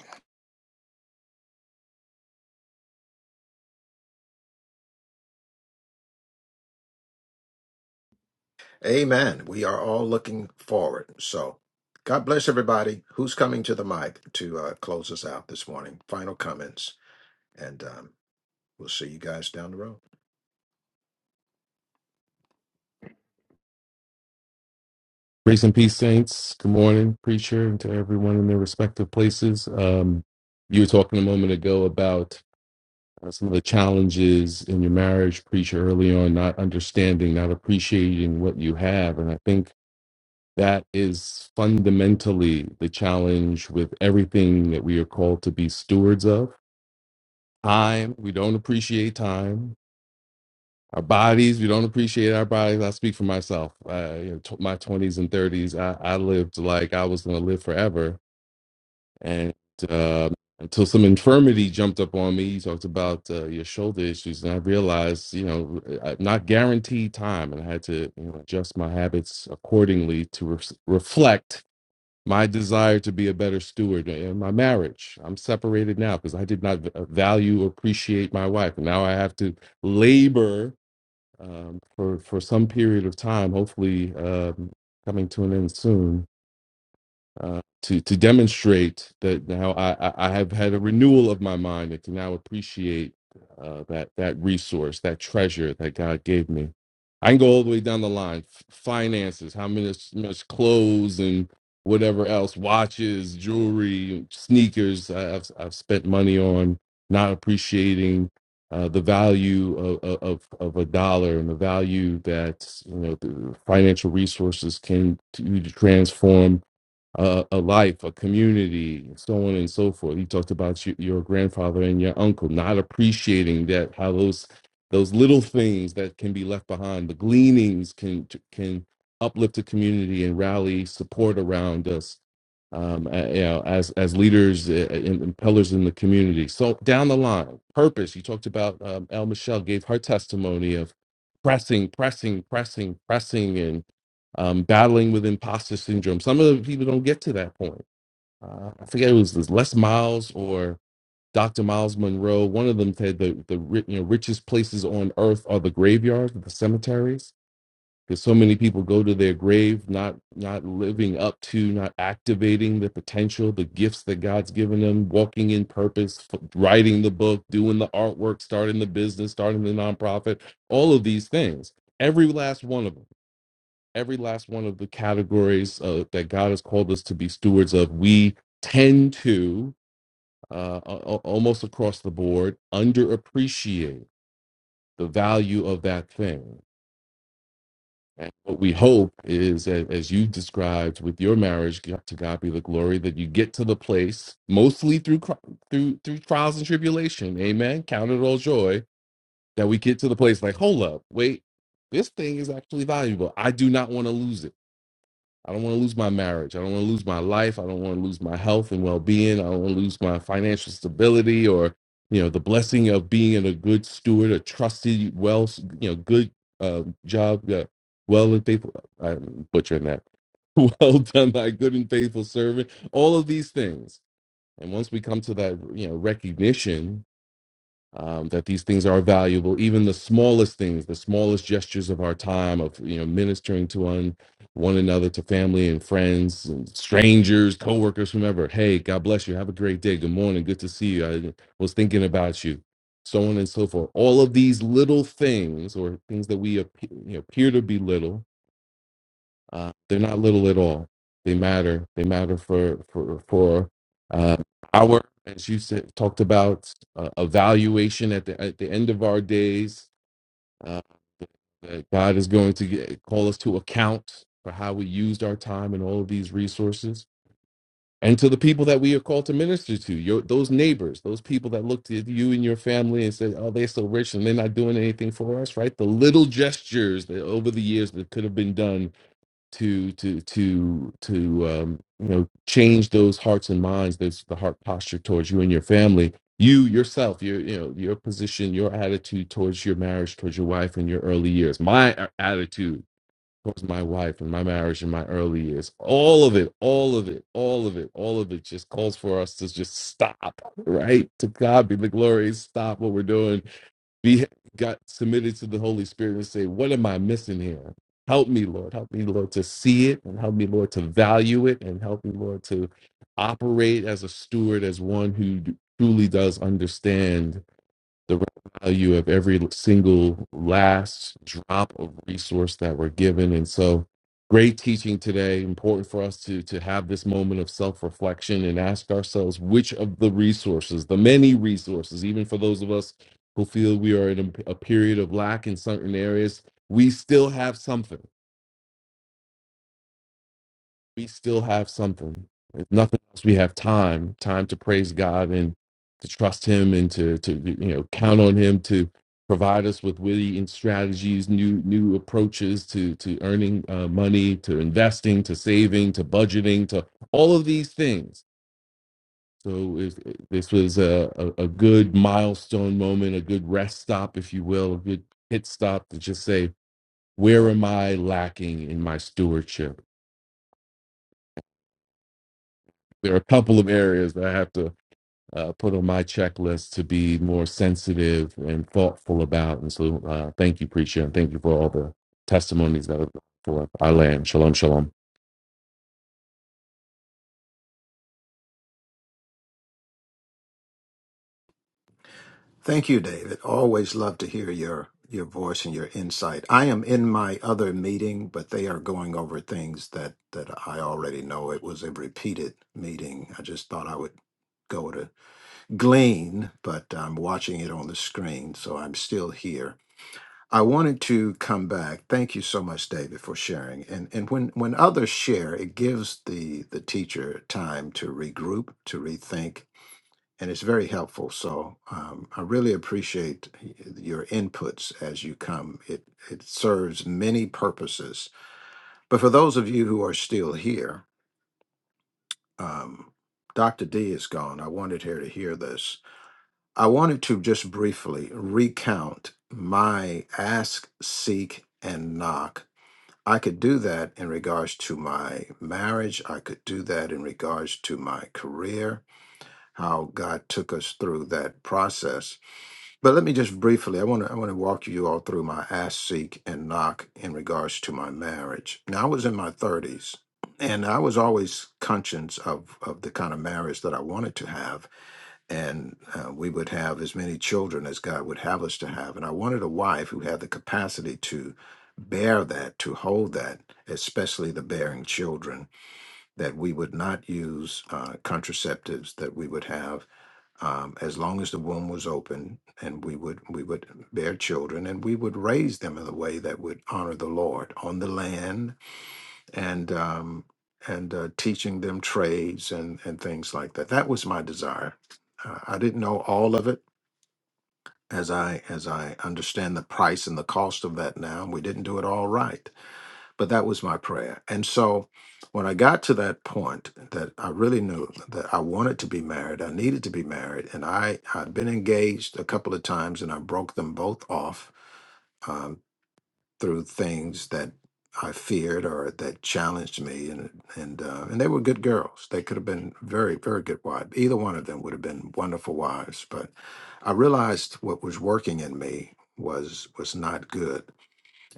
S1: Amen. We are all looking forward. So God bless everybody. Who's coming to the mic to uh, close us out this morning? Final comments, and um, we'll see you guys down the road.
S9: Grace and peace, saints. Good morning, preacher, and to everyone in their respective places. Um, you were talking a moment ago about uh, some of the challenges in your marriage, preacher, early on, not understanding, not appreciating what you have. And I think that is fundamentally the challenge with everything that we are called to be stewards of. Time, we don't appreciate time our bodies we don't appreciate our bodies i speak for myself uh, you know t- my 20s and 30s I, I lived like i was going to live forever and uh, until some infirmity jumped up on me you talked about uh, your shoulder issues and i realized you know i'm not guaranteed time and i had to you know, adjust my habits accordingly to re- reflect my desire to be a better steward in my marriage i'm separated now because i did not v- value or appreciate my wife and now i have to labor um, for for some period of time. Hopefully, um, coming to an end soon uh, to to demonstrate that now I, I I have had a renewal of my mind and can now appreciate uh, that that resource, that treasure that God gave me. I can go all the way down the line: F- finances, how many much clothes and whatever else, watches, jewelry, sneakers. I, I've I've spent money on not appreciating. Uh, the value of, of of a dollar and the value that you know the financial resources can to to transform a, a life, a community, and so on and so forth. You talked about your, your grandfather and your uncle not appreciating that how those those little things that can be left behind, the gleanings can can uplift the community and rally support around us. Um, uh, you know, as as leaders uh, and, and pillars in the community. So down the line, purpose. You talked about um, El Michelle gave her testimony of pressing, pressing, pressing, pressing, and um, battling with imposter syndrome. Some of the people don't get to that point. Uh, I forget it was this Les Miles or Dr. Miles Monroe. One of them said the the ri- you know, richest places on earth are the graveyards, the cemeteries, because so many people go to their grave not not living up to, not activating the potential, the gifts that God's given them, walking in purpose, f- writing the book, doing the artwork, starting the business, starting the nonprofit, all of these things. Every last one of them every last one of the categories uh, that God has called us to be stewards of, we tend to uh, a- a- almost across the board underappreciate the value of that thing. And what we hope is, a- as you described with your marriage, g- to God be the glory, that you get to the place, mostly through cri- through through trials and tribulation. Amen. Count it all joy that we get to the place like, hold up, wait, this thing is actually valuable. I do not want to lose it. I don't want to lose my marriage. I don't want to lose my life. I don't want to lose my health and well-being. I don't want to lose my financial stability or, you know, the blessing of being a good steward, a trusted, well, you know, good uh, job, uh, well and faithful. I'm butchering that. Well done, thy good and faithful servant. All of these things, and once we come to that, you know, recognition um, that these things are valuable even the smallest things the smallest gestures of our time of you know ministering to one one another to family and friends and strangers coworkers whomever hey god bless you have a great day good morning good to see you i was thinking about you so on and so forth all of these little things or things that we appear, you know, appear to be little uh, they're not little at all. They matter. They matter for for for uh, our, as you said, talked about uh, evaluation at the at the end of our days. Uh, that God is going to get, call us to account for how we used our time and all of these resources, and to the people that we are called to minister to. Your those neighbors, those people that looked at you and your family and said, "Oh, they're so rich and they're not doing anything for us." Right? The little gestures that over the years that could have been done to to to to um, you know change those hearts and minds those the heart posture towards you and your family you yourself your you know your position your attitude towards your marriage towards your wife in your early years my a- attitude towards my wife and my marriage in my early years all of it all of it all of it all of it just calls for us to just stop right to god be the glory stop what we're doing we got submitted to the Holy Spirit and say, What am I missing here? Help me, Lord. Help me, Lord, to see it and help me, Lord, to value it and help me, Lord, to operate as a steward, as one who truly does understand the value of every single last drop of resource that we're given. And so, great teaching today. Important for us to to have this moment of self reflection and ask ourselves which of the resources, the many resources, even for those of us who feel we are in a, a period of lack in certain areas, we still have something we still have something. If nothing else, we have time, time to praise God and to trust Him and to, to you know count on Him to provide us with witty and strategies, new new approaches to to earning uh, money, to investing, to saving, to budgeting, to all of these things. So if, this was a, a, a good milestone moment, a good rest stop, if you will, a good pit stop to just say, where am I lacking in my stewardship? There are a couple of areas that I have to uh, put on my checklist to be more sensitive and thoughtful about. And so, uh, thank you, preacher, and thank you for all the testimonies that have gone forth. I land. Shalom, shalom.
S1: Thank you, David. Always love to hear your your voice and your insight. I am in my other meeting, but they are going over things that that I already know. It was a repeated meeting. I just thought I would go to glean, but I'm watching it on the screen, so I'm still here. I wanted to come back. Thank you so much, David, for sharing. And and when when others share, it gives the the teacher time to regroup, to rethink, and it's very helpful. So um, I really appreciate your inputs as you come. It it serves many purposes. But for those of you who are still here, um, Dr. D is gone. I wanted her to hear this. I wanted to just briefly recount my ask, seek, and knock. I could do that in regards to my marriage. I could do that in regards to my career, how God took us through that process But let me just briefly, I want to I want to walk you all through my ask, seek, and knock in regards to my marriage. Now I was in my 30s, and I was always conscious of of the kind of marriage that I wanted to have, and uh, we would have as many children as God would have us to have, and I wanted a wife who had the capacity to bear that, to hold that, especially the bearing children. That we would not use uh, contraceptives. That we would have um, as long as the womb was open, and we would we would bear children, and we would raise them in a way that would honor the Lord on the land, and um, and uh, teaching them trades and and things like that. That was my desire. Uh, I didn't know all of it as I as I understand the price and the cost of that now. We didn't do it all right but that was my prayer. And so when I got to that point that I really knew that I wanted to be married, I needed to be married, and I had been engaged a couple of times and I broke them both off um, through things that I feared or that challenged me, and and uh, and they were good girls. They could have been very very good wives. Either one of them would have been wonderful wives. But I realized what was working in me was was not good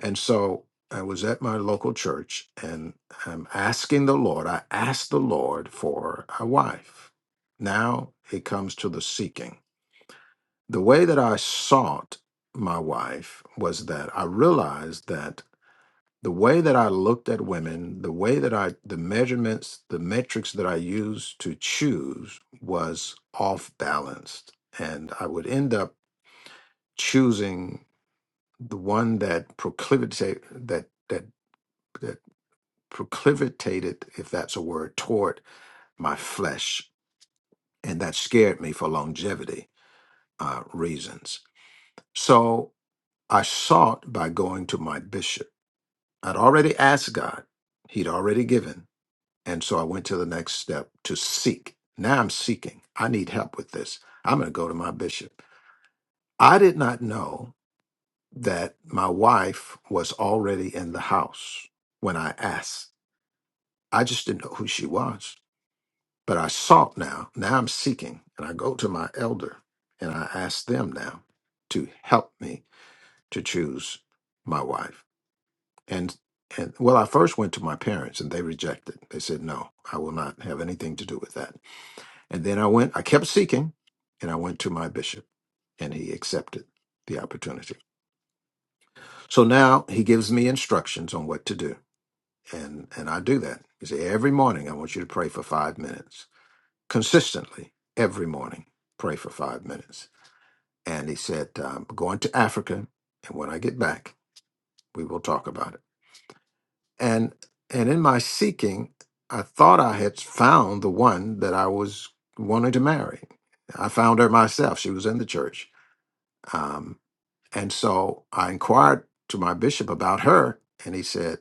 S1: and so I was at my local church and I'm asking the Lord, I asked the Lord for a wife. Now it comes to the seeking. The way that I sought my wife was that I realized that the way that I looked at women, the way that I, the measurements, the metrics that I used to choose was off balanced. And I would end up choosing the one that proclivity, that, that that proclivitated, if that's a word, toward my flesh. And that scared me for longevity uh, reasons. So I sought by going to my bishop. I'd already asked God, He'd already given. And so I went to the next step to seek. Now I'm seeking. I need help with this. I'm going to go to my bishop. I did not know that my wife was already in the house when I asked. I just didn't know who she was. But I sought now. Now I'm seeking. And I go to my elder and I ask them now to help me to choose my wife. And and well, I first went to my parents and they rejected. They said, No, I will not have anything to do with that. And then I went, I kept seeking, and I went to my bishop and he accepted the opportunity. So now he gives me instructions on what to do. And and I do that. He said, every morning I want you to pray for five minutes. consistently every morning, pray for five minutes. And he said, I'm going to Africa, and when I get back, we will talk about it. And and in my seeking, I thought I had found the one that I was wanting to marry. I found her myself. She was in the church. Um, and so I inquired to my bishop about her, and he said,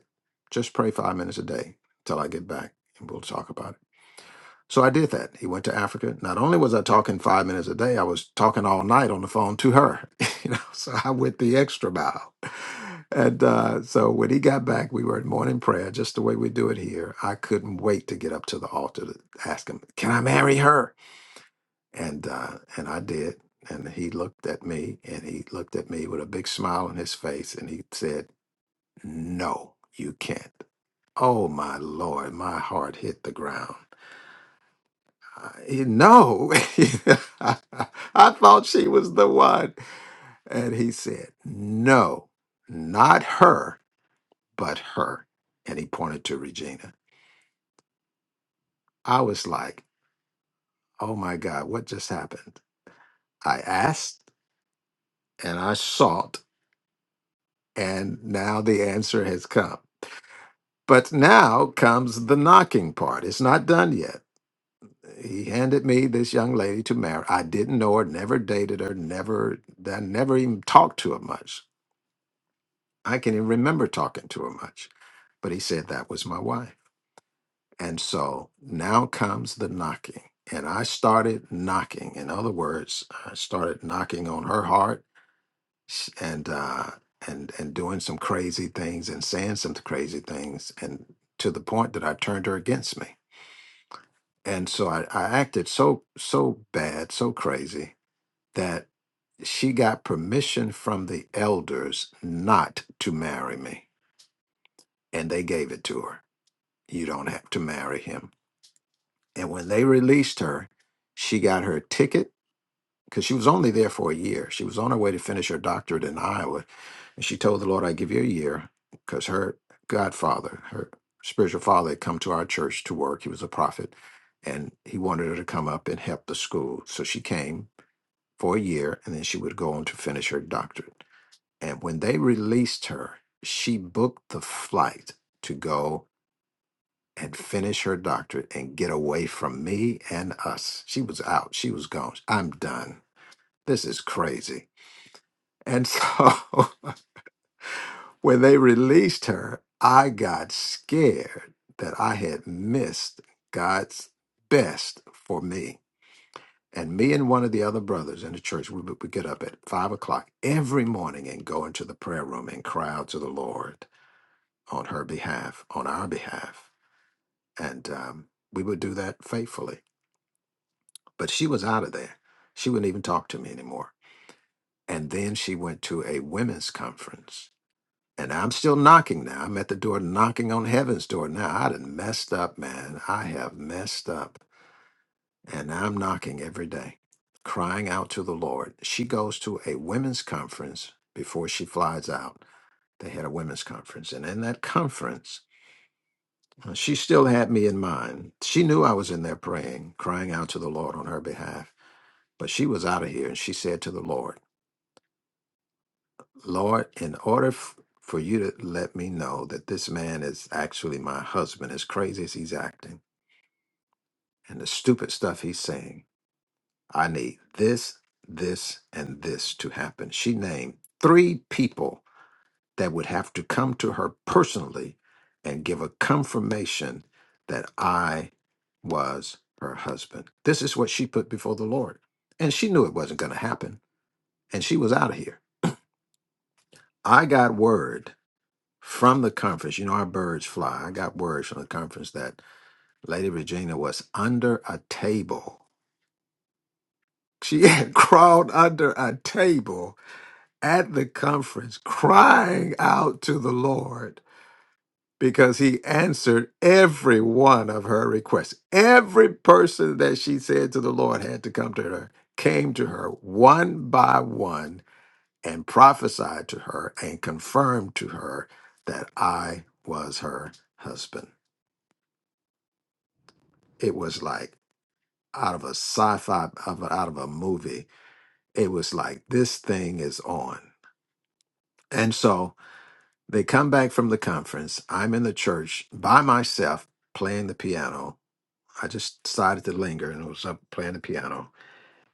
S1: just pray five minutes a day till I get back, and we'll talk about it. So I did that. He went to Africa. Not only was I talking five minutes a day, I was talking all night on the phone to her. you know, so I went the extra mile. And uh, so when he got back, we were at morning prayer, just the way we do it here. I couldn't wait to get up to the altar to ask him, "Can I marry her?" And uh, and I did. And he looked at me, and he looked at me with a big smile on his face, and he said, "No, you can't." Oh my lord, my heart hit the ground. I- No, I thought she was the one. And he said, No, not her, but her. And he pointed to Regina. I was like, Oh my God, what just happened? I asked and I sought, and now the answer has come. But now comes the knocking part. It's not done yet. He handed me this young lady to marry. I didn't know her, never dated her, never, I never even talked to her much I can't even remember talking to her much. But he said that was my wife. And so now comes the knocking. And I started knocking. In other words, I started knocking on her heart s- and uh and and doing some crazy things and saying some crazy things and to the point that I turned her against me. And so I, I acted so so bad, so crazy that she got permission from the elders not to marry me. And they gave it to her You don't have to marry him. And when they released her, she got her ticket because she was only there for a year. She was on her way to finish her doctorate in Iowa. And she told the Lord, I give you a year because her godfather, her spiritual father, had come to our church to work. He was a prophet and he wanted her to come up and help the school. So she came for a year and then she would go on to finish her doctorate. And when they released her, she booked the flight to go and finish her doctorate and get away from me and us. She was out. She was gone. I'm done. This is crazy. And so when they released her, I got scared that I had missed God's best for me. And me and one of the other brothers in the church, we would would get up at five o'clock every morning and go into the prayer room and cry out to the Lord on her behalf, on our behalf. And um, we would do that faithfully But she was out of there. She wouldn't even talk to me anymore. And then she went to a women's conference. And I'm still knocking now. I'm at the door knocking on heaven's door now. I done messed up, man. I have messed up. And I'm knocking every day, crying out to the Lord. She goes to a women's conference before she flies out. They had a women's conference. And in that conference, uh, she still had me in mind. She knew I was in there praying, crying out to the Lord on her behalf. But she was out of here and she said to the Lord, Lord, in order f- for you to let me know that this man is actually my husband, as crazy as he's acting and the stupid stuff he's saying, I need this, this, and this to happen. She named three people that would have to come to her personally and give a confirmation that I was her husband. This is what she put before the Lord. And she knew it wasn't going to happen. And she was out of here. I got word from the conference. You know how birds fly. I got words from the conference that Lady Regina was under a table. She had crawled under a table at the conference, crying out to the Lord because he answered every one of her requests. Every person that she said to the Lord had to come to her, came to her one by one and prophesied to her and confirmed to her that I was her husband. it was like out of a sci-fi of a- out of a movie it was like this thing is on and so they come back from the conference i'm in the church by myself playing the piano i just decided to linger and was up playing the piano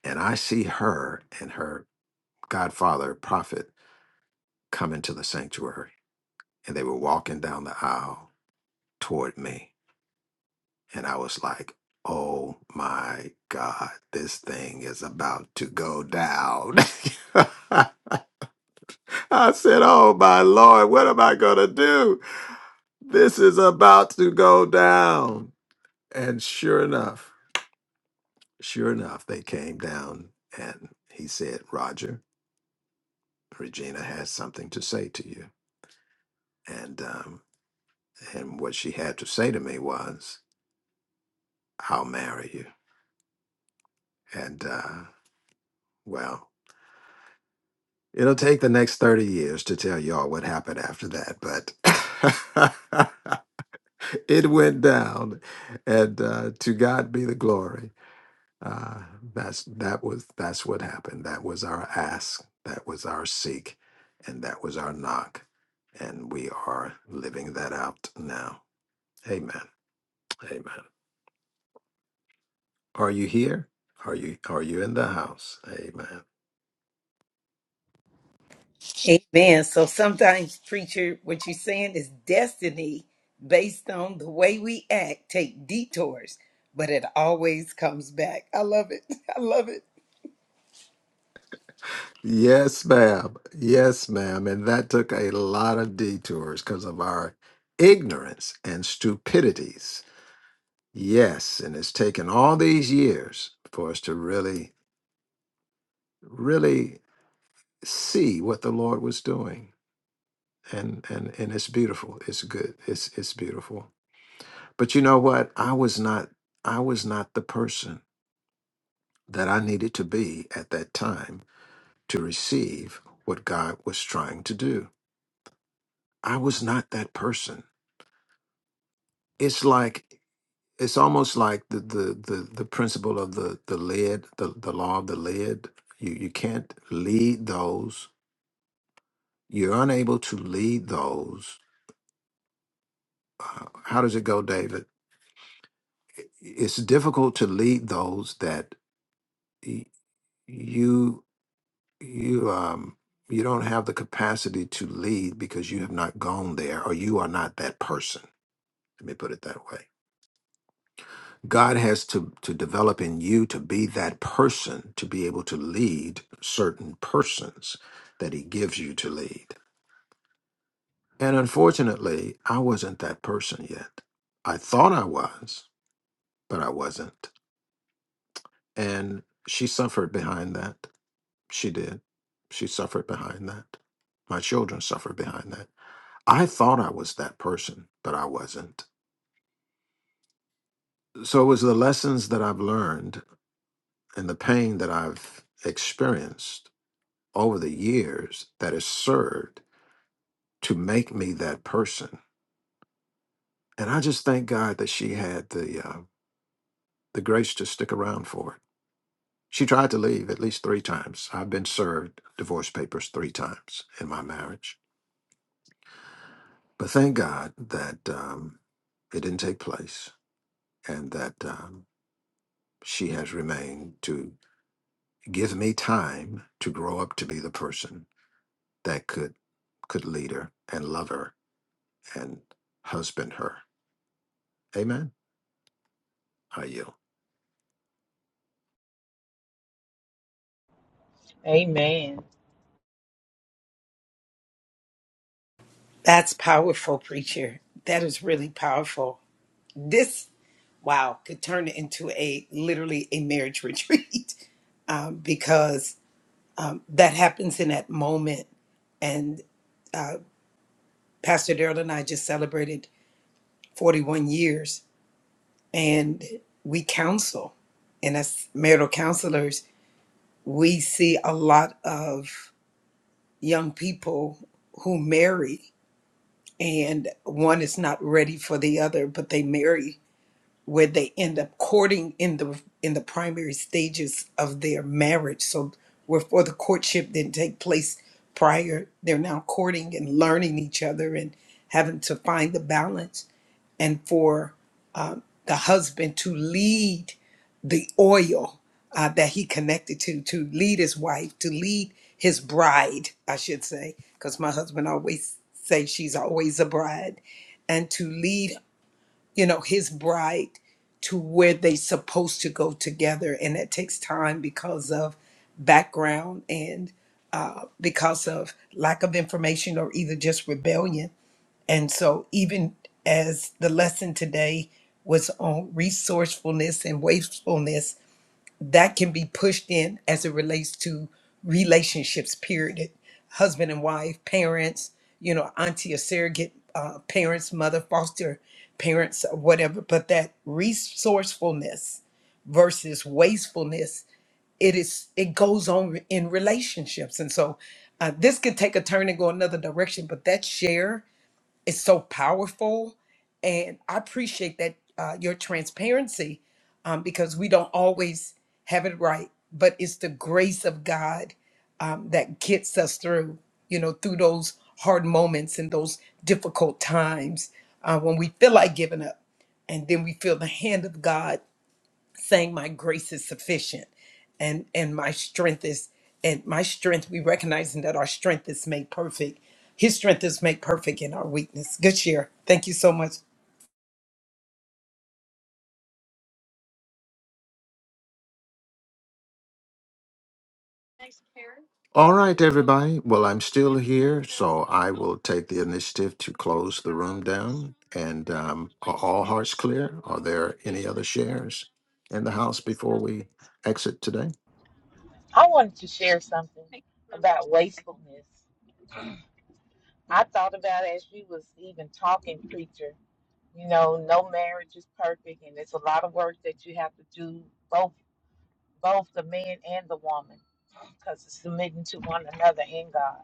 S1: and i see her and her godfather prophet come into the sanctuary and they were walking down the aisle toward me And I was like, oh my God, this thing is about to go down. I said, oh my Lord, what am I going to do? This is about to go down. And sure enough, sure enough, they came down and he said, Roger, Regina has something to say to you. And, um, and what she had to say to me was, I'll marry you. And, uh, well, It'll take the next 30 years to tell y'all what happened after that, but it went down. And uh, to God be the glory. Uh, that's that was that's what happened. That was our ask, that was our seek, and that was our knock. And we are living that out now. Amen. Amen. Are you here? Are you are you in the house? Amen.
S6: Amen. So sometimes, preacher, what you're saying is destiny based on the way we act, take detours, but it always comes back. I love it. I love it.
S1: Yes, ma'am. Yes, ma'am. And that took a lot of detours because of our ignorance and stupidities. Yes. And it's taken all these years for us to really, really see what the Lord was doing. And and and it's beautiful. It's good. It's it's beautiful. But you know what? I was not I was not the person that I needed to be at that time to receive what God was trying to do. I was not that person. it's like it's almost like the the the, the principle of the the lid the, the law of the lid you you can't lead those you're unable to lead those uh, how does it go david I- it's difficult to lead those that y- you you um you don't have the capacity to lead because you have not gone there or you are not that person let me put it that way God has to, to develop in you to be that person, to be able to lead certain persons that He gives you to lead. And unfortunately, I wasn't that person yet. I thought I was, but I wasn't. And she suffered behind that. She did. She suffered behind that. My children suffered behind that. I thought I was that person, but I wasn't. So it was the lessons that I've learned and the pain that I've experienced over the years that has served to make me that person. And I just thank God that she had the uh, the grace to stick around for it. She tried to leave at least three times. I've been served divorce papers three times in my marriage, but thank God that um, it didn't take place, and that um, she has remained to give me time to grow up to be the person that could could lead her and love her and husband her. Amen. Are you?
S7: Amen.
S6: That's powerful, preacher. That is really powerful. This, wow, could turn into a literally a marriage retreat um, because um, that happens in that moment. And uh, Pastor Darrell and I just celebrated 41 years and we counsel. And as marital counselors, we see a lot of young people who marry, and one is not ready for the other, but they marry where they end up courting in the in the primary stages of their marriage. So where for the courtship didn't take place prior, they're now courting and learning each other and having to find the balance. And for the husband to lead the oil uh, that he connected to, to lead his wife, to lead his bride, I should say, because my husband always say she's always a bride, and to lead, you know, his bride to where they supposed to go together, and that takes time because of background and uh, because of lack of information or either just rebellion and so, even as the lesson today was on resourcefulness and wastefulness, that can be pushed in as it relates to relationships, period. Husband and wife, parents, you know, auntie or surrogate uh, parents, mother, foster parents, or whatever. But that resourcefulness versus wastefulness, it is it goes on in relationships. And so, uh, this could take a turn and go another direction. But that share is so powerful. And I appreciate that uh, your transparency um, because we don't always have it right, but it's the grace of God um, that gets us through, you know, through those hard moments and those difficult times uh, when we feel like giving up. And then we feel the hand of God saying my grace is sufficient and and my strength is and my strength we recognizing that our strength is made perfect his strength is made perfect in our weakness good year thank you so much
S1: All right, everybody. Well, I'm still here, so I will take the initiative to close the room down. And um, are all hearts clear? Are there any other shares in the house before we exit today?
S7: I wanted to share something about wastefulness. I thought about it as we was even talking, preacher. you know, no marriage is perfect, and it's a lot of work that you have to do both both the man and the woman because it's submitting to one another in God,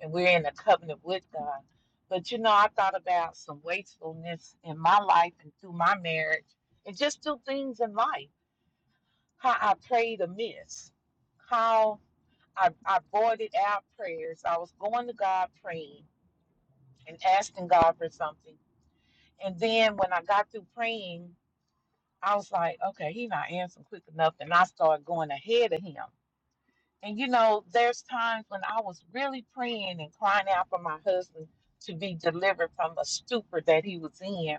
S7: and we're in a covenant with God. But you know, I thought about some wastefulness in my life and through my marriage, and just through things in life, how I prayed amiss, how I, I voided out prayers. I was going to God praying and asking God for something, and then when I got through praying I was like, okay, he not answering quick enough. And I started going ahead of him. And you know, there's times when I was really praying and crying out for my husband to be delivered from the stupor that he was in.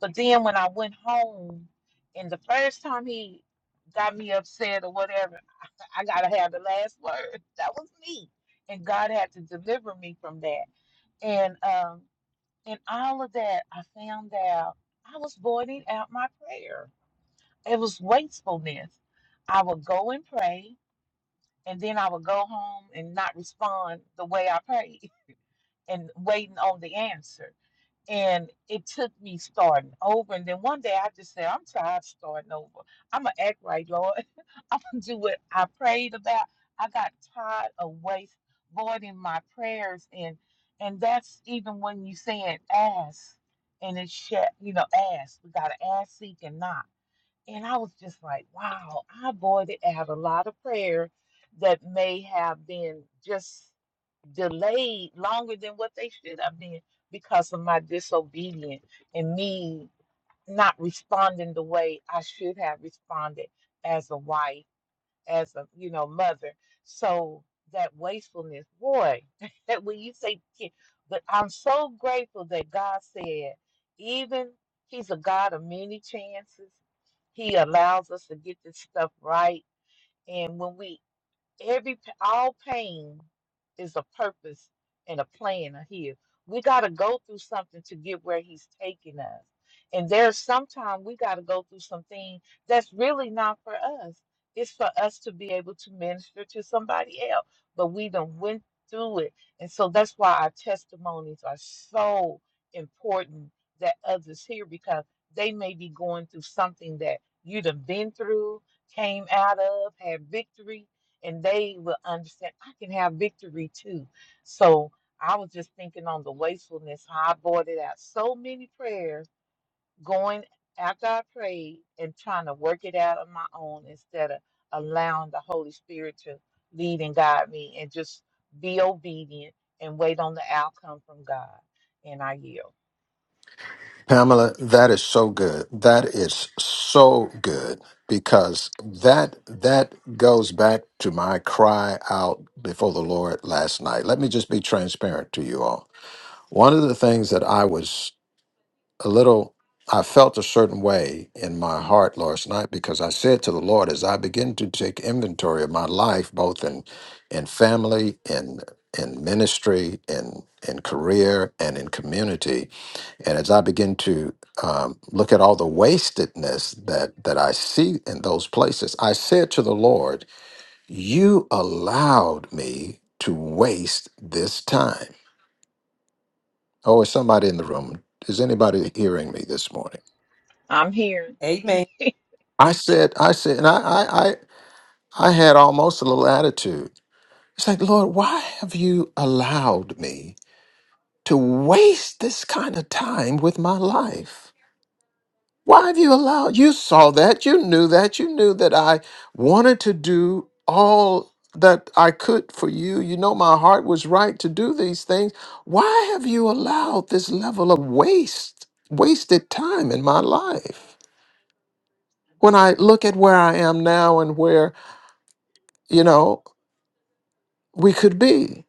S7: But then when I went home, and the first time he got me upset or whatever, I gotta have the last word. That was me. And God had to deliver me from that. And um, in all of that, I found out I was voiding out my prayer it was wastefulness. I would go and pray, and then I would go home and not respond the way I prayed and waiting on the answer. And it took me starting over. And then one day I just said, I'm tired of starting over. I'm going to act right, Lord. I'm going to do what I prayed about. I got tired of waste voiding my prayers. And and that's even when you saying ask and it's, sh- you know, ask. We got to ask, seek, and knock and I was just like, wow, I avoided out a lot of prayer that may have been just delayed longer than what they should have been because of my disobedience and me not responding the way I should have responded as a wife as a you know mother. So that wastefulness, boy, that when you say, kid- but I'm so grateful that God said, even He's a God of many chances. He allows us to get this stuff right, and when we every p- all pain is a purpose and a plan of here. We got to go through something to get where he's taking us. And there's sometimes we got to go through something that's really not for us. It's for us to be able to minister to somebody else, but we done went through it. And so that's why our testimonies are so important that others hear because they may be going through something that you done been through, came out of, had victory and they will understand I can have victory too. So I was just thinking on the wastefulness, how I boarded out so many prayers going after I prayed and trying to work it out on my own instead of allowing the Holy Spirit to lead and guide me and just be obedient and wait on the outcome from God. And I yield.
S1: Pamela, that is so good. That is so good because that that goes back to my cry out before the Lord last night. Let me just be transparent to you all. One of the things that I was a little I felt a certain way in my heart last night because I said to the Lord as I begin to take inventory of my life, both in in family, in in ministry, in in career, and in community, and as I begin to um, look at all the wastedness that that I see in those places, I said to the Lord, "You allowed me to waste this time." Oh, is somebody in the room? Is anybody hearing me this morning?
S7: I'm here.
S6: amen
S1: I said, I said, and I, I, I, I had almost a little attitude. It's like, Lord, why have you allowed me to waste this kind of time with my life? Why have you allowed? You saw that, you knew that, you knew that I wanted to do all that I could for you. You know, my heart was right to do these things. Why have you allowed this level of waste, wasted time in my life? When I look at where I am now and where, you know, we could be.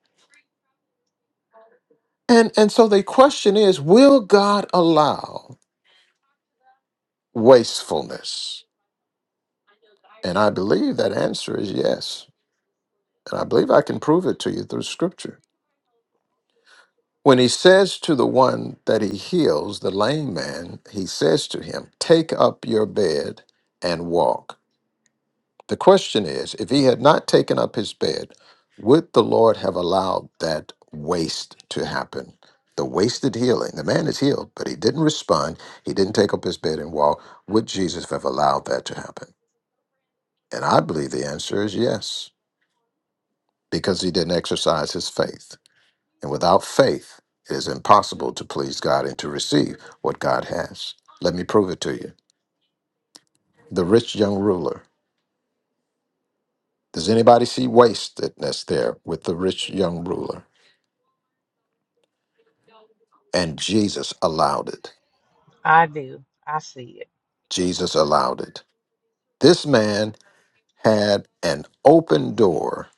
S1: And and so the question is, will God allow wastefulness? And I believe that answer is yes. And I believe I can prove it to you through scripture. When he says to the one that he heals, the lame man, he says to him, Take up your bed and walk. The question is if he had not taken up his bed, would the Lord have allowed that waste to happen? The wasted healing. The man is healed, but he didn't respond. He didn't take up his bed and walk. Would Jesus have allowed that to happen? And I believe the answer is yes, because he didn't exercise his faith. And without faith, it is impossible to please God and to receive what God has. Let me prove it to you. The rich young ruler. Does anybody see waste that's there with the rich young ruler? and Jesus allowed it.
S7: I do. I see it.
S1: Jesus allowed it. This man had an open door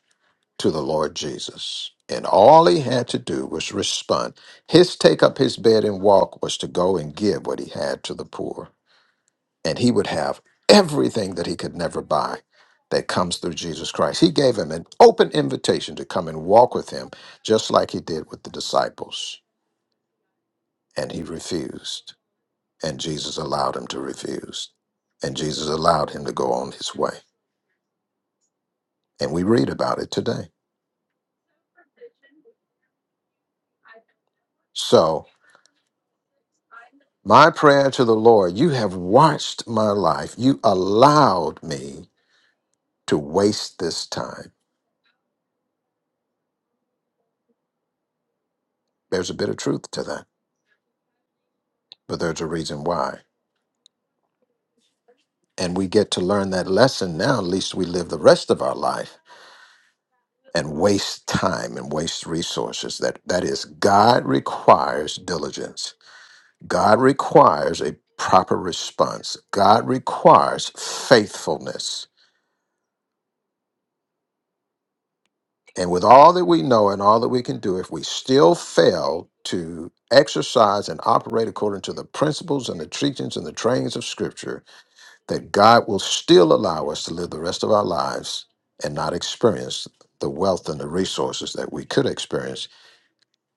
S1: to the Lord Jesus, and all he had to do was respond. His take up his bed and walk was to go and give what he had to the poor, and he would have everything that he could never buy that comes through Jesus Christ. He gave him an open invitation to come and walk with him, just like he did with the disciples, and he refused. And Jesus allowed him to refuse. And Jesus allowed him to go on his way. And we read about it today. So, my prayer to the Lord, you have watched my life. You allowed me to waste this time. There's a bit of truth to that, but there's a reason why. And we get to learn that lesson now, at least we live the rest of our life and waste time and waste resources. That that is God requires diligence. God requires a proper response. God requires faithfulness. And with all that we know and all that we can do, if we still fail to exercise and operate according to the principles and the teachings and the trainings of Scripture, that God will still allow us to live the rest of our lives and not experience the wealth and the resources that we could experience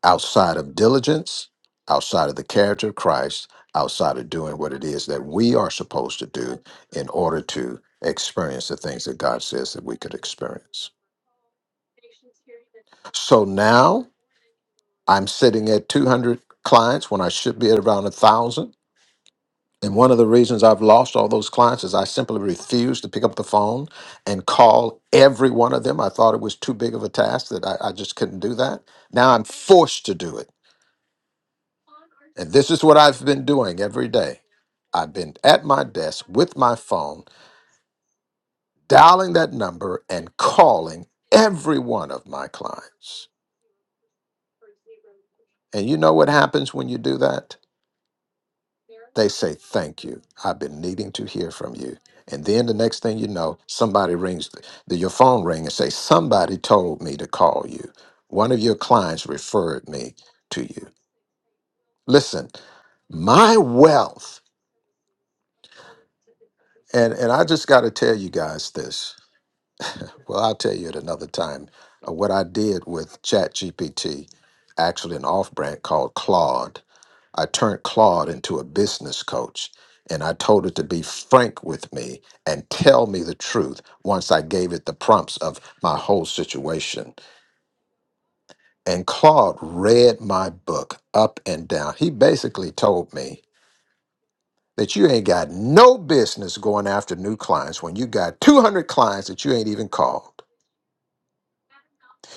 S1: outside of diligence, outside of the character of Christ, outside of doing what it is that we are supposed to do in order to experience the things that God says that we could experience. So now I'm sitting at 200 clients when I should be at around 1,000. And one of the reasons I've lost all those clients is I simply refused to pick up the phone and call every one of them. I thought it was too big of a task that I, I just couldn't do that. Now I'm forced to do it And this is what I've been doing every day. I've been at my desk with my phone, dialing that number and calling every one of my clients. And you know what happens when you do that? They say, Thank you. I've been needing to hear from you. And then the next thing you know, somebody rings, the, your phone ring and say, Somebody told me to call you. One of your clients referred me to you. Listen, my wealth, and, and I just got to tell you guys this Well, I'll tell you at another time. Uh, What I did with ChatGPT, actually an off-brand called Claude, I turned Claude into a business coach, and I told it to be frank with me and tell me the truth once I gave it the prompts of my whole situation. And Claude read my book up and down. He basically told me that you ain't got no business going after new clients when you got 200 clients that you ain't even called.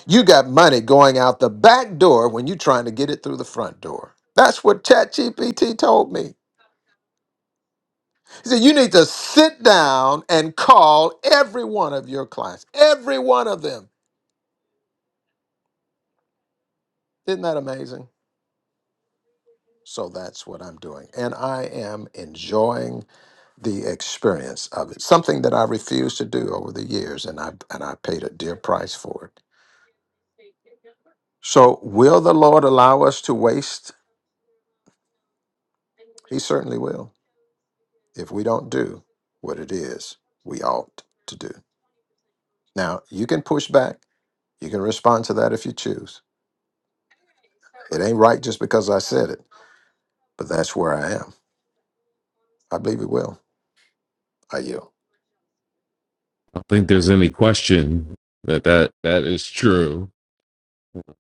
S1: You got money going out the back door when you're trying to get it through the front door. That's what ChatGPT told me. He said, You need to sit down and call every one of your clients, every one of them. Isn't that amazing? So that's what I'm doing. And I am enjoying the experience of it, something that I refused to do over the years, and I, and I paid a dear price for it. So, will the Lord allow us to waste? He certainly will. if we don't do what it is we ought to do. Now, you can push back. You can respond to that if you choose. It ain't right just because I said it, but that's where I am. I believe it will. I yield.
S9: I don't think there's any question that that, that is true.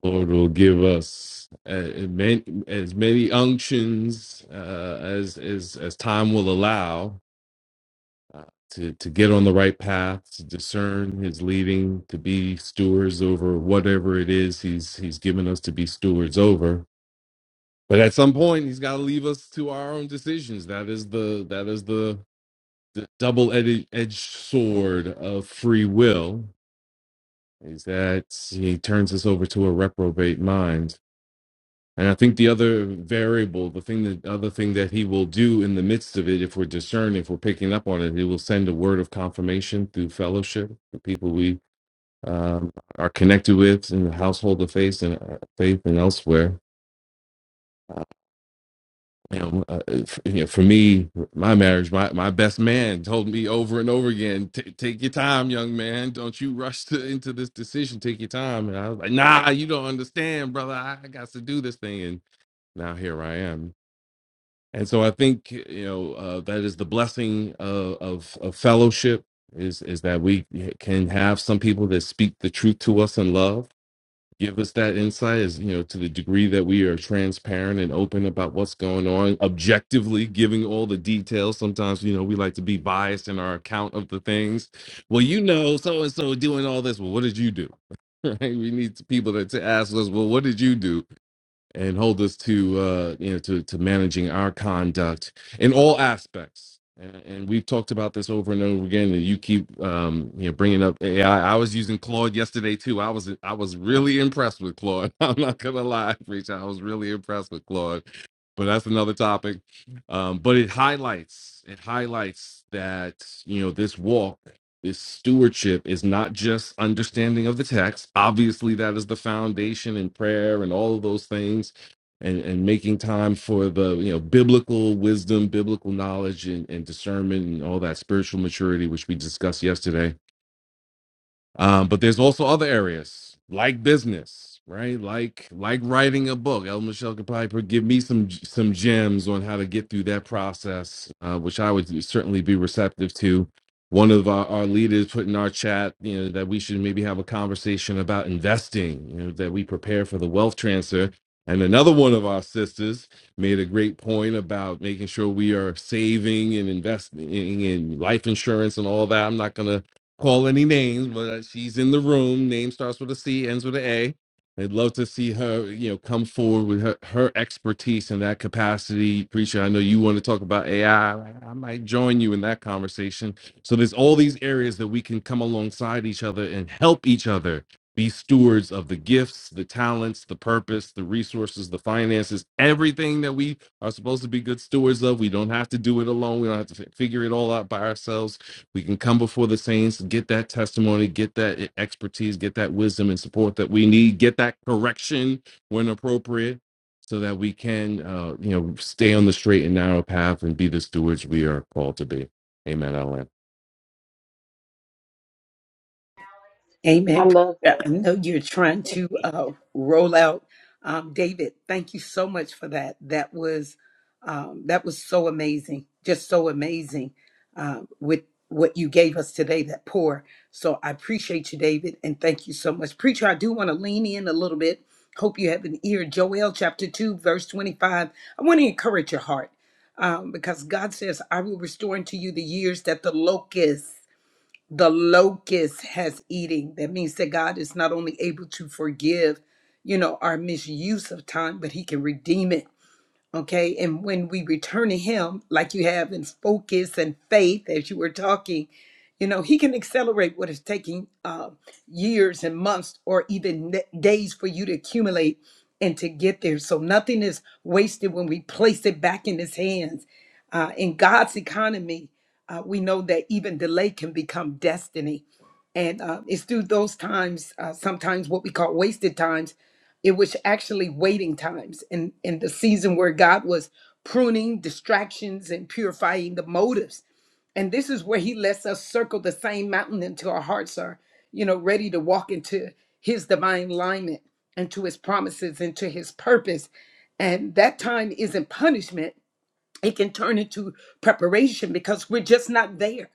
S9: The Lord will give us uh, many, as many unctions uh, as, as as time will allow. uh, To, to get on the right path, to discern his leading, to be stewards over whatever it is he's he's given us to be stewards over But at some point, he's got to leave us to our own decisions. That is the that is the, the double edged sword of free will. Is that he turns us over to a reprobate mind. And I think the other variable, the thing that other thing that he will do in the midst of it, if we're discerning, if we're picking up on it, he will send a word of confirmation through fellowship, the people we um, are connected with in the household of faith and uh, faith and elsewhere you know, uh, f- you know, for me, my marriage, my, my best man told me over and over again, "Ta- take your time, young man. Don't you rush to, into this decision. Take your time. And I was like, nah, you don't understand, brother. I, I got to do this thing. And now here I am. And so I think, you know, uh, that is the blessing of, of, of fellowship is, is that we can have some people that speak the truth to us in love give us that insight as you know to the degree that we are transparent and open about what's going on objectively giving all the details sometimes you know we like to be biased in our account of the things well you know so and so doing all this well what did you do right we need people to, to ask us well what did you do and hold us to uh, you know to to managing our conduct in all aspects. And, and we've talked about this over and over again. And you keep um, you know bringing up AI. I I was using Claude yesterday too. I was I was really impressed with Claude. I'm not gonna lie, Rich. I was really impressed with Claude. But that's another topic. Um, but it highlights it highlights that you know this walk. This stewardship is not just understanding of the text. Obviously, that is the foundation in prayer and all of those things, and, and making time for the you know biblical wisdom, biblical knowledge, and, and discernment, and all that spiritual maturity which we discussed yesterday um, but there's also other areas like business, right? Like like writing a book. El Michelle could probably give me some some gems on how to get through that process, uh, which I would certainly be receptive to. One of our, our leaders put in our chat, you know, that we should maybe have a conversation about investing, you know, that we prepare for the wealth transfer. And another one of our sisters made a great point about making sure we are saving and investing in life insurance and all that. I'm not gonna call any names, but uh, she's in the room. Name starts with a C, ends with an A. I'd love to see her, you know, come forward with her, her expertise in that capacity. Preacher, I know you want to talk about AI. I I might join you in that conversation. So there's all these areas that we can come alongside each other and help each other be stewards of the gifts, the talents, the purpose, the resources, the finances, everything that we are supposed to be good stewards of. We don't have to do it alone. We don't have to fi- figure it all out by ourselves we can come before the saints get that testimony get that e, expertise get that wisdom and support that we need get that correction when appropriate so that we can uh, you know stay on the straight and narrow path and be the stewards we are called to be amen I'll end.
S7: I
S6: Amen.
S7: love
S6: Yeah,
S7: that.
S6: I know you're trying to uh, roll out, um, David. Thank you so much for that. That was um, that was so amazing, just so amazing uh, with what you gave us today. That pour. So I appreciate you, David, and thank you so much, preacher. I do want to lean in a little bit. Hope you have an ear. Joel chapter two, verse twenty-five. I want to encourage your heart um, because God says, "I will restore unto you the years that the locust." the locust has eating. That means that God is not only able to forgive, you know, our misuse of time, but He can redeem it Okay. And when we return to Him, like you have in focus and faith, as you were talking, you know, He can accelerate what is taking uh, years and months or even ne- days for you to accumulate and to get there. So nothing is wasted when we place it back in His hands. Uh, in God's economy, uh, we know that even delay can become destiny. And uh, it's through those times, uh, sometimes what we call wasted times it was actually waiting times and and the season where god was pruning distractions and purifying the motives and this is where he lets us circle the same mountain until our hearts are you know ready to walk into his divine alignment and to his promises and to his purpose and that time isn't punishment it can turn into preparation because we're just not there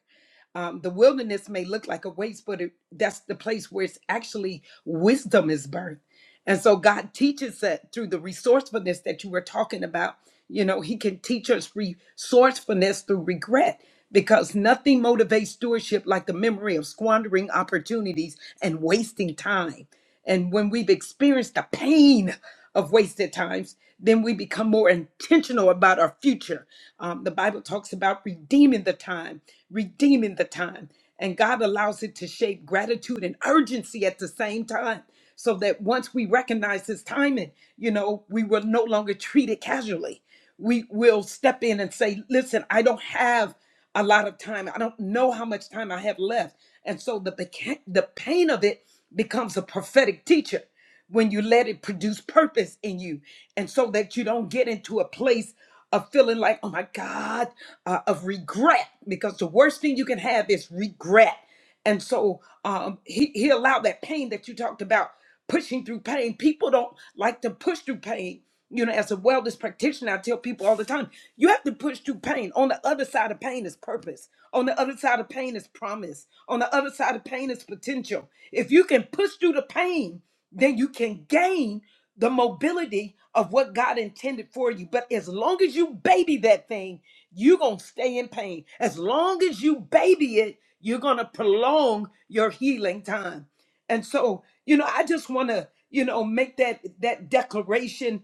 S6: um, the wilderness may look like a waste, but it, that's the place where it's actually wisdom is birthed. And so God teaches that through the resourcefulness that you were talking about you know, he can teach us resourcefulness through regret because nothing motivates stewardship like the memory of squandering opportunities and wasting time. And when we've experienced the pain of wasted times, then we become more intentional about our future. Um, the Bible talks about redeeming the time, redeeming the time. And God allows it to shape gratitude and urgency at the same time so that once we recognize his timing, you know, we will no longer treat it casually. We will step in and say, listen, I don't have a lot of time. I don't know how much time I have left. And so the, beca- the pain of it becomes a prophetic teacher when you let it produce purpose in you. And so that you don't get into a place of feeling like, oh my God, uh, of regret, because the worst thing you can have is regret. And so um, he, he allowed that pain that you talked about, pushing through pain. People don't like to push through pain. You know, as a wellness practitioner, I tell people all the time, you have to push through pain. On the other side of pain is purpose. On the other side of pain is promise. On the other side of pain is potential. If you can push through the pain, then you can gain the mobility of what God intended for you. But as long as you baby that thing, you're going to stay in pain. As long as you baby it, you're going to prolong your healing time. And so, you know, I just want to, you know, make that that declaration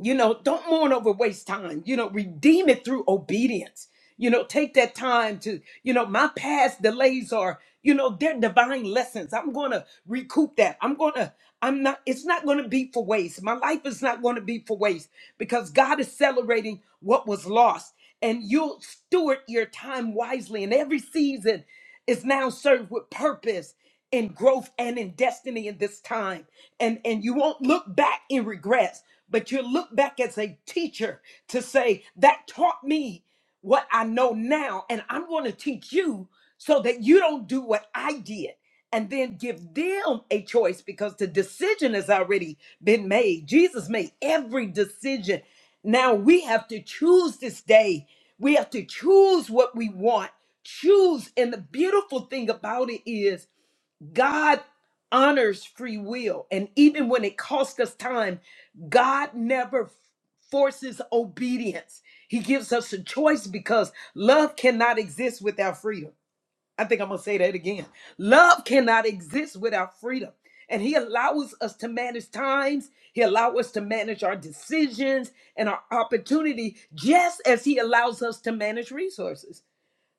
S6: you know, don't mourn over waste time. You know, redeem it through obedience. You know, take that time to, you know, my past delays are, you know, they're divine lessons. I'm going to recoup that. I'm going to, I'm not, it's not going to be for waste. My life is not going to be for waste because God is celebrating what was lost. And you'll steward your time wisely. And every season is now served with purpose and growth and in destiny in this time. And, and you won't look back in regrets but you look back as a teacher to say, that taught me what I know now, and I'm going to teach you so that you don't do what I did. And then give them a choice because the decision has already been made. Jesus made every decision. Now we have to choose this day. We have to choose what we want. Choose. And the beautiful thing about it is God honors free will. And even when it costs us time, God never f- forces obedience. He gives us a choice because love cannot exist without freedom. I think I'm going to say that again. Love cannot exist without freedom. And he allows us to manage times. He allows us to manage our decisions and our opportunity, just as he allows us to manage resources.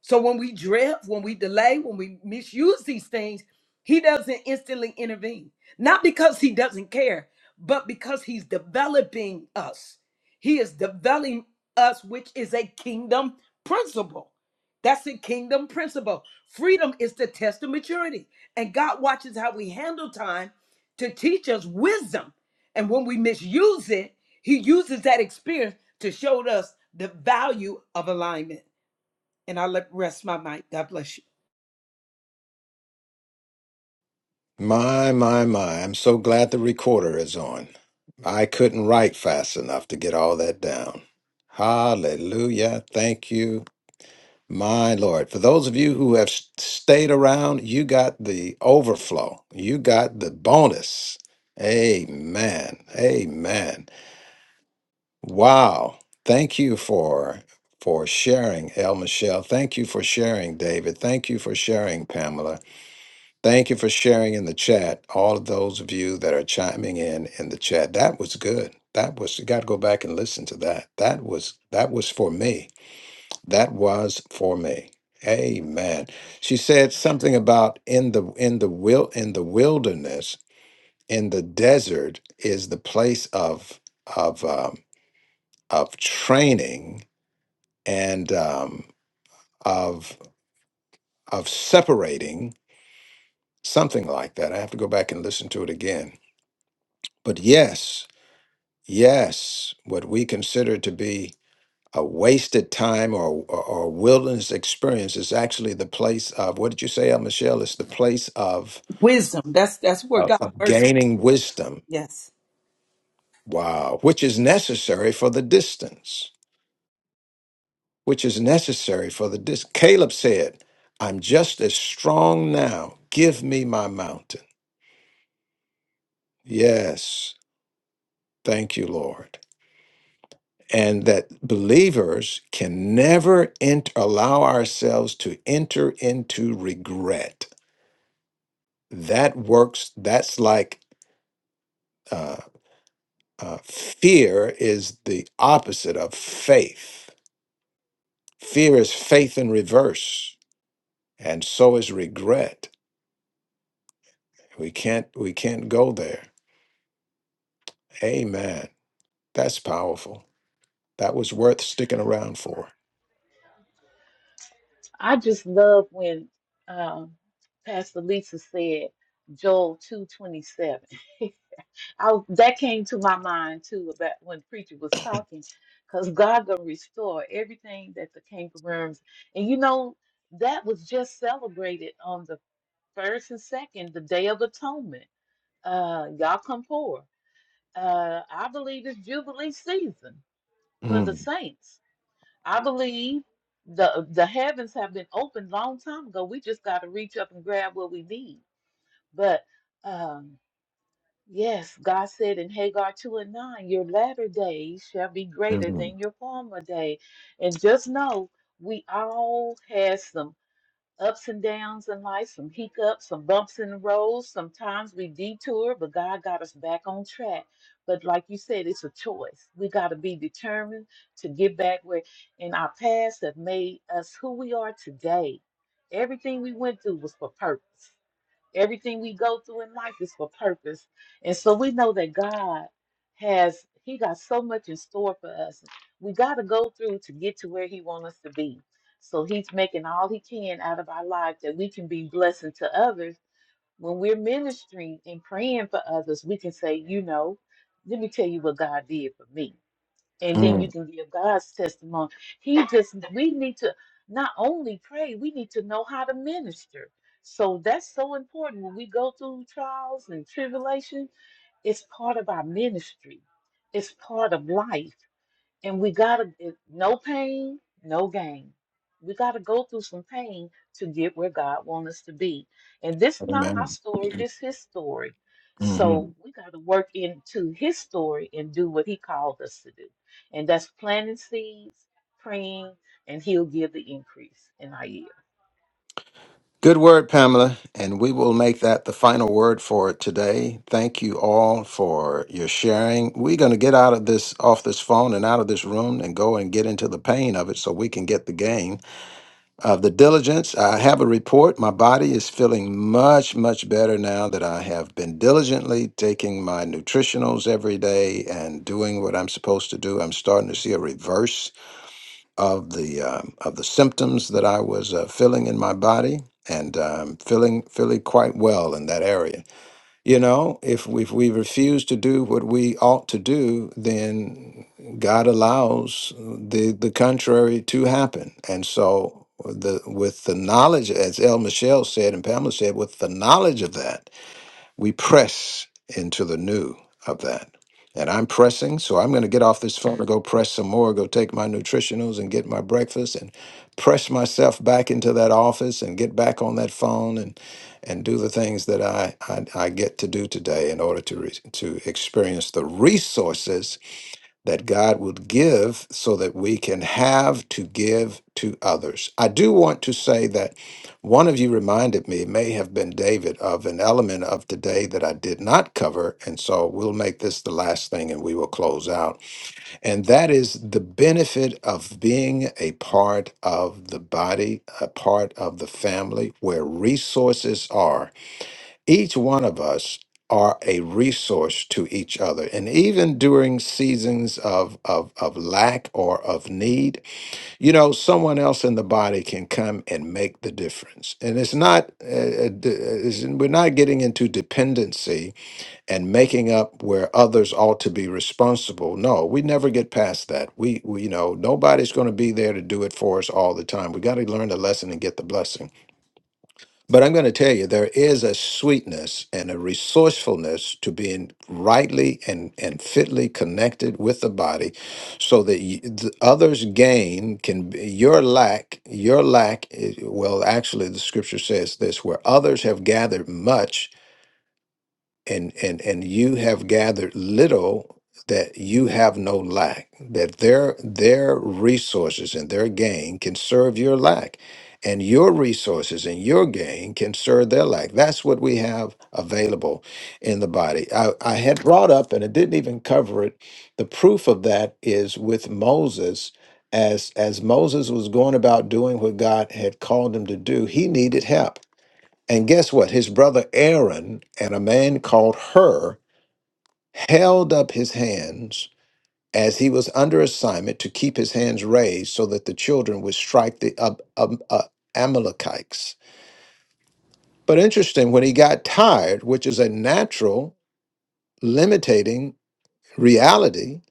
S6: So when we drift, when we delay, when we misuse these things, he doesn't instantly intervene. Not because he doesn't care, but because he's developing us. He is developing us, which is a kingdom principle. That's a kingdom principle. Freedom is the test of maturity. And God watches how we handle time to teach us wisdom. And when we misuse it, he uses that experience to show us the value of alignment. And I let rest my mind. God bless you.
S1: My, my, my. I'm so glad the recorder is on. I couldn't write fast enough to get all that down. Hallelujah. Thank you. My Lord, for those of you who have s- stayed around, you got the overflow. You got the bonus. Amen. Amen. Wow. Thank you for for sharing, El Michelle. Thank you for sharing, David. Thank you for sharing, Pamela. Thank you for sharing in the chat. All of those of you that are chiming in in the chat. That was good. That was you got to go back and listen to that. That was that was for me that was for me. Amen. She said something about in the in the will in the wilderness, in the desert is the place of of um, of training and um, of of separating, something like that. I have to go back and listen to it again. But yes, yes, what we consider to be a wasted time or, or, or wilderness experience is actually the place of what did you say, uh, Michelle? It's the place of,
S6: Wisdom. That's that's where God
S1: of
S6: mercy.
S1: gaining wisdom.
S6: Yes.
S1: Wow, which is necessary for the distance, which is necessary for the distance. Caleb said, I'm just as strong now. Give me my mountain. Yes, thank you, Lord. And that believers can never ent- allow ourselves to enter into regret that works that's like uh, uh, fear is the opposite of faith fear is faith in reverse and so is regret we can't we can't go there amen that's powerful that was worth sticking around for
S7: I just love when um, Pastor Lisa said Joel 2:27. I that came to my mind too about when preacher was talking, because God gonna restore everything that the kangaroos and you know that was just celebrated on the first and second, the Day of Atonement. Uh, y'all come forward. Uh, I believe it's Jubilee season for the
S1: Mm,
S7: saints. I believe the the heavens have been opened long time ago. We just got to reach up and grab what we need. But um, yes, God said in Hagar 2 and 9, your latter days shall be greater
S1: mhm,
S7: than your former day. And just know we all had some ups and downs in life, some hiccups, some bumps in the road. Sometimes we detour, but God got us back on track. But like you said, it's a choice. We got to be determined to get back where in our past that made us who we are today. Everything we went through was for purpose. Everything we go through in life is for purpose. And so we know that God has he got so much in store for us. We got to go through to get to where he wants us to be. So he's making all he can out of our life that we can be blessing to others. When we're ministering and praying for others, we can say, you know, let me tell you what God did for me and then you
S1: mm,
S7: can give God's testimony. He just, we need to not only pray, we need to know how to minister. So that's so important when we go through trials and tribulation. It's part of our ministry. It's part of life. And we gotta, it- no pain, no gain. We gotta go through some pain to get where God wants us to be. And this not our
S1: amen
S7: story, this his story. So we gotta work into his story and do what he called us to do. And that's planting seeds, praying, and he'll give the increase in our yield.
S1: Good word, Pamela, and we will make that the final word for today. Thank you all for your sharing. We're going to get out of this, off this phone and out of this room and go and get into the pain of it so we can get the gain of the diligence. I have a report. My body is feeling much, much better now that I have been diligently taking my nutritionals every day and doing what I'm supposed to do. I'm starting to see a reverse of the um of the symptoms that I was uh, feeling in my body and um, feeling feeling quite well in that area. You know, if we, if we refuse to do what we ought to do, then God allows the the contrary to happen. And so the with the knowledge, as El Michelle said and Pamela said, with the knowledge of that we press into the new of that. And I'm pressing, so I'm going to get off this phone and go press some more, go take my nutritionals and get my breakfast and press myself back into that office and get back on that phone and and do the things that I I, I get to do today in order to re- to experience the resources that God would give so that we can have to give to others. I do want to say that one of you reminded me, may have been David, of an element of today that I did not cover. And so we'll make this the last thing and we will close out. And that is the benefit of being a part of the body, a part of the family where resources are each one of us are a resource to each other and even during seasons of, of of lack or of need you know someone else in the body can come and make the difference and it's not uh, uh, d- uh, it's- we're not getting into dependency and making up where others ought to be responsible no we never get past that we, we you know nobody's going to be there to do it for us all the time we got to learn the lesson and get the blessing but I'm going to tell you, there is a sweetness and a resourcefulness to being rightly and, and fitly connected with the body so that you, the others' gain can be your lack, your lack, i- well, actually, the scripture says this where others have gathered much, and and and you have gathered little that you have no lack that their their resources and their gain can serve your lack and your resources and your gain can serve their lack that's what we have available in the body i, I had brought up and it didn't even cover it the proof of that is with moses as as moses was going about doing what god had called him to do he needed help and guess what? His brother Aaron and a man called Hur held up his hands as he was under assignment to keep his hands raised so that the children would strike the Ab- Ab- uh, Amalekites. But interesting, when he got tired, which is a natural limiting reality,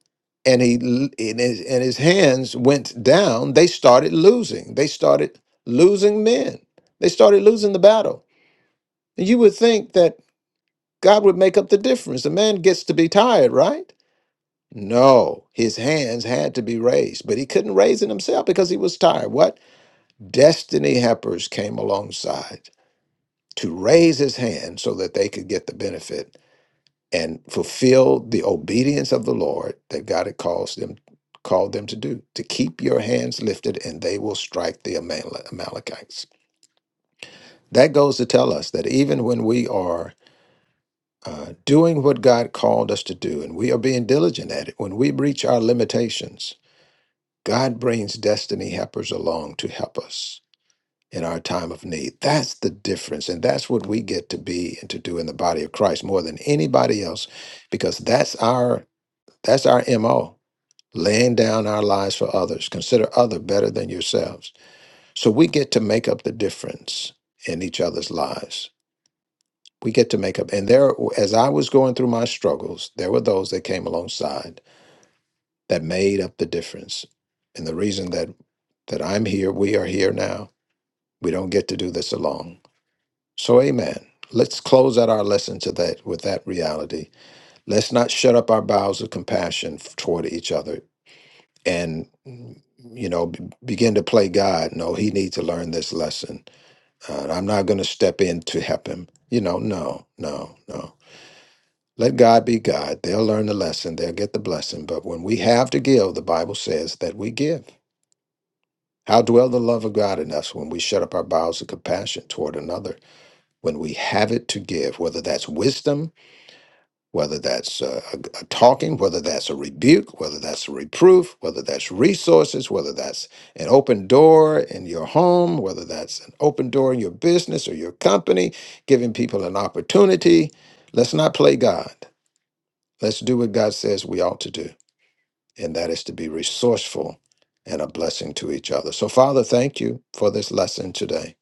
S1: and he l- and his, and his hands went down, they started losing. They started losing men. They started losing the battle. You would think that God would make up the difference. The man gets to be tired, right? No, his hands had to be raised, but he couldn't raise it himself because he was tired. What? Destiny helpers came alongside to raise his hand so that they could get the benefit and fulfill the obedience of the Lord that God had calls them, called them to do, to keep your hands lifted and they will strike the Amal- Amalekites. That goes to tell us that even when we are uh, doing what God called us to do, and we are being diligent at it. When we reach our limitations, God brings destiny helpers along to help us in our time of need. That's the difference, and that's what we get to be and to do in the body of Christ more than anybody else, because that's our that's our mo. Laying down our lives for others, consider other better than yourselves. So we get to make up the difference in each other's lives we get to make up. And there, as I was going through my struggles, there were those that came alongside that made up the difference. And the reason that that I'm here, we are here now. We don't get to do this alone. So, Amen. Let's close out our lesson to that with that reality. Let's not shut up our bowels of compassion f- toward each other and you know b- begin to play God. No, He needs to learn this lesson. Uh, I'm not going to step in to help him. You know, no, no, no. Let God be God. They'll learn the lesson, they'll get the blessing. But when we have to give, the Bible says that we give. How dwell the love of God in us when we shut up our bowels of compassion toward another? When we have it to give, whether that's wisdom, whether that's uh, a, a talking, whether that's a rebuke, whether that's a reproof, whether that's resources, whether that's an open door in your home, whether that's an open door in your business or your company, giving people an opportunity. Let's not play God. Let's do what God says we ought to do, and that is to be resourceful and a blessing to each other. So, Father, thank you for this lesson today.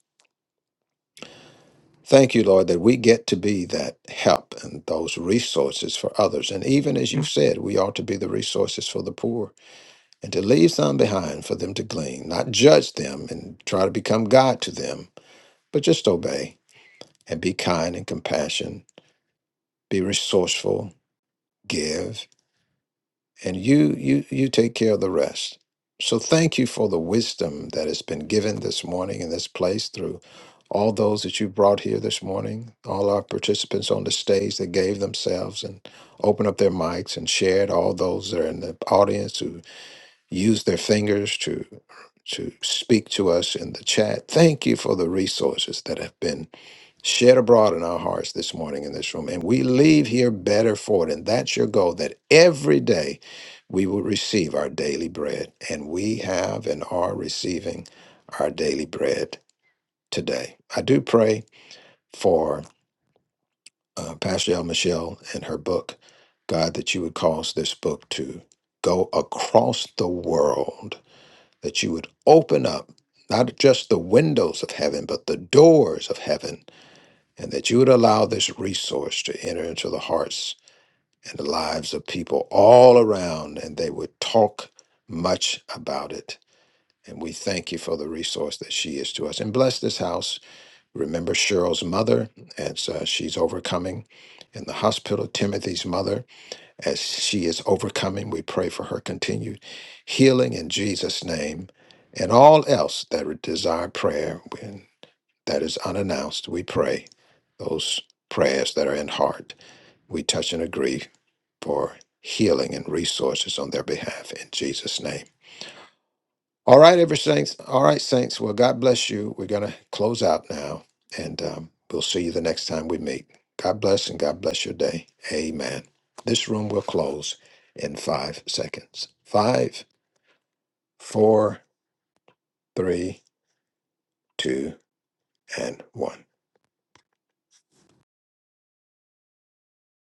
S1: Thank you, Lord, that we get to be that help and those resources for others. And even as you've said, we ought to be the resources for the poor and to leave some behind for them to glean, not judge them and try to become God to them, but just obey and be kind and compassionate, be resourceful, give. and you you you take care of the rest so thank you for the wisdom that has been given this morning in this place through all those that you brought here this morning all our participants on the stage that gave themselves and opened up their mics and shared all those that are in the audience use their fingers to to speak to us in the chat. Thank you for the resources that have been shed abroad in our hearts this morning in this room. And we leave here better for it. And that's your goal that every day we will receive our daily bread. And we have and are receiving our daily bread today. I do pray for uh, Pastor El Michelle and her book, God, that you would cause this book to go across the world that you would open up not just the windows of heaven, but the doors of heaven, and that you would allow this resource to enter into the hearts and the lives of people all around, and they would talk much about it. And we thank you for the resource that she is to us. And bless this house. Remember Cheryl's mother, as uh, she's overcoming in the hospital, Timothy's mother as she is overcoming. We pray for her continued healing in Jesus' name and all else that desire prayer when that is unannounced. We pray those prayers that are in heart. We touch and agree for healing and resources on their behalf in Jesus' name. All right, ever saints. All right, saints. Well, God bless you. We're going to close out now, and um, we'll see you the next time we meet. God bless and God bless your day. Amen. This room will close in five seconds. Five, four, three, two, and one.